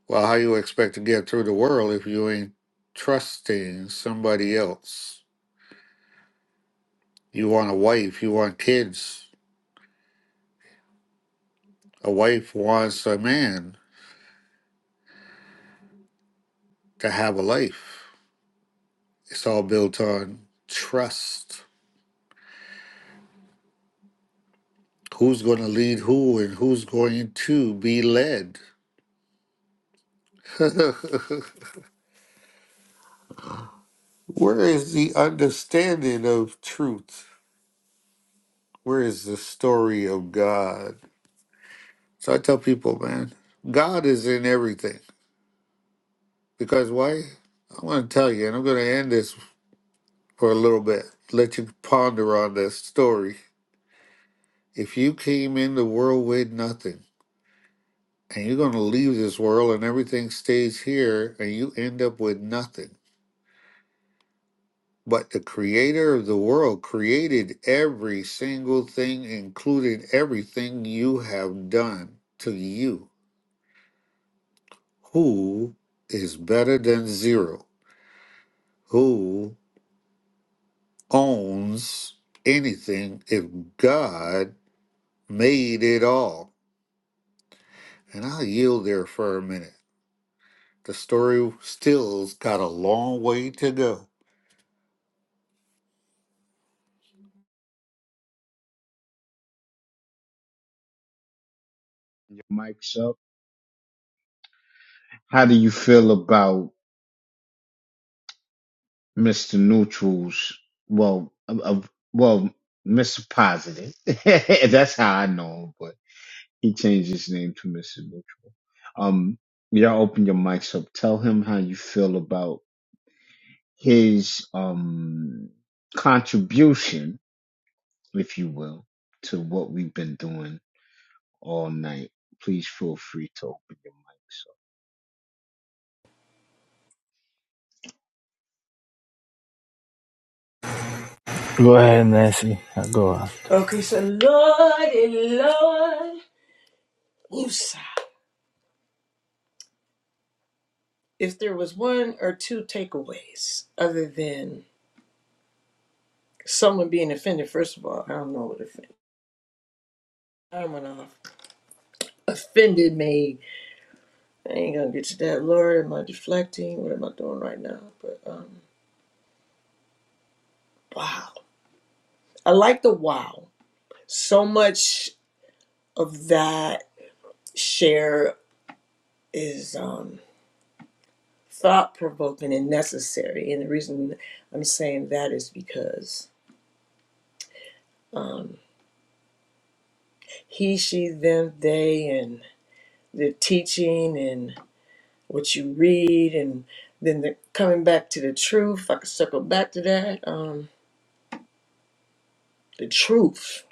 Well, how you expect to get through the world if you ain't trusting somebody else? You want a wife, you want kids. A wife wants a man to have a life. It's all built on trust. Who's going to lead who and who's going to be led? [laughs] Where is the understanding of truth? Where is the story of God? So I tell people, man, God is in everything. Because why? I want to tell you, and I'm going to end this for a little bit, let you ponder on this story. If you came in the world with nothing, and you're going to leave this world and everything stays here, and you end up with nothing. But the creator of the world created every single thing, including everything you have done to you. Who is better than zero? Who owns anything if God made it all. And I'll yield there for a minute. The story still's got a long way to go.
Go ahead, Nancy. Go. on.
Okay, so Lord and Lord. Woosa. If there was one or two takeaways other than someone being offended, first of all, I don't know what offended. I went off. Offended me. I ain't gonna get to that. Lord, am I deflecting? What am I doing right now? But um wow. I like the wow. So much of that share is um thought provoking and necessary. And the reason I'm saying that is because um, he, she, them, they, and the teaching and what you read, and then the coming back to the truth. If I could circle back to that. Um, the truth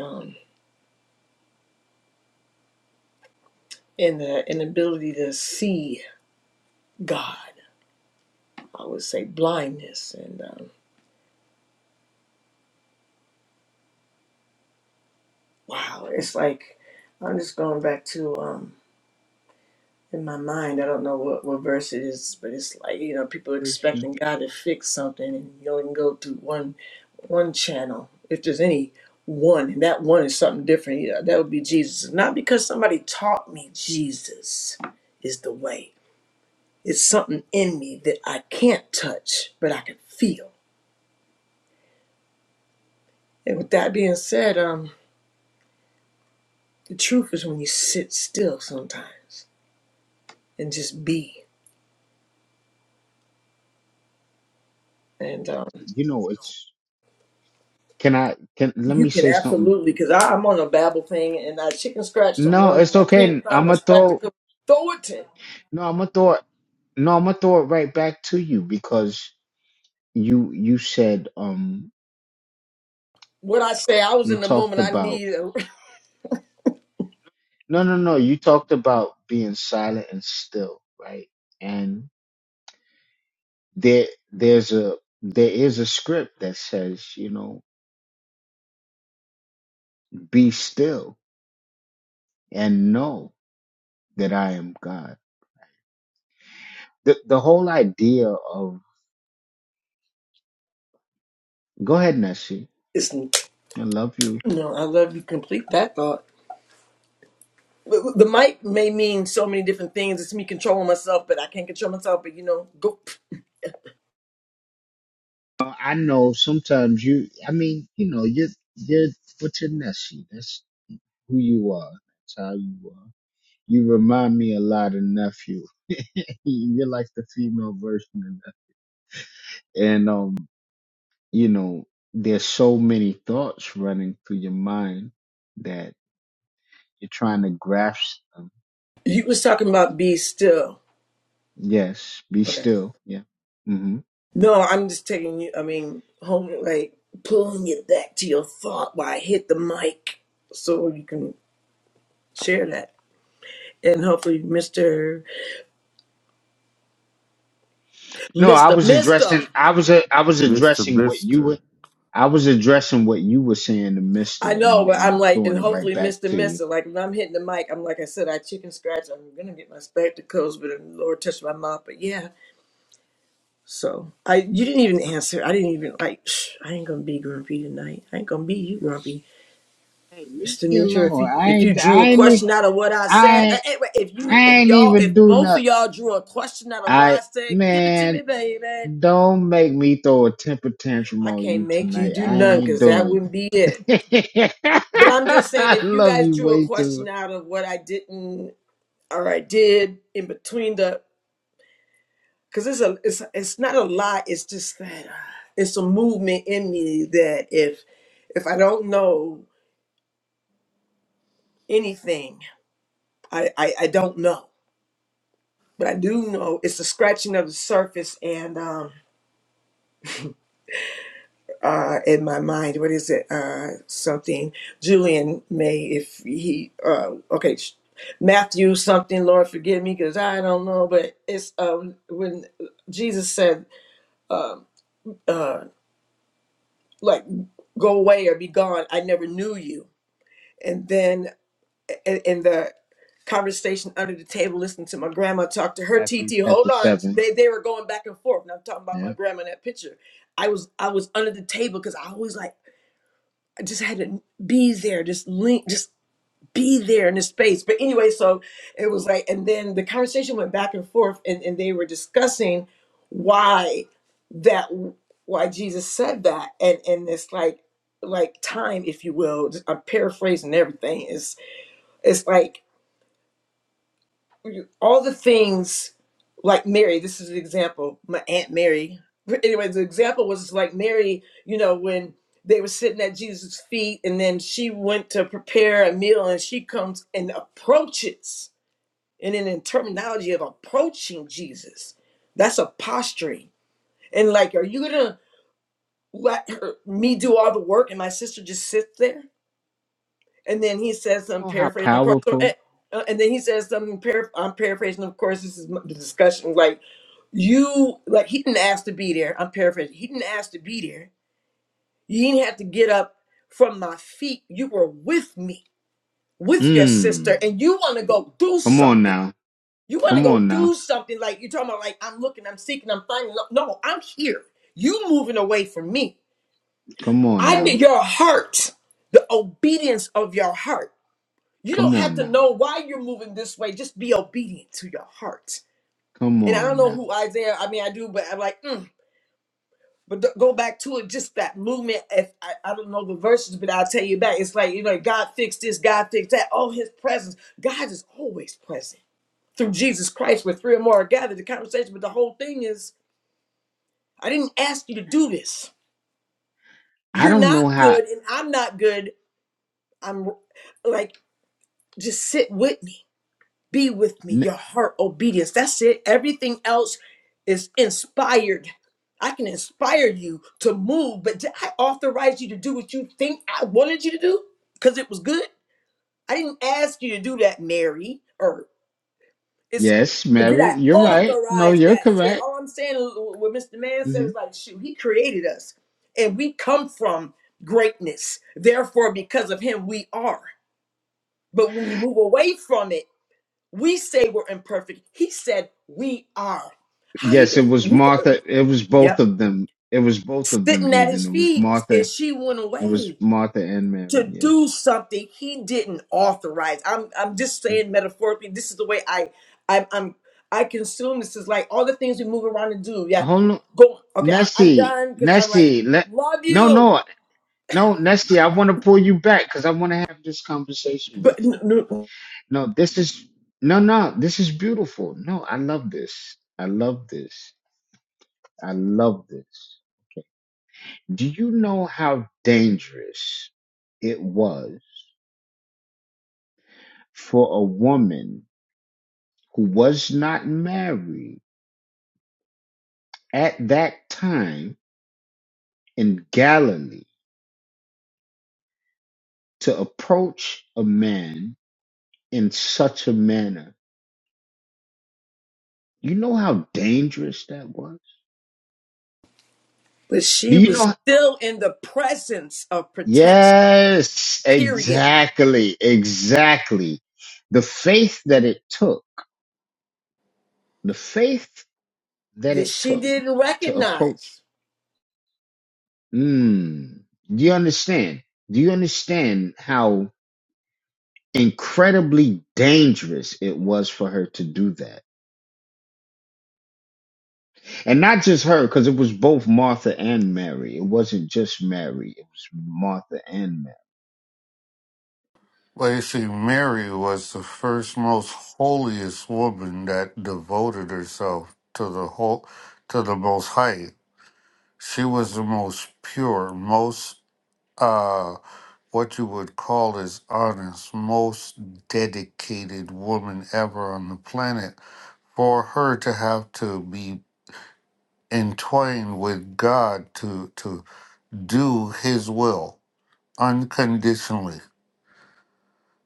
um, and the inability to see God. I would say blindness and um, wow, it's like I'm just going back to. Um, in my mind. I don't know what, what verse it is, but it's like, you know, people expecting God to fix something and you only can go through one one channel. If there's any one, and that one is something different, you know, that would be Jesus. Not because somebody taught me Jesus is the way. It's something in me that I can't touch, but I can feel. And with that being said, um, the truth is when you sit still sometimes and just be. and um, You can absolutely, because I'm on a Babel thing and I chicken scratch some words and I can't find my spectacle. Throw it to what I say. I was in the moment. I need. A, [laughs] it's, no, I love you. Complete that thought. The the mic may mean so many different things. It's me controlling myself, but I can't control myself. But you know, go. You was talking about be still. Okay. No, I'm just taking you. I mean, home like pulling it back to your thought while I hit the mic, so you can share that, and hopefully, Mister. Mr. Mister.
Mr. Mister.
I know, but I'm like, and hopefully Mr. Mister. Like when I'm hitting the mic, I'm like I said, I chicken scratch. I'm gonna get my spectacles, but the Lord touched my mouth. But yeah, so I you didn't even answer. I didn't even like. Psh, I ain't gonna be grumpy tonight. I ain't gonna be you grumpy, Mr. Neutral. If you if you drew a question out of what I said, uh, eh, wait, if you if y'all if both of y'all drew a question out of what I said, give it to me, baby. I can't make you do none because that wouldn't be it. But I'm just saying, if you guys drew a question out of what I didn't or I did in between the, because it's a, it's it's not a lot. It's just that uh, it's a movement in me that if if I don't know anything, I I, I don't know, but I do know it's the scratching of the surface, and um uh, in my mind. What is it? Uh, something Julian may, if he, uh, okay, sh- Matthew something. Lord, forgive me because I don't know. But it's um, when Jesus said, uh, like, go away or be gone. I never knew you. And then in, in the conversation under the table, listening to my grandma talk to her TT. Hold on, they they were going back and forth. And I'm talking about my grandma in that picture. I was I was under the table because I always like. I just had to be there, just link, just be there in the space. But anyway, so it was like, and then the conversation went back and forth, and, and they were discussing why that, why Jesus said that, and and it's like, like time, if you will. I'm paraphrasing everything. It's it's like all the things like Mary, this is an example, my Aunt Mary. But anyway, the example was like Mary, you know, when they were sitting at Jesus' feet and then she went to prepare a meal and she comes and approaches. And in the terminology of approaching Jesus, that's a posturing. And like, are you gonna let her me do all the work and my sister just sit there? and then he says I'm paraphrasing of course uh, uh, and then he says something parap- i'm paraphrasing of course this is m- the discussion like you like he didn't ask to be there i'm paraphrasing he didn't ask to be there you didn't have to get up from my feet you were with me with your sister and you want to go do something you want to go do something like you're talking about like i'm looking i'm seeking i'm finding no no, i'm here you moving away from me i need your heart the obedience of your heart You don't have to know why you're moving this way. Just be obedient to your heart. And I don't know who Isaiah, I mean, I do, but I'm like, mm. but th- go back to it. Just that movement. If I, I don't know the verses, but I'll tell you back. It's like, you know, God fixed this, God fixed that. Oh, his presence. God is always present through Jesus Christ, where three or more are gathered. The conversation, but the whole thing is, I didn't ask you to do this. You're not good, and I'm not good. I'm like, just sit with me Be with me, your heart obedience. That's it. Everything else is inspired. I can inspire you to move, but did I authorize you to do what you think I wanted you to do? Because it was good. I didn't ask you to do that, Mary. Or it's did I authorize that shit? All I'm saying, is what Mr. Man said is like, shoot, he created us, and we come from greatness. Therefore, because of him, we are. But when we move away from it. We say we're imperfect. He said we are. How he do- we yep. Sitting at his feet and she went away to do something he didn't authorize. I'm I'm just saying metaphorically, this is the way I I I'm I consume this is like all the things we move around and do. Yeah. Go okay, I, I'm done because I'm like, love you. But n- n- but she was still in the presence of protection, period, that she didn't recognize
Lacey Mary was the first most holiest woman that devoted herself to the whole to the most high. She was the most pure, most uh what you would call as honest, most dedicated woman ever on the planet. For her to have to be entwined with God to to do his will unconditionally.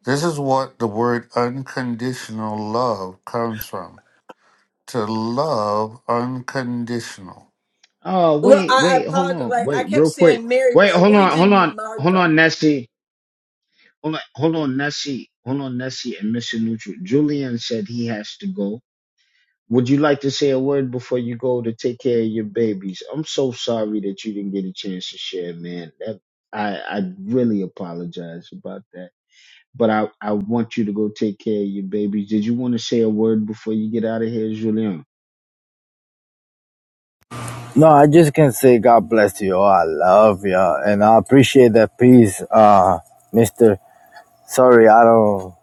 This is what the word unconditional love comes from. To love unconditional.
Well, I, I apologize. Like I kept saying Mary, but I really did mean Martha.
No, I just can say God bless you. all. I love you, and I appreciate that peace, uh, Mister. Sorry, I don't.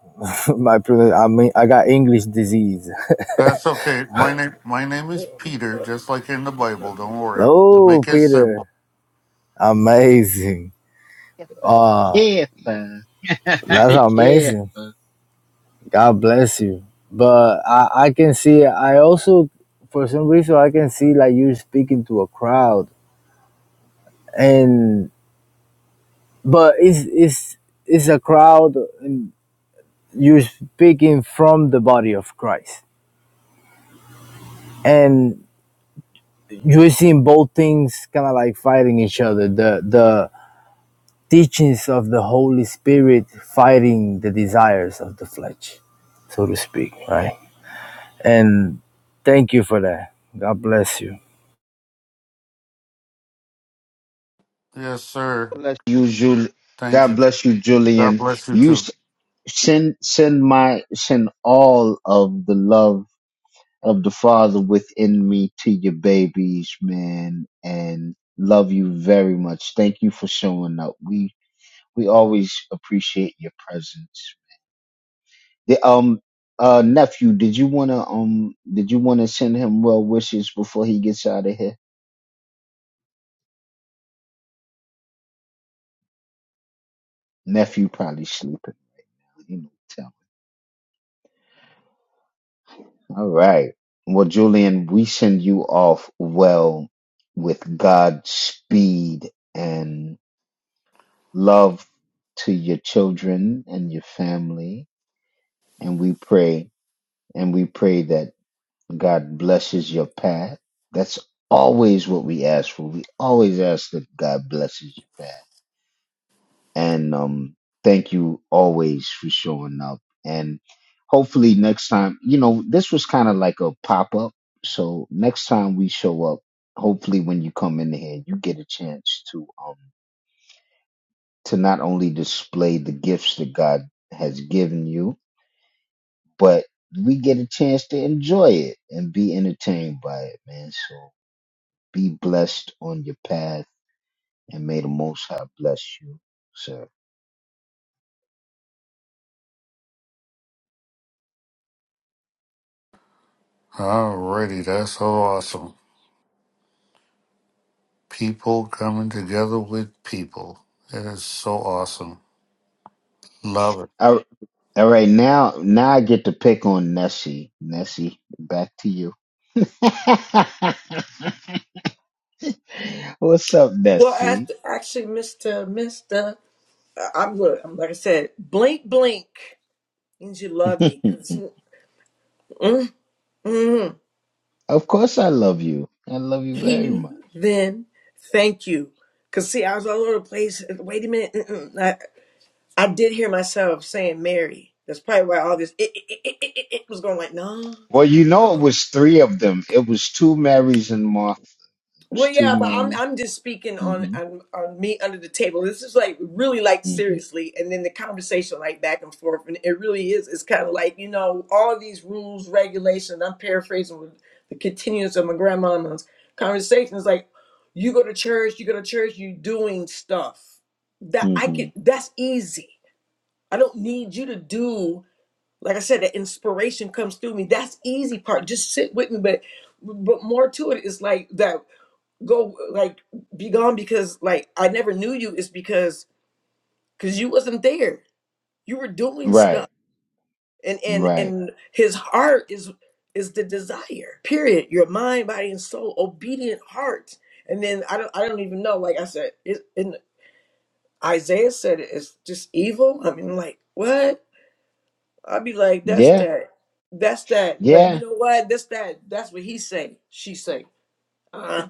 [laughs] My pronun- I mean, I got English disease.
That's okay. My name my name is Peter, just like in the Bible, don't
[laughs]
worry. To
oh,
make it simple.
Peter, amazing. Uh, that's amazing. God bless you. But I, I can see. I also, for some reason, I can see like you're speaking to a crowd, and but it's it's it's a crowd. And you're speaking from the body of Christ and you're seeing both things kind of like fighting each other the the teachings of the holy spirit fighting the desires of the flesh so to speak right and thank you for that god bless you
Yes, sir. Thank you. God bless you too. Alrighty, that's so awesome. People coming together with people. It is so awesome. Love it.
Well, act- actually, Mister Mister, I- I'm look. I'm like I said, blink, blink, means you love me, cause mm, mm, mm-hmm. he then thank you, cause see, I was all over the place. Wait a minute, mm-mm. I, I did hear myself saying Mary. That's probably why all this it, it, it, it, it was going like no. Well, yeah, but I'm I'm just speaking on, on on me under the table. This is like really like seriously, and then the conversation like back and forth, and it really is. It's kind of like you know all these rules, regulations. I'm paraphrasing with the continuance of my grandmama's conversations. Like you go to church, you go to church, you doing stuff that I could. That's easy. I don't need you to do. Like I said, the inspiration comes through me. That's easy part. Just sit with me, but but more to it is like that go like be gone because like I never knew you is because because you wasn't there. You were doing stuff. And and and his heart is is the desire. Period. Your mind, body, and soul, obedient heart. And then I don't I don't even know, like I said, it and Isaiah said it, it's just evil. I mean like what? I'd be like, that's that. That's that. But you know what? That's that. That's what he say. She say. Uh,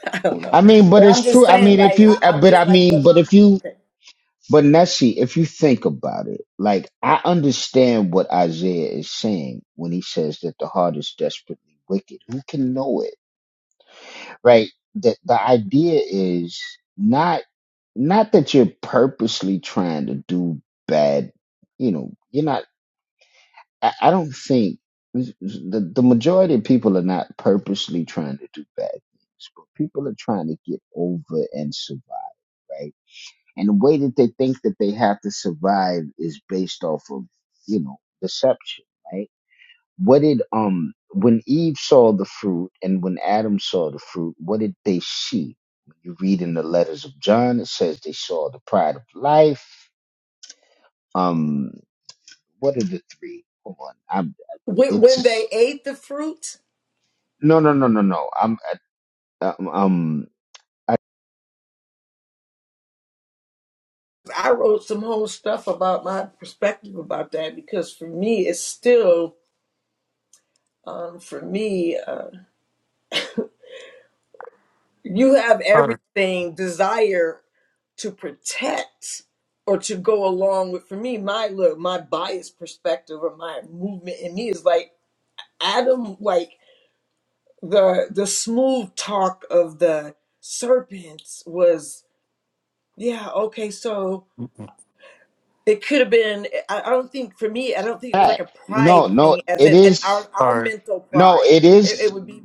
[laughs] I don't know. But I'm just saying, like, I, I'm just like, what my okay. When when they ate the fruit, I wrote some whole stuff about my perspective about that because for me, it's still, um, for me, uh, you have
Alright.
everything desire to protect or to go along with. For me, my look, my biased perspective or my movement in me is like Adam, like the the smooth talk of the serpents was, yeah, okay, so
All
it could have been eh, I, I don't think for me i don't think it was like a pride thing as in and our our
right.
mental pride it, it would be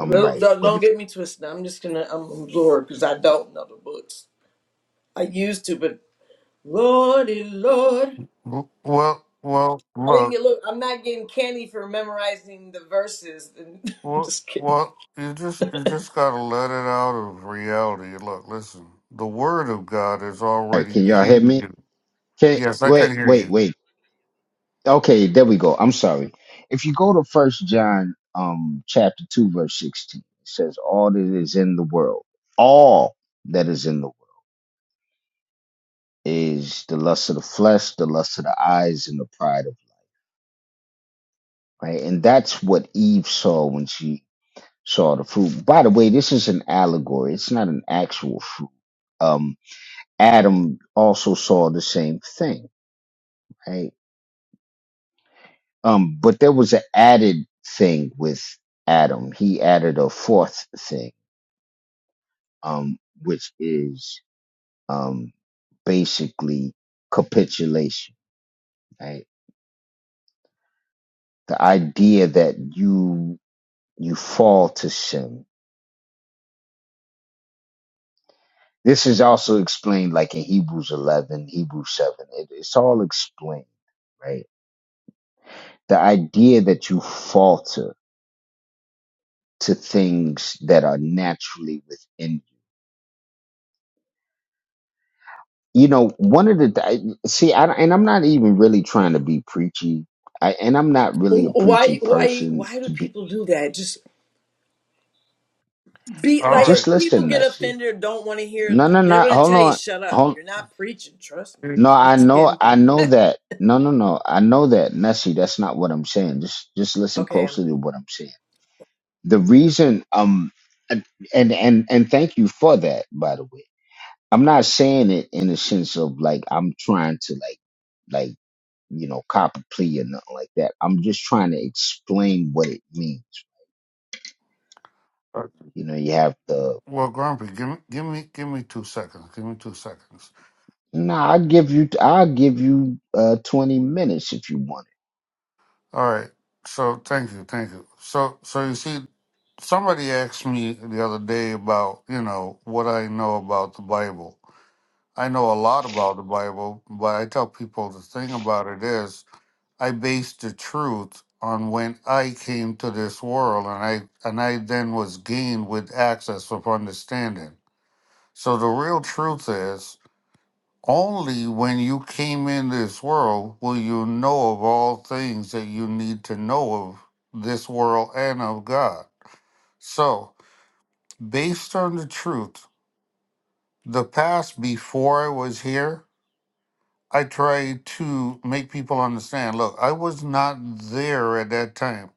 don't, don't don't get me twisted i'm just gonna i'm lord because i don't know the books i used to but lordy lord
W- Well, well,
i didn't
look.
get look i'm not getting candy for memorizing the verses [laughs] i'm
Well,
just kidding
well, you just you just gotta let it out of reality. Look, listen. The word of God is already in you. Yes, I can hear you.
why why why do people do that just be
All
like
right.
if people get offended or don't want to hear they're gonna tell you shut up you're not preaching trust me i'm just kidding okay
Uh, Well, Grumpy, give me, give me, give me two seconds. Give me two seconds. All right. So, thank you, thank you. So, so you see, somebody asked me the other day about you know what I know about the Bible, I know a lot about the Bible, but I tell people the thing about it is I base the truth on when I came to this world and I and I then was gained with access of understanding. So the real truth is only when you came in this world will you know of all things that you need to know of this world and of God. So based on the truth, the past before I was here I try to make people understand look, I was not there at that time.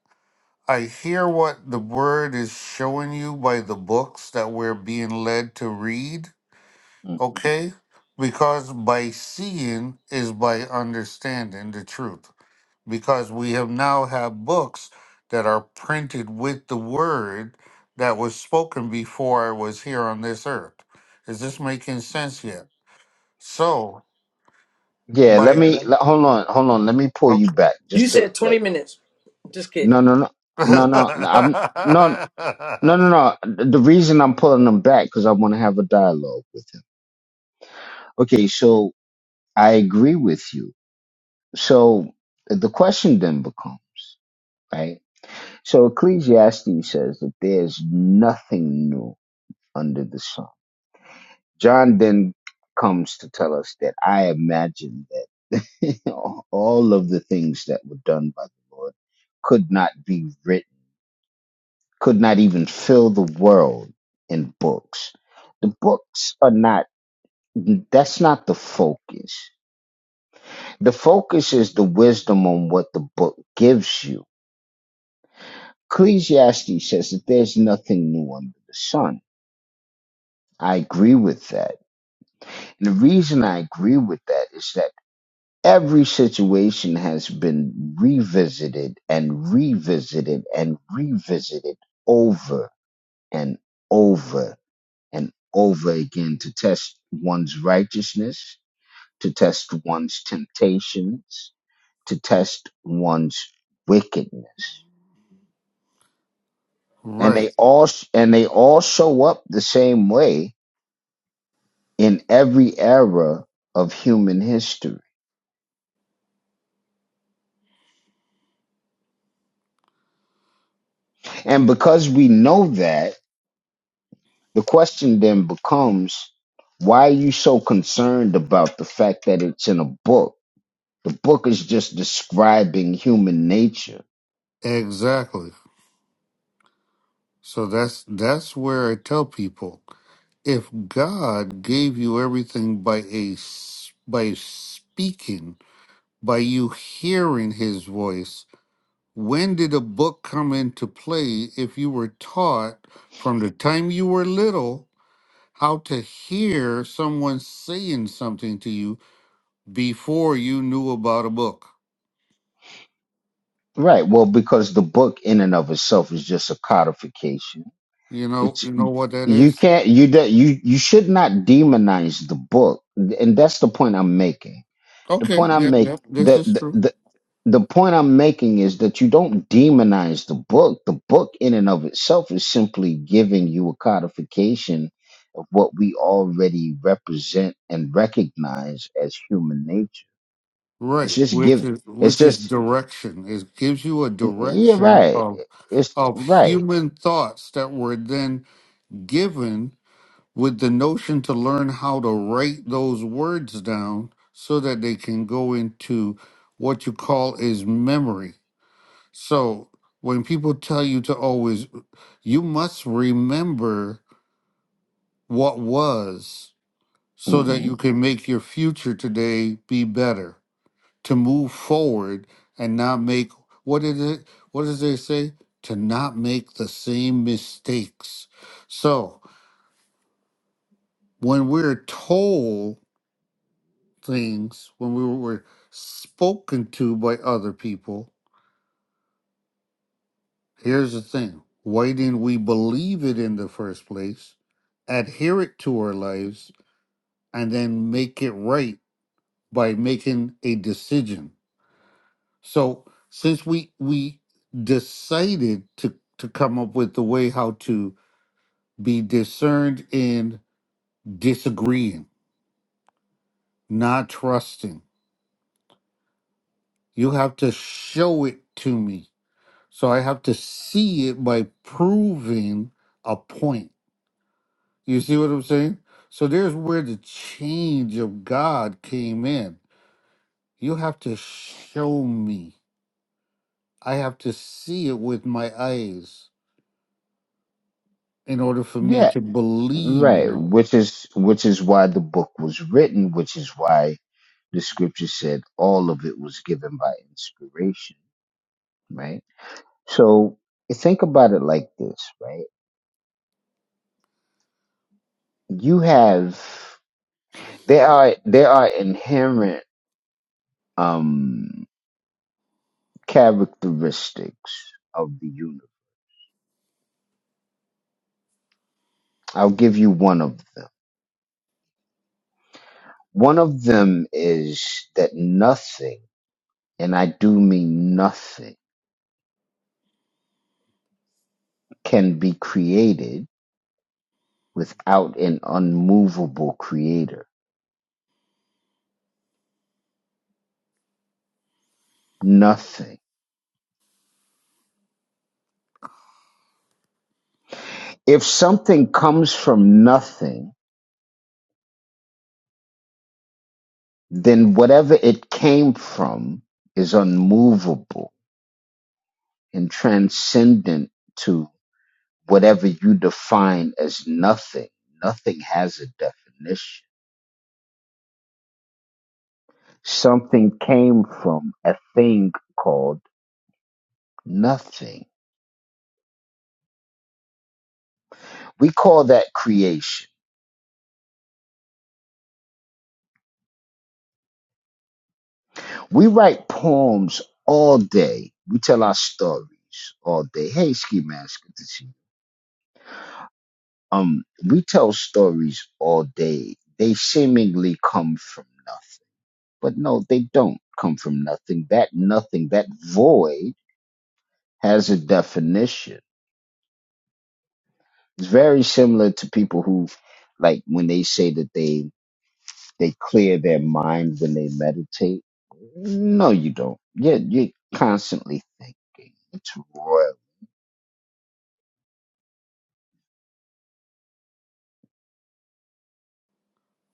I hear what the word is showing you by the books that we're being led to read, okay? Because by seeing is by understanding the truth. Because we have now have books that are printed with the word that was spoken before I was here on this earth. Is this making sense yet? So, by Yeah.
You said 20 minutes. Just kidding.
[laughs] right. Exactly. So that's that's where I tell people if God gave you everything by a s- by speaking, by you hearing His voice, when did a book come into play? If you were taught from the time you were little how to hear someone saying something to you before you knew about a book, you know, you know what that is. Okay. Yep. Yep. This is true. Right. Which is which is direction. It gives you a direction of of human thoughts that were then given with the notion to learn how to write those words down so that they can go into what you call is memory. So when people tell you to always you must remember what was so that you can make your future today be better to move forward and not make what is it what does they say to not make the same mistakes so when we're told things when we were spoken to by other people here's the thing why didn't we believe it in the first place adhere it to our lives and then make it right by making a decision So since we we decided to to come up with the way how to be discerned in disagreeing, not trusting, you have to show it to me. So I have to see it by proving a point. You see what I'm saying? So there's where the change of God came in. You have to show me. I have to see it with my eyes in order for me to believe you.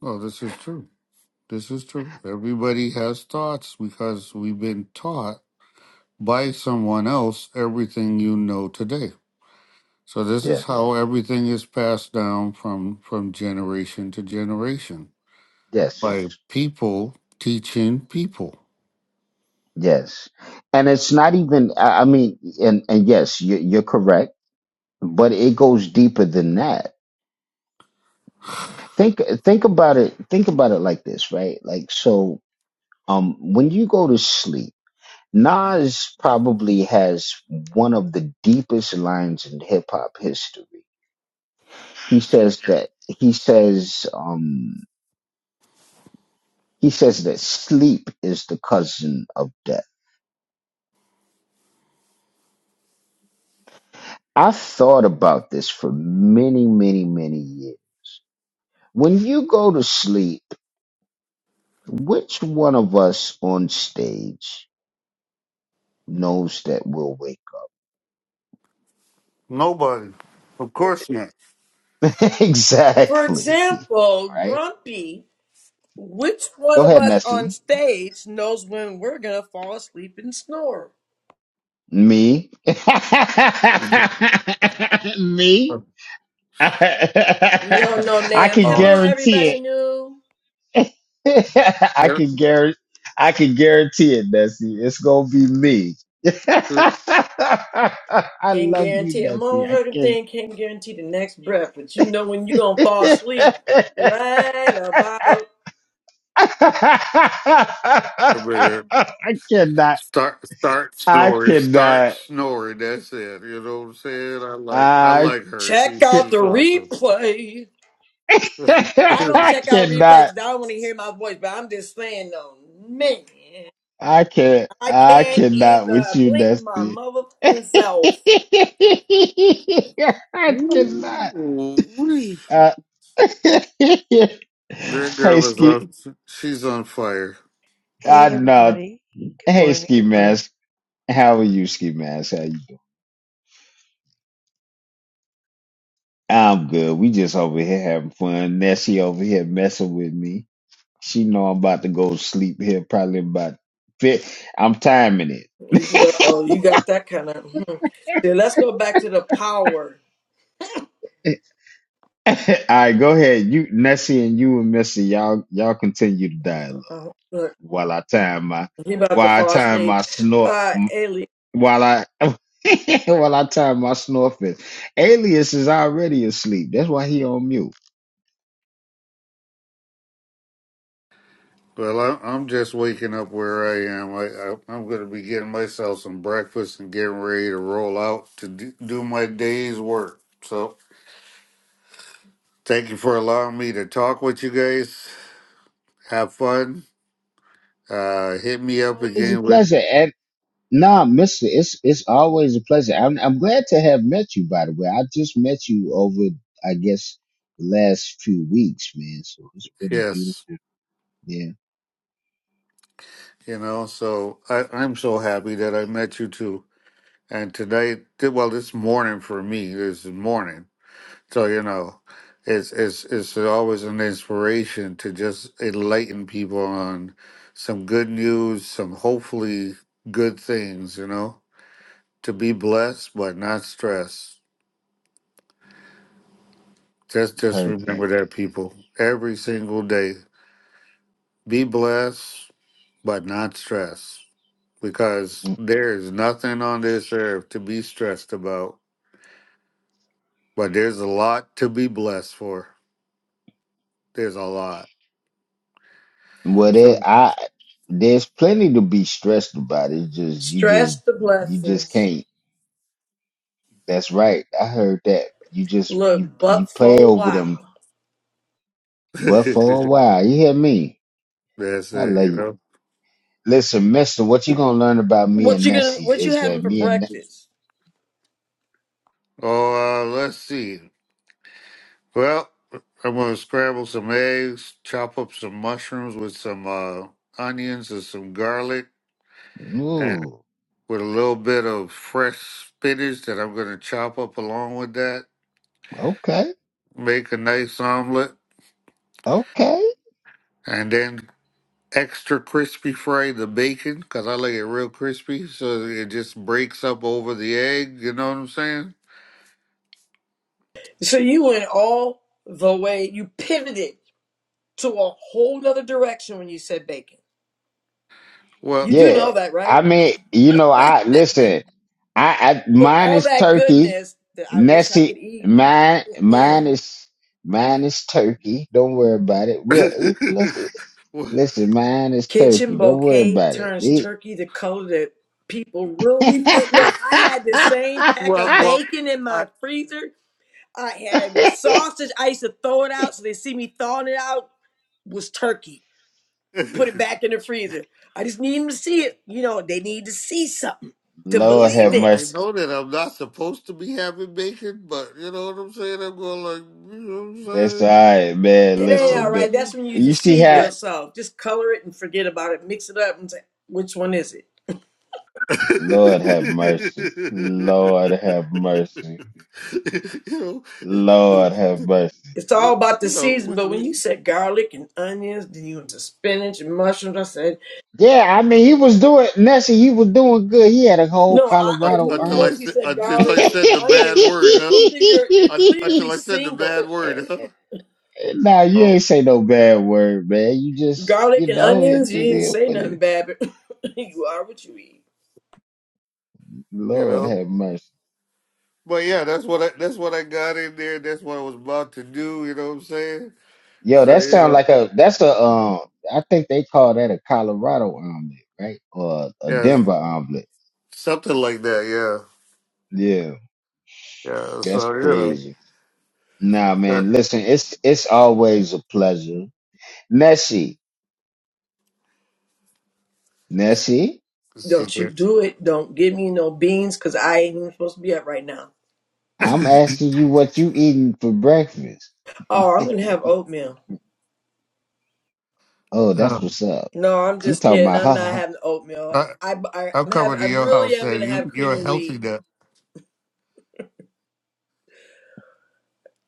No, this is true. This is true. Everybody has thoughts because we've been taught by someone else everything you know today. So this is how everything is passed down from from generation to generation by people teaching people. Nobody, of course not.
For example, Grumpy, which one of us on stage knows when we're going to fall asleep and snore?
[laughs]
You don't know, Nam.
Uh,
Hello, everybody new. Can't guarantee a motherfucking thing. Can't guarantee the next breath. But you know when you're going to fall asleep. Right about.
start start snoring, start snoring. That's it. You know what I'm saying? I like I like her. She
Check out the
she's awesome.
replay.
Ooh,
I don't check out replays 'cause I don't want to hear my voice, but I'm just saying, though, man. I can't either. Blink my motherfucking self.
that girl is on. She's on fire.
Hey everybody. Good morning. Good morning.
If you look, oh, you got that kind of. Hmm. See, let's go back to the power. Yeah, uh, look, he about to fall asleep. Uh, Ailey,
Well, I, I'm just waking up where I am. I, I I'm going to be getting myself some breakfast and getting ready to roll out to do, do my day's work. So, thank you for allowing me to talk with you guys. Have fun. Uh, hit me up again when yes. You know, so I, I'm so happy that I met you too. And tonight, well, this morning for me, this is morning. So you know, it's it's it's always an inspiration to just enlighten people on some good news, some hopefully good things. You know, to be blessed but not stressed. Just just remember that people every single day. Be blessed but not stressed because there is nothing on this earth to be stressed about. But there's a lot to be blessed for. There's a lot. So
stress the blessings. Look, but for a while.
[laughs] that's it. You know.
What you gonna? What you having for breakfast?
Oh, uh, let's see. Well, I'm gonna scramble some eggs, chop up some mushrooms with some uh, onions and some garlic, and with a little bit of fresh spinach that I'm gonna chop up along with that. Make a nice omelet, and then extra crispy fry the bacon because I like it real crispy, so it just breaks up over the egg. You know what I'm saying?
So you went all the way. You pivoted to a whole other direction when you said bacon. You
Well,
do know that, right? Look, all that goodness that I wish I could eat. mm.
[laughs] well,
Kitchen bouquet turns turkey the color that people really think. Look, I had the same pack
well,
of
well.
bacon in
I
my freezer. I had sausage. I used to throw it out so they see me thawing it out was turkey. Put
[laughs]
it back in the freezer. I just need them to see it. You know, they need to see something to
I, I
believe
know I
it.
know that I'm not supposed to be having bacon, but you know what I'm saying? I'm going like you know what I'm saying?
It ain't all
Oh,
right. That's
and-
when you
[laughs]
deceive
you
yourself. Just color it and forget about it. Mix it up and say, which one is it?
know, the,
It's all
the,
about the
you know,
season,
we,
but when
we
you said garlic and onions, then you went to spinach and mushrooms. I said, no, I, I
un-
knew
until I
once he
said
said
until I
garlic and
said the
onions
bad
that
word,
you're
huh?
either you're you're
Un-
clearly
Until I said the
single.
bad word, huh? Oh,
Garlic and onions, you didn't say nothing bad, but [laughs] you are what you eat.
you know. But yeah, that's what I that's what I got in there. That's what I was about to do. You know what I'm saying? So you know, yeah, something like that. Yeah, yeah. So you know, yeah. she
Don't you
did.
do it. Don't give me no beans because I ain't even supposed to be up right now.
[laughs]
Oh, I'm gonna have oatmeal.
um,
No, I'm just kidding. I'm not having oatmeal.
I
I, I
I'm
I'm having.
coming to
I
your
really
house,
am
and
gonna have
you
cream
you're
of
healthy
wheat.
now.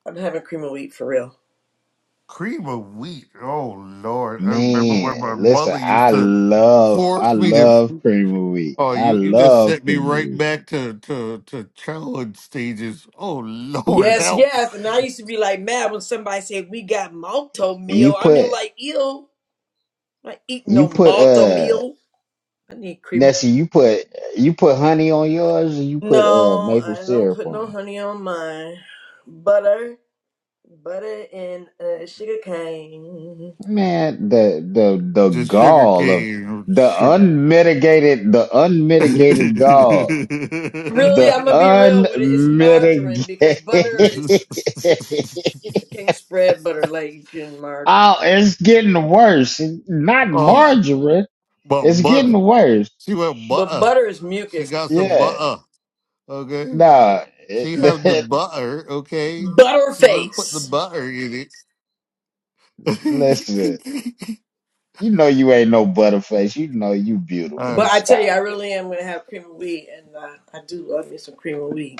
I'm having cream of wheat for real.
Cream of wheat. Oh Lord, I remember when my mother used to force me to. Oh, you you just sent me right back to to to childhood stages. Oh Lord,
Yes,
help!
yes. And I used to be like mad when somebody said we got malto meal. I mean, like, ew, I eat no malto meal. I need cream. No, I don't put no honey on mine. Butter, butter, and uh, sugar cane.
Just sugar cane, sugar.
Really, I'm
[laughs]
gonna be real with it. It's margarine because
[laughs]
butter is it can't spread butter like you can margarine,
oh, but butter. She went
but
butter.
butter is
She
mucus.
got some butter. Okay. She have the butter. Okay. She's gonna put the
Butterface.
butter in it. [laughs] uh,
But I tell you, I really am gonna have cream of wheat, and uh, I do love me some cream of wheat.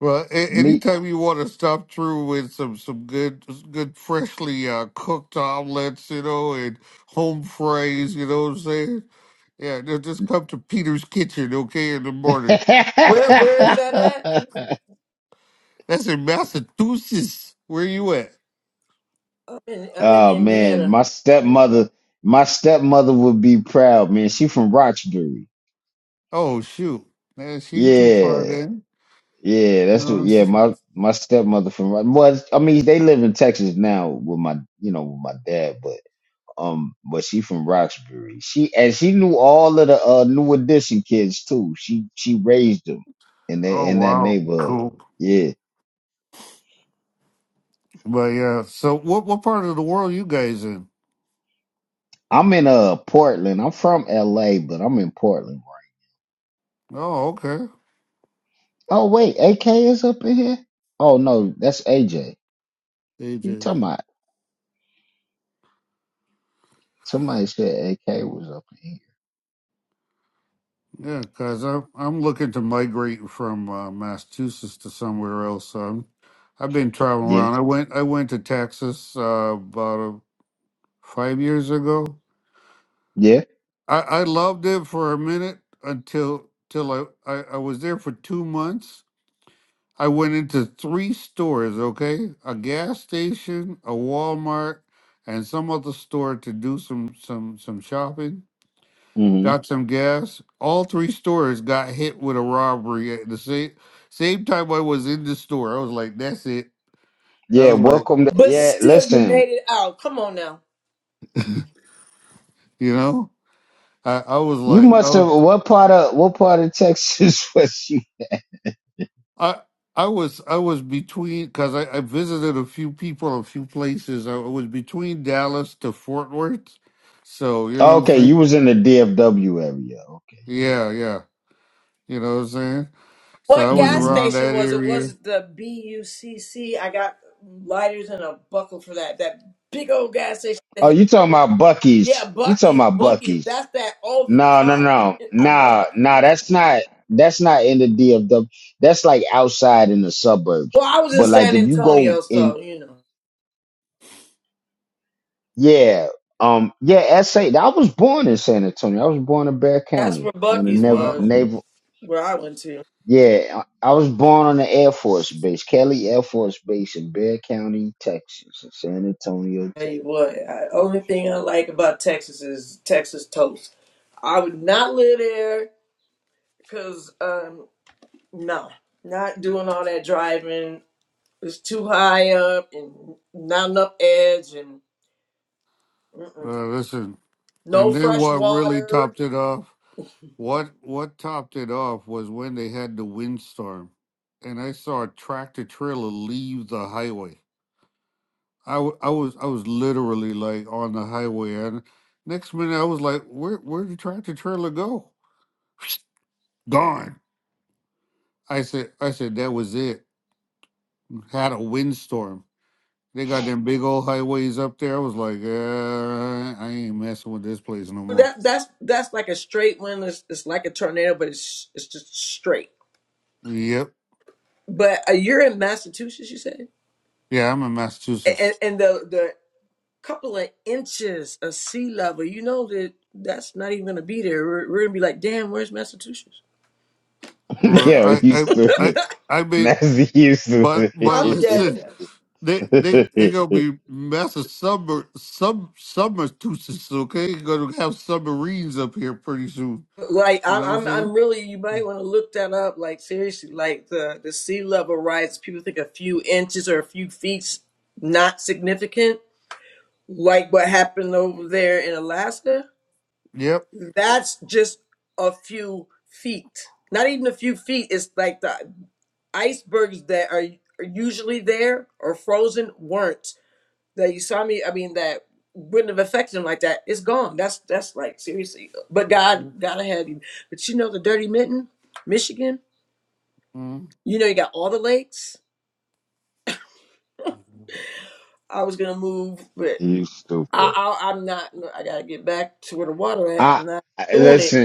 well, a- anytime you want to stop through with some some good good freshly uh, cooked omelets, you know, and home fries, you know what I'm saying? Yeah, just just come to Peter's Kitchen, okay, in the morning.
Where where is
[laughs]
that at?
That's in Massachusetts. Where you at?
I'm in I'm in Indiana.
Oh shoot, man, she ain't too far then. You know what I'm saying? Oh wow, cool. But yeah, so what what part of the world you guys in? Oh okay, AJ. Yeah, cause I'm I'm looking to migrate from uh, Massachusetts to somewhere else. So I'm, I've been traveling around. I went I went to Texas uh, about uh, five years ago. I, I loved it for a minute until till I, I I was there for two months I went into three stores, okay? A gas station, a Walmart, and some other store to do some some some shopping. Got some gas. All three stores got hit with a robbery at the same same time I was in the store. I was like, that's it. I was like,
But still you made it out. Come on now.
you know? I, I was like I was I I was I was between because I, I visited a few people, a few places. I was between Dallas to Fort Worth. So you know what I'm saying? Yeah, yeah. You know what I'm saying? So I
What
was
gas
around
station
that
was it? Was
area.
it the B U C C? I got lighters and a buckle for that. That big old gas station. Yeah, Bucky's, Bucky's. That's that over top. I love Bucky's. Well, I was in San Antonio, so you know that's where Bucky's was,
Wow.
where I went to. Tell you what, I, only thing I like about Texas is Texas toast. I would not live there Cause um no, not doing all that driving. It's too high up and not enough edge and mm-mm.
Uh, listen,
no
and then
fresh
what really
water.
topped it off? What what topped it off was when they had the windstorm, and I saw a tractor trailer leave the highway. I, w- I was I was literally like on the highway, and next minute I was like, where where did the tractor trailer go? Gone. I said I said that was it. Had a windstorm. They got them big old highways up there. I was like, uh, I ain't messing with this place no more.
That that's that's like a straight wind. It's, it's like a tornado, but it's it's just straight.
Yep.
But uh, you're in Massachusetts, you said,
Yeah, I'm in
and,
Massachusetts.
and the the couple of inches of sea level. You know that that's not even gonna be there. We're, we're gonna be like, damn, where's Massachusetts?
Well, I, I, I, I mean, but, but [laughs]
I'm dead
listen,
ass.
they, they, they gonna be massive summer, sub, Massachusetts. Okay, gonna have submarines up here pretty soon.
Like
You
I'm,
know what I'm
I'm, I'm
saying?
really. You might want to look that up. Like seriously, like the the sea level rise. People think a few inches or a few feet's not significant. Like what happened over there in Alaska.
Yep.
That's just a few feet. Not even a few feet. It's like the icebergs that are, are usually there or frozen weren't that you saw me, I mean, that wouldn't have affected him like that, it's gone. That's that's like seriously. But God, God had him. But you know, the Dirty Mitten, Michigan.
mm
You know, you got all the lakes. I was gonna move, but I, I I'm not. no, I gotta get back to where the water at. I'm not doing it.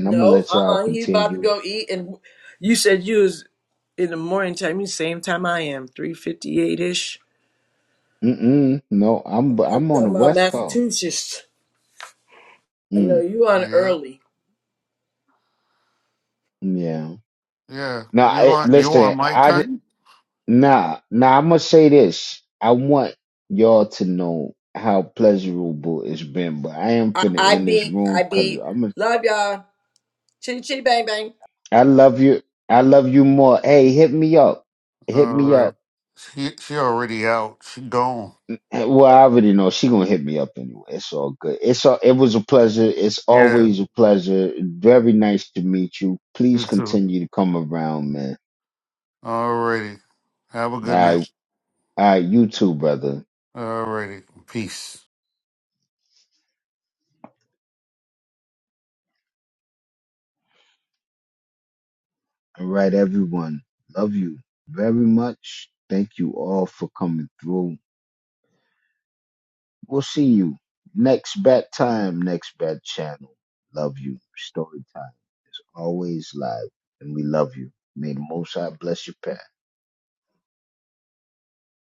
No, uh, uh he's about to go eat. And you said you was in the morning time. You same time I am, three fifty eight ish. I'm talking about Massachusetts. I know you on
Yeah.
early.
Yeah. You want, you want my time?
I, I beat. I beat. Love y'all. Chitty chitty bang bang.
All right. She, she already out. She gone. Yeah, you too. Alrighty. Have a good night. Alrighty. Peace.